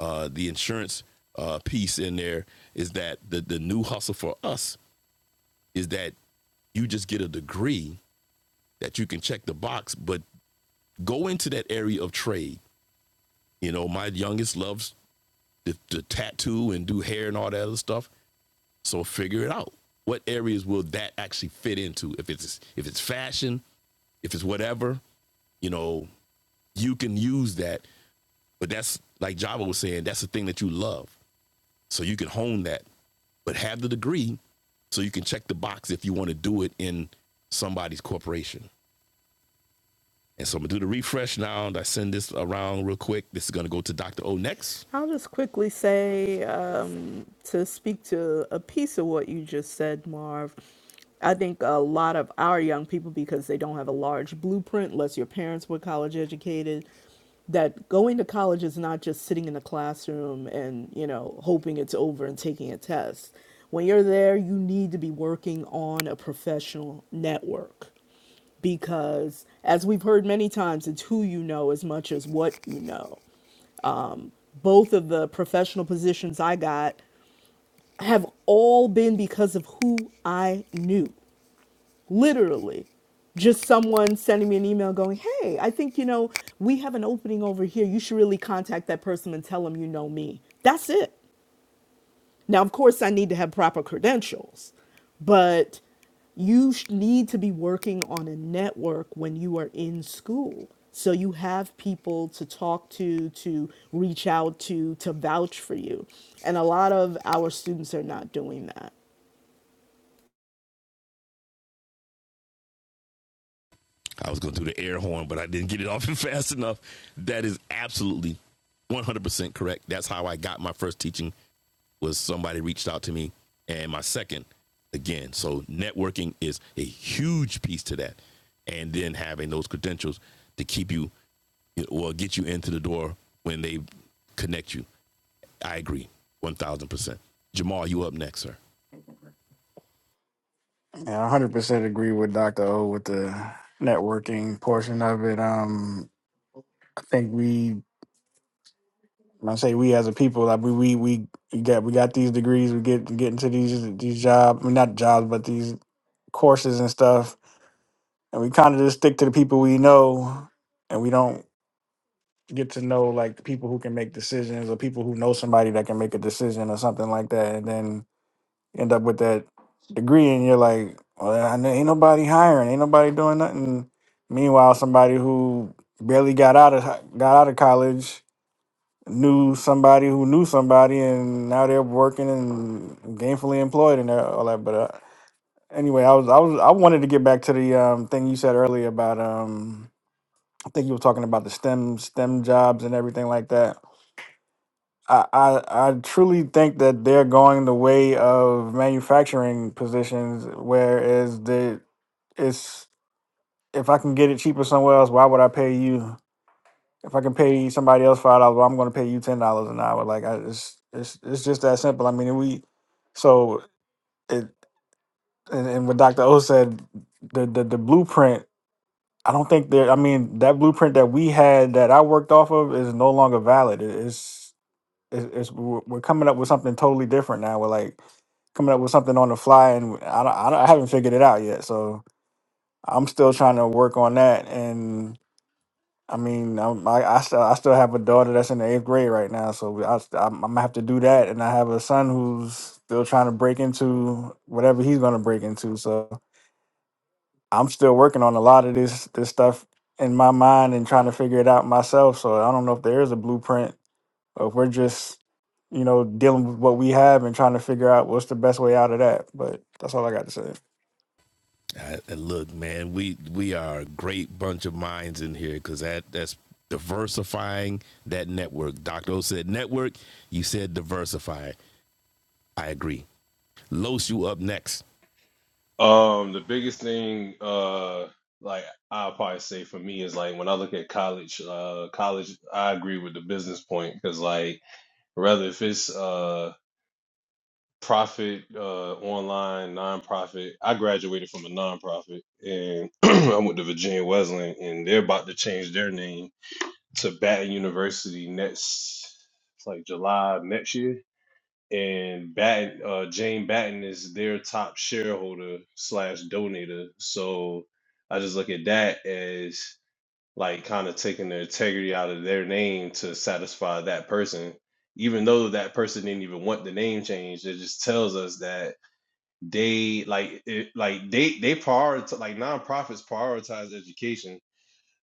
uh, the insurance uh, piece in there is that the, the new hustle for us is that you just get a degree that you can check the box, but go into that area of trade. You know, my youngest loves the, the tattoo and do hair and all that other stuff. So figure it out. What areas will that actually fit into? If it's if it's fashion, if it's whatever, you know, you can use that. But that's like Java was saying, that's the thing that you love. So you can hone that, but have the degree so you can check the box if you want to do it in somebody's corporation. And so I'm gonna do the refresh now. And I send this around real quick. This is gonna go to Dr. O next. I'll just quickly say um, to speak to a piece of what you just said, Marv. I think a lot of our young people, because they don't have a large blueprint, unless your parents were college educated, that going to college is not just sitting in the classroom and you know hoping it's over and taking a test. When you're there, you need to be working on a professional network because as we've heard many times it's who you know as much as what you know both of the professional positions I got have all been because of who I knew. Literally, just someone sending me an email going, Hey, I think, you know, we have an opening over here. You should really contact that person and tell them you know me. That's it. Now, of course, I need to have proper credentials, but you sh- need to be working on a network when you are in school. So you have people to talk to, to reach out to, to vouch for you. And a lot of our students are not doing that. I was going to do the air horn, but I didn't get it off fast enough. That is absolutely 100% correct. That's how I got my first teaching was somebody reached out to me and my second again. So networking is a huge piece to that. And then having those credentials to keep you or get you into the door when they connect you. I agree 1000%. Jamal, you up next, sir. Yeah, I 100% agree with Dr. O with the networking portion of it. Um, I think we, when I say we as a people, like we we we we got we got these degrees, we get get into these these jobs, I mean, not jobs, but these courses and stuff, and we kind of just stick to the people we know, and we don't get to know like the people who can make decisions or people who know somebody that can make a decision or something like that, and then You end up with that degree, and you're like, well, I know- ain't nobody hiring, ain't nobody doing nothing. Meanwhile, somebody who barely got out of hi- got out of college knew somebody who knew somebody, and now they're working and gainfully employed and all that. But uh, anyway, I was I was I wanted to get back to the um, thing you said earlier about um, I think you were talking about the STEM STEM jobs and everything like that I, I I truly think that they're going the way of manufacturing positions, whereas the it's if I can get it cheaper somewhere else, why would I pay you? If I can pay somebody else five dollars, well, I'm going to pay you ten dollars an hour. Like I, it's it's it's just that simple. I mean, we so it and, and what Doctor O said, the, the the blueprint. I don't think that. I mean, that blueprint that we had that I worked off of is no longer valid. It- It's it's, it's we're we're coming up with something totally different now. We're like coming up with something on the fly, and I don't, I, don't, I haven't figured it out yet. So I'm still trying to work on that. And I mean, I'm, I I still I still have a daughter that's in the eighth grade right now, so we- I, st- I'm, I'm gonna have to do that. And I have a son who's still trying to break into whatever he's gonna break into. So I'm still working on a lot of this this stuff in my mind and trying to figure it out myself. So I don't know if there is a blueprint or if we're just, you know, dealing with what we have and trying to figure out what's the best way out of that. But that's all I got to say. I, and look, man, we we are a great bunch of minds in here because that that's diversifying that network. Doctor O said network. You said diversify. I agree. Los, you up next. Um, the biggest thing, uh, like I'll probably say for me is like when I look at college, uh, college, I agree with the business point because like rather if it's uh profit, uh, online nonprofit, I graduated from a nonprofit and I went to Virginia Wesleyan and they're about to change their name to Baton University next, it's like July of next year and Batten, uh, Jane Batten is their top shareholder slash donator. So I just look at that as like kind of taking the integrity out of their name to satisfy that person, even though that person didn't even want the name change. It just tells us that they like it, like they they prioritize like nonprofits prioritize education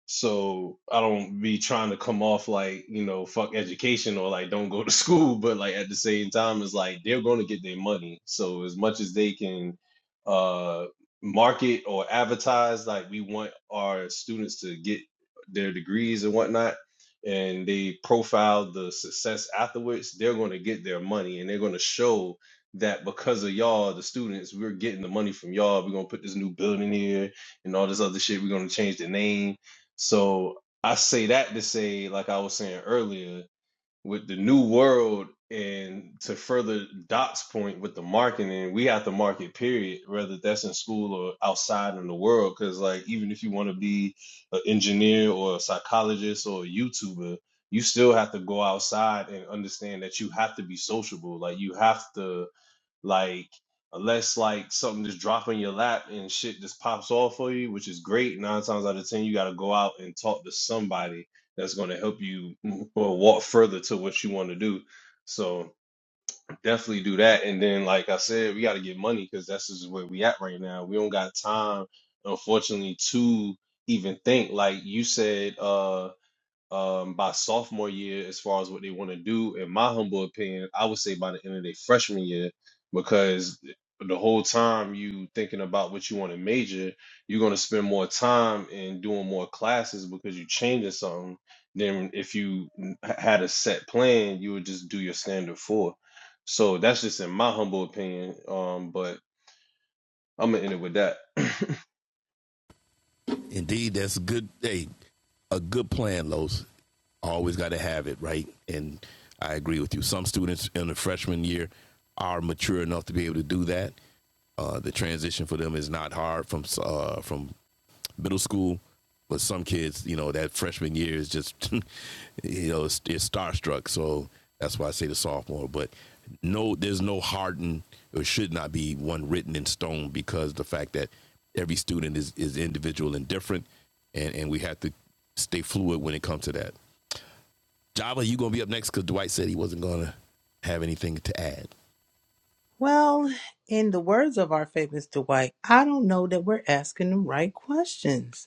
so I don't be trying to come off like you know fuck education or like don't go to school, but like at the same time it's like they're going to get their money. So as much as they can uh, market or advertise, like we want our students to get their degrees and whatnot, and they profile the success afterwards, they're going to get their money and they're going to show that because of y'all, the students, we're getting the money from y'all. We're gonna put this new building here and all this other shit. We're gonna change the name so I say that to say, like I was saying earlier, with the new world and to further Doc's point with the marketing, we have to market period, whether that's in school or outside in the world. Cause like even if you want to be an engineer or a psychologist or a YouTuber, you still have to go outside and understand that you have to be sociable. Like you have to like unless like something just drop on your lap and shit just pops off for you, which is great. Nine times out of ten, you got to go out and talk to somebody that's going to help you mm, or walk further to what you want to do. So definitely do that. And then, like I said, we got to get money because that's just where we at right now. We don't got time, unfortunately, to even think. Like you said, uh um, by sophomore year as far as what they want to do. In my humble opinion, I would say by the end of their freshman year, because the whole time you thinking about what you want to major, you're going to spend more time in doing more classes because you're changing something than if you n- h- had a set plan, you would just do your standard four. So that's just in my humble opinion. Um, but I'm gonna end it with that. Indeed, that's a good. Hey, a good plan, Los. Always got to have it right, and I agree with you. Some students in the freshman year are mature enough to be able to do that. Uh, the transition for them is not hard from uh, from middle school. But some kids, you know, that freshman year is just, you know, it's, it's starstruck. So that's why I say the sophomore. But no, there's no hardened or should not be one written in stone because the fact that every student is, is individual and different. And, and we have to stay fluid when it comes to that. Java, you going to be up next because Dwight said he wasn't going to have anything to add. Well, in the words of our famous Dwight, I don't know that we're asking the right questions.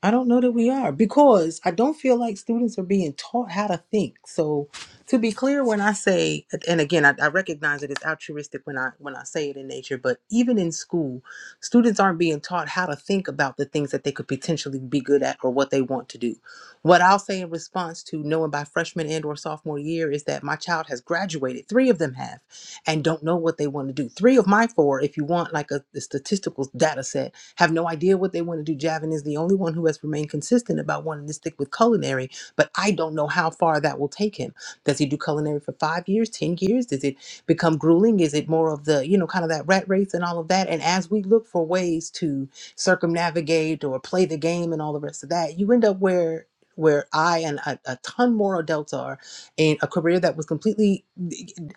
I don't know that we are because I don't feel like students are being taught how to think. So, to be clear, when I say, and again, I, I recognize it is altruistic when I when I say it in nature, but even in school, students aren't being taught how to think about the things that they could potentially be good at or what they want to do. What I'll say in response to knowing by freshman and or sophomore year is that my child has graduated. Three of them have, and don't know what they want to do. Three of my four, if you want like a, a statistical data set have no idea what they want to do. Javin is the only one who has remained consistent about wanting to stick with culinary, but I don't know how far that will take him. Does he do culinary for five years, 10 years? Does it become grueling? Is it more of the, you know, kind of that rat race and all of that? And as we look for ways to circumnavigate or play the game and all the rest of that, you end up where where I and a, a ton more adults are in a career that was completely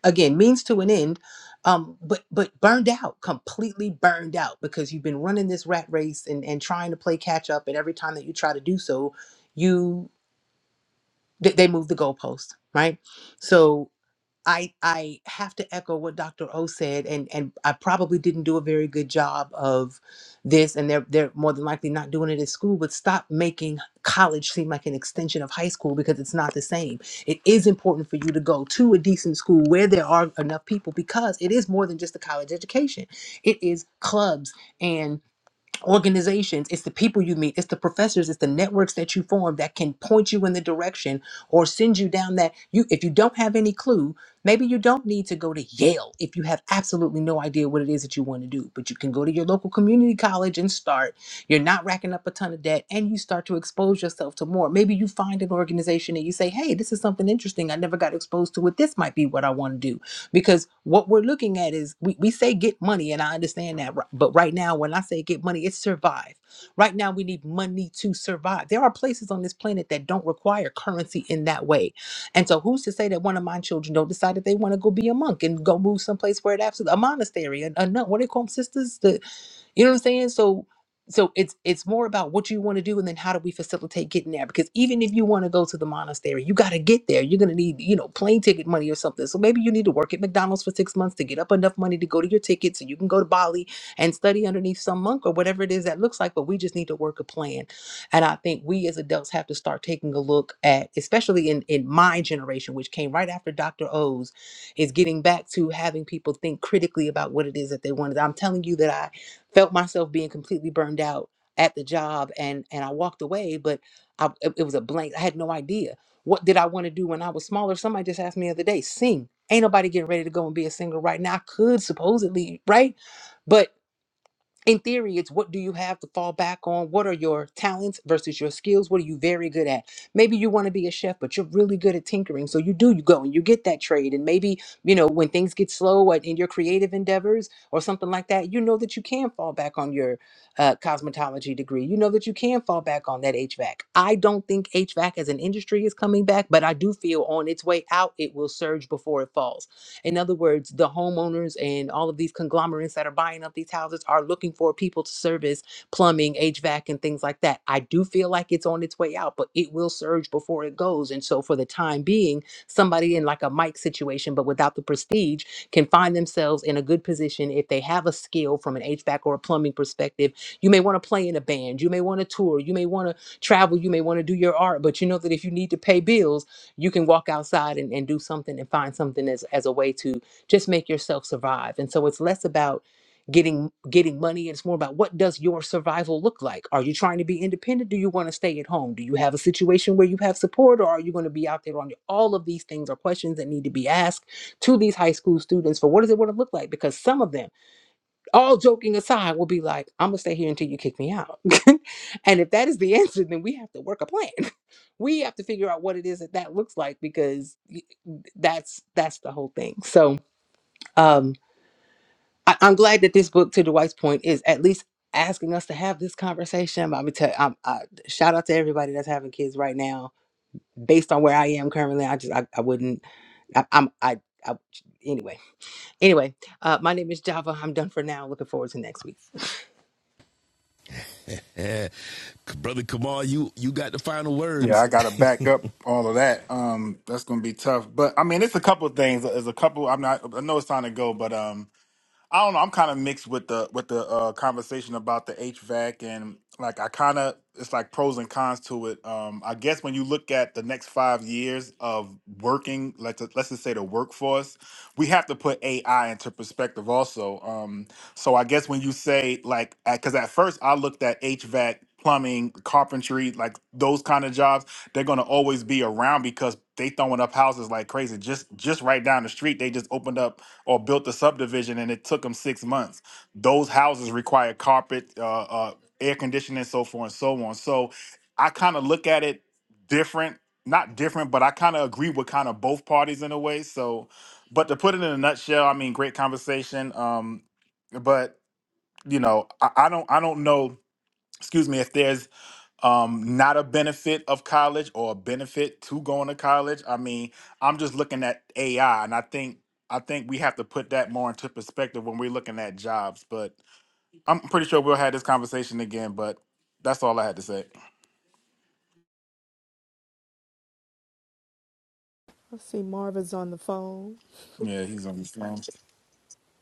again means to an end um but but burned out completely burned out because you've been running this rat race and and trying to play catch up and every time that you try to do so you they, they move the goalpost right so I I have to echo what Dr. O said, and and I probably didn't do a very good job of this, and they're they're more than likely not doing it at school. But stop making college seem like an extension of high school because it's not the same. It is important for you to go to a decent school where there are enough people because it is more than just a college education. It is clubs and organizations it's the people you meet it's the professors it's the networks that you form that can point you in the direction or send you down that you if you don't have any clue maybe you don't need to go to yale if you have absolutely no idea what it is that you want to do but you can go to your local community college and start you're not racking up a ton of debt and you start to expose yourself to more maybe you find an organization and you say hey this is something interesting i never got exposed to it this might be what i want to do because what we're looking at is we, we say get money and i understand that ri- but right now when i say get money it's survive right now we need money to survive there are places on this planet that don't require currency in that way and so who's to say that one of my children don't decide that they want to go be a monk and go move someplace where it absolutely a monastery a, a nun what do they call them sisters you know what I'm saying? So so it's it's more about what you want to do and then how do we facilitate getting there? Because even if you want to go to the monastery, you gotta get there. You're gonna need, you know, plane ticket money or something. So maybe you need to work at McDonald's for six months to get up enough money to go to your ticket so you can go to Bali and study underneath some monk or whatever it is that looks like, but we just need to work a plan. And I think we as adults have to start taking a look at, especially in, in my generation, which came right after Dr. O's, is getting back to having people think critically about what it is that they wanted. I'm telling you that I felt myself being completely burned out at the job and and I walked away but I it it was a blank I had no idea what did I want to do when I was smaller somebody just asked me the other day sing ain't nobody getting ready to go and be a singer right now I could supposedly right but in theory, it's what do you have to fall back on? What are your talents versus your skills? What are you very good at? Maybe you want to be a chef, but you're really good at tinkering. So you do, you go and you get that trade. And maybe, you know, when things get slow at- in your creative endeavors or something like that, you know that you can fall back on your uh, cosmetology degree. You know that you can fall back on that HVAC. I don't think HVAC as an industry is coming back, but I do feel on its way out, it will surge before it falls in other words, the homeowners and all of these conglomerates that are buying up these houses are looking for people to service plumbing, HVAC, and things like that. I do feel like it's on its way out, but it will surge before it goes. And so, for the time being, somebody in like a Mike situation, but without the prestige, can find themselves in a good position if they have a skill from an HVAC or a plumbing perspective. You may want to play in a band, you may want to tour, you may want to travel, you may want to do your art, but you know that if you need to pay bills, you can walk outside and, and do something and find something as, as a way to just make yourself survive and so it's less about getting getting money it's more about what does your survival look like are you trying to be independent do you want to stay at home do you have a situation where you have support or are you going to be out there on your all of these things are questions that need to be asked to these high school students for what does it want to look like because some of them all joking aside will be like i'm going to stay here until you kick me out and if that is the answer then we have to work a plan we have to figure out what it is that that looks like because y- that's that's the whole thing so um I, i'm glad that this book to dwight's point is at least asking us to have this conversation but i'm gonna tell I'm, I, shout out to everybody that's having kids right now based on where i am currently i just i, I wouldn't I, i'm i I, anyway, anyway, uh, my name is Java. I'm done for now. Looking forward to next week. Yeah. Brother Kamal, you, you got the final Yeah, words. I gotta back up all of that. Um, that's gonna be tough. But I mean, it's a couple of things. There's a couple. I'm not. I know it's time to go, but um, I don't know. I'm kind of mixed with the with the uh, conversation about the HVAC and like I kind of it's like pros and cons to it. Um, I guess when you look at the next five years of working, let's let's just say the workforce, we have to put AI into perspective also. Um, so I guess when you say like, because at first I looked at HVAC, plumbing, carpentry, like those kind of jobs, they're gonna always be around because they throwing up houses like crazy. Just just right down the street, they just opened up or built a subdivision and it took them six months. Those houses require carpet, uh, uh, air conditioning, so forth and so on. So I kind of look at it different, not different, but I kind of agree with kind of both parties in a way. So, but to put it in a nutshell, I mean, great conversation. Um, but you know, I, I don't, I don't know. Excuse me, if there's um not a benefit of college or a benefit to going to college i mean i'm just looking at ai and i think i think we have to put that more into perspective when we're looking at jobs but i'm pretty sure we'll have this conversation again but that's all i had to say I see Marva's on the phone. yeah he's on the phone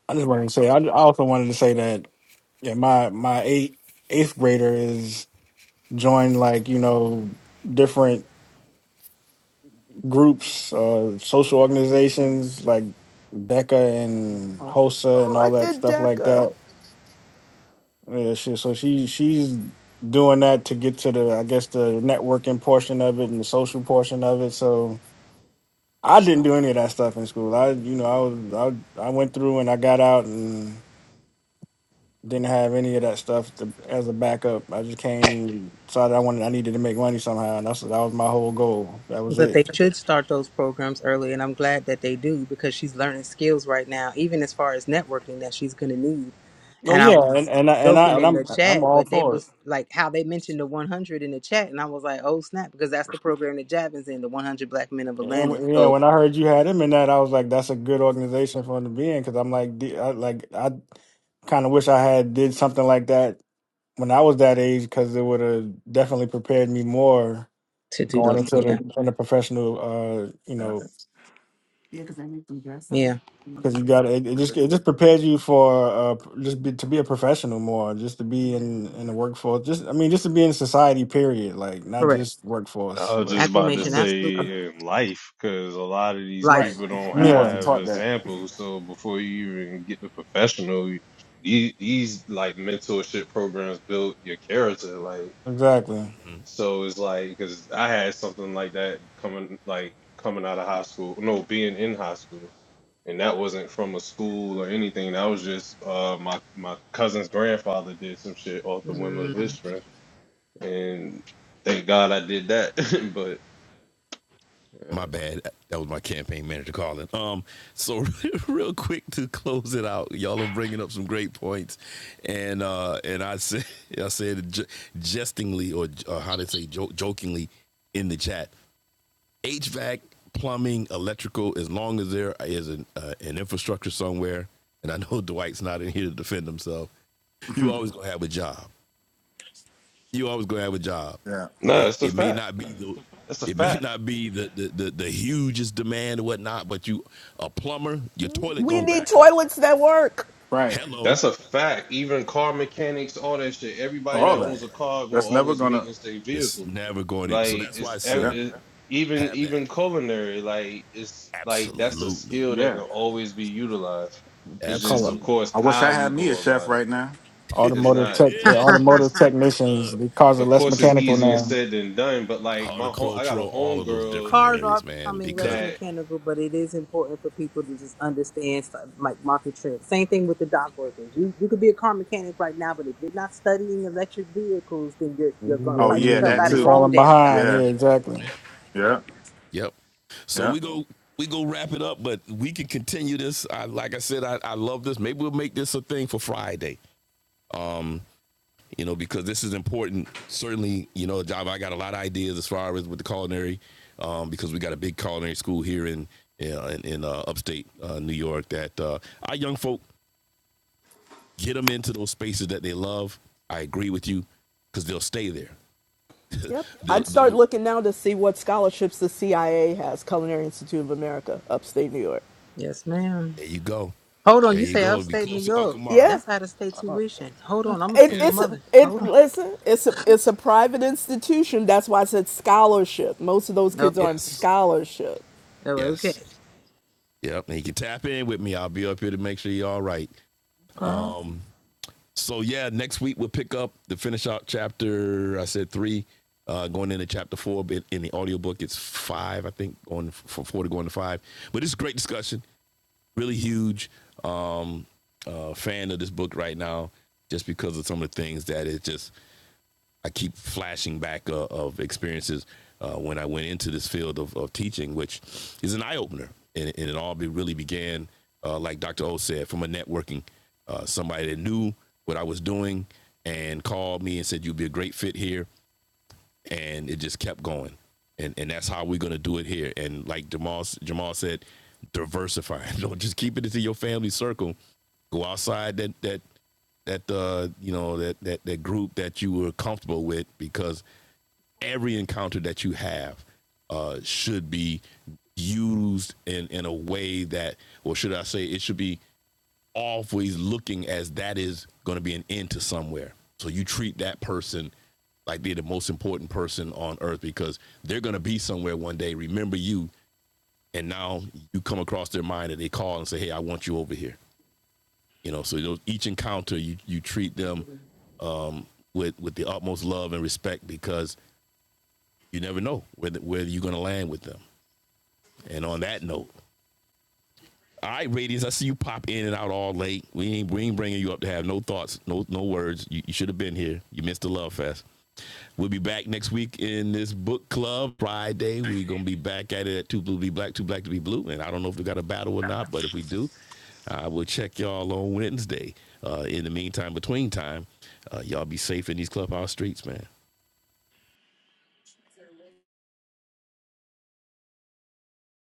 I just wanted to say. I I also wanted to say that yeah, my my eight eighth grader is joined like you know different groups, uh, social organizations like Becca and HOSA and Oh, I all that did stuff like DECA. that. Yeah, she, so she she's doing that to get to the I guess the networking portion of it and the social portion of it. So I didn't do any of that stuff in school. I you know I was I I went through and I got out and didn't have any of that stuff to, as a backup. I just came decided I wanted I needed to make money somehow and that's that was my whole goal. That was But it. they should start those programs early, and I'm glad that they do because she's learning skills right now, even as far as networking that she's going to need. Oh And I yeah, and was and I, and I joking and in the I'm I'm chat, all but they for it. was like how they mentioned the 100 in the chat, and I was like, oh snap, because that's the program that Javin's in, the 100 Black Men of And Atlanta. when- yeah, So when I heard you had him in that, I was like, that's a good organization for him to be in because I'm like, D- I, like I kind of wish I had did something like that when I was that age because it would have definitely prepared me more to do going those, into yeah, the in the professional. Uh, you yeah, know, yeah, because you got it, it just it just prepares you for uh just be, to be a professional more, just to be in in the workforce. Just I mean, just to be in society. Period. Like not yeah. correct. just I workforce, was just but about to right Acclamation, absolutely. say in life, because a lot of these Life. Right. people don't we yeah, wasn't have taught that examples. So before you even get the professional, these these like mentorship programs build your character. Like exactly. so, it's like because I had something like that coming like coming out of high school. No, being in high school, and that wasn't from a school or anything. That was just uh my my cousin's grandfather did some shit off the whim of his Mm. strength, and thank God I did that. but. uh, my bad. That was my campaign manager calling. Um, so real quick to close it out, y'all are bringing up some great points, and uh, and I said I said j- jestingly or uh, how to say jo- jokingly in the chat, HVAC, plumbing, electrical, as long as there is an uh, an infrastructure somewhere, and I know Dwight's not in here to defend himself, you always gonna have a job you always gonna have a job, yeah No, right? it's a It may fact. not be the That's a it may fact. not be the the, the, the hugest demand or whatnot, but you a plumber, your toilet We gonna need back up. toilets that work. right Hello, That's a fact. Even car mechanics, all that shit. Everybody all that all of that owns that. a car gonna that's never always gonna maintenance their It's vehicle. never going to so Like that's why it's I ev- yeah said it, even have that. even culinary. Like it's like that's a Absolutely. skill that can yeah always be utilized. It's It just call of up. Absolutely. course i wish how i you had me a go chef about it. right now It's Automotive not. tech, the automotive It's technicians, because of of less course it's mechanical easier now. said than done. But like my home, I got a Horticultural, all of those homegirl different cars are areas, man. becoming Because less that mechanical, but it is important for people to just understand stu- like market trends. Same thing with the dock workers. You you could be a car mechanic right now, but if you're not studying electric vehicles, then you're you're You- gonna oh price yeah you- yourself that you- out You're of your too own falling damn job. behind. yeah Yeah, exactly. yeah yep. So yeah we go we go wrap it up, but we can continue this. I like I said, I, I love this. Maybe we'll make this a thing for Friday. you know, because this is important. Certainly, you know, job. I got a lot of ideas as far as with the culinary, um, because we got a big culinary school here in yeah, in, in uh, upstate uh, New York that uh, our young folk get them into those spaces that they love. I agree with you because they'll stay there. Yep. they'll, I'd start they'll, looking now to see what scholarships the CIA has, Culinary Institute of America, upstate New York. Yes, ma'am. there you go. Hold on, There you you say go. It'll be upstate New close to Uncle York. Mara. Yeah. That's out of state tuition. Hold on, I'm a It, Yeah. single it's a- mother. it. Hold on. Listen, it's a it's a private institution. That's why I said scholarship. Most of those Oh, kids are on okay. Yes. scholarship. Oh, Yes. okay. Yep. And you can tap in with me. I'll be up here to make sure you're all right. So yeah, next week we'll pick up the finish out chapter. I said three, uh, going into chapter four. But in the audiobook, it's five, I think, going from four to going to five. But it's a great discussion. Really huge um, uh, fan of this book right now, just because of some of the things that it just I keep flashing back uh, of experiences uh, when I went into this field of, of teaching, which is an eye opener. And, and it all be, really began, uh, like Dr. O said, from a networking. Uh, somebody that knew what I was doing and called me and said, You'd be a great fit here and it just kept going. And and that's how we're gonna do it here. And like Jamal Jamal said, diversify. Don't just keep it into your family circle. Go outside that that that uh you know that that that group that you were comfortable with because every encounter that you have uh should be used in in a way that or should I say it should be always looking as that is going to be an end to somewhere. So you treat that person like they're the most important person on earth because they're going to be somewhere one day, remember you, and now you come across their mind and they call and say, "Hey, I want you over here." You know, so those, each encounter you you treat them um, with with the utmost love and respect because you never know where the, where you're going to land with them. And on that note, All right, Radius, I see you pop in and out all late. We ain't, we ain't bringing you up to have no thoughts, no no words. You, you should have been here. You missed the love fest. We'll be back next week in this book club Friday. We're gonna be back at it at Two Blue to Be Black, Two Black to Be Blue. And I don't know if we got a battle or not, but if we do, I will check y'all on Wednesday. Uh, in the meantime, between time, uh, y'all be safe in these clubhouse streets, man.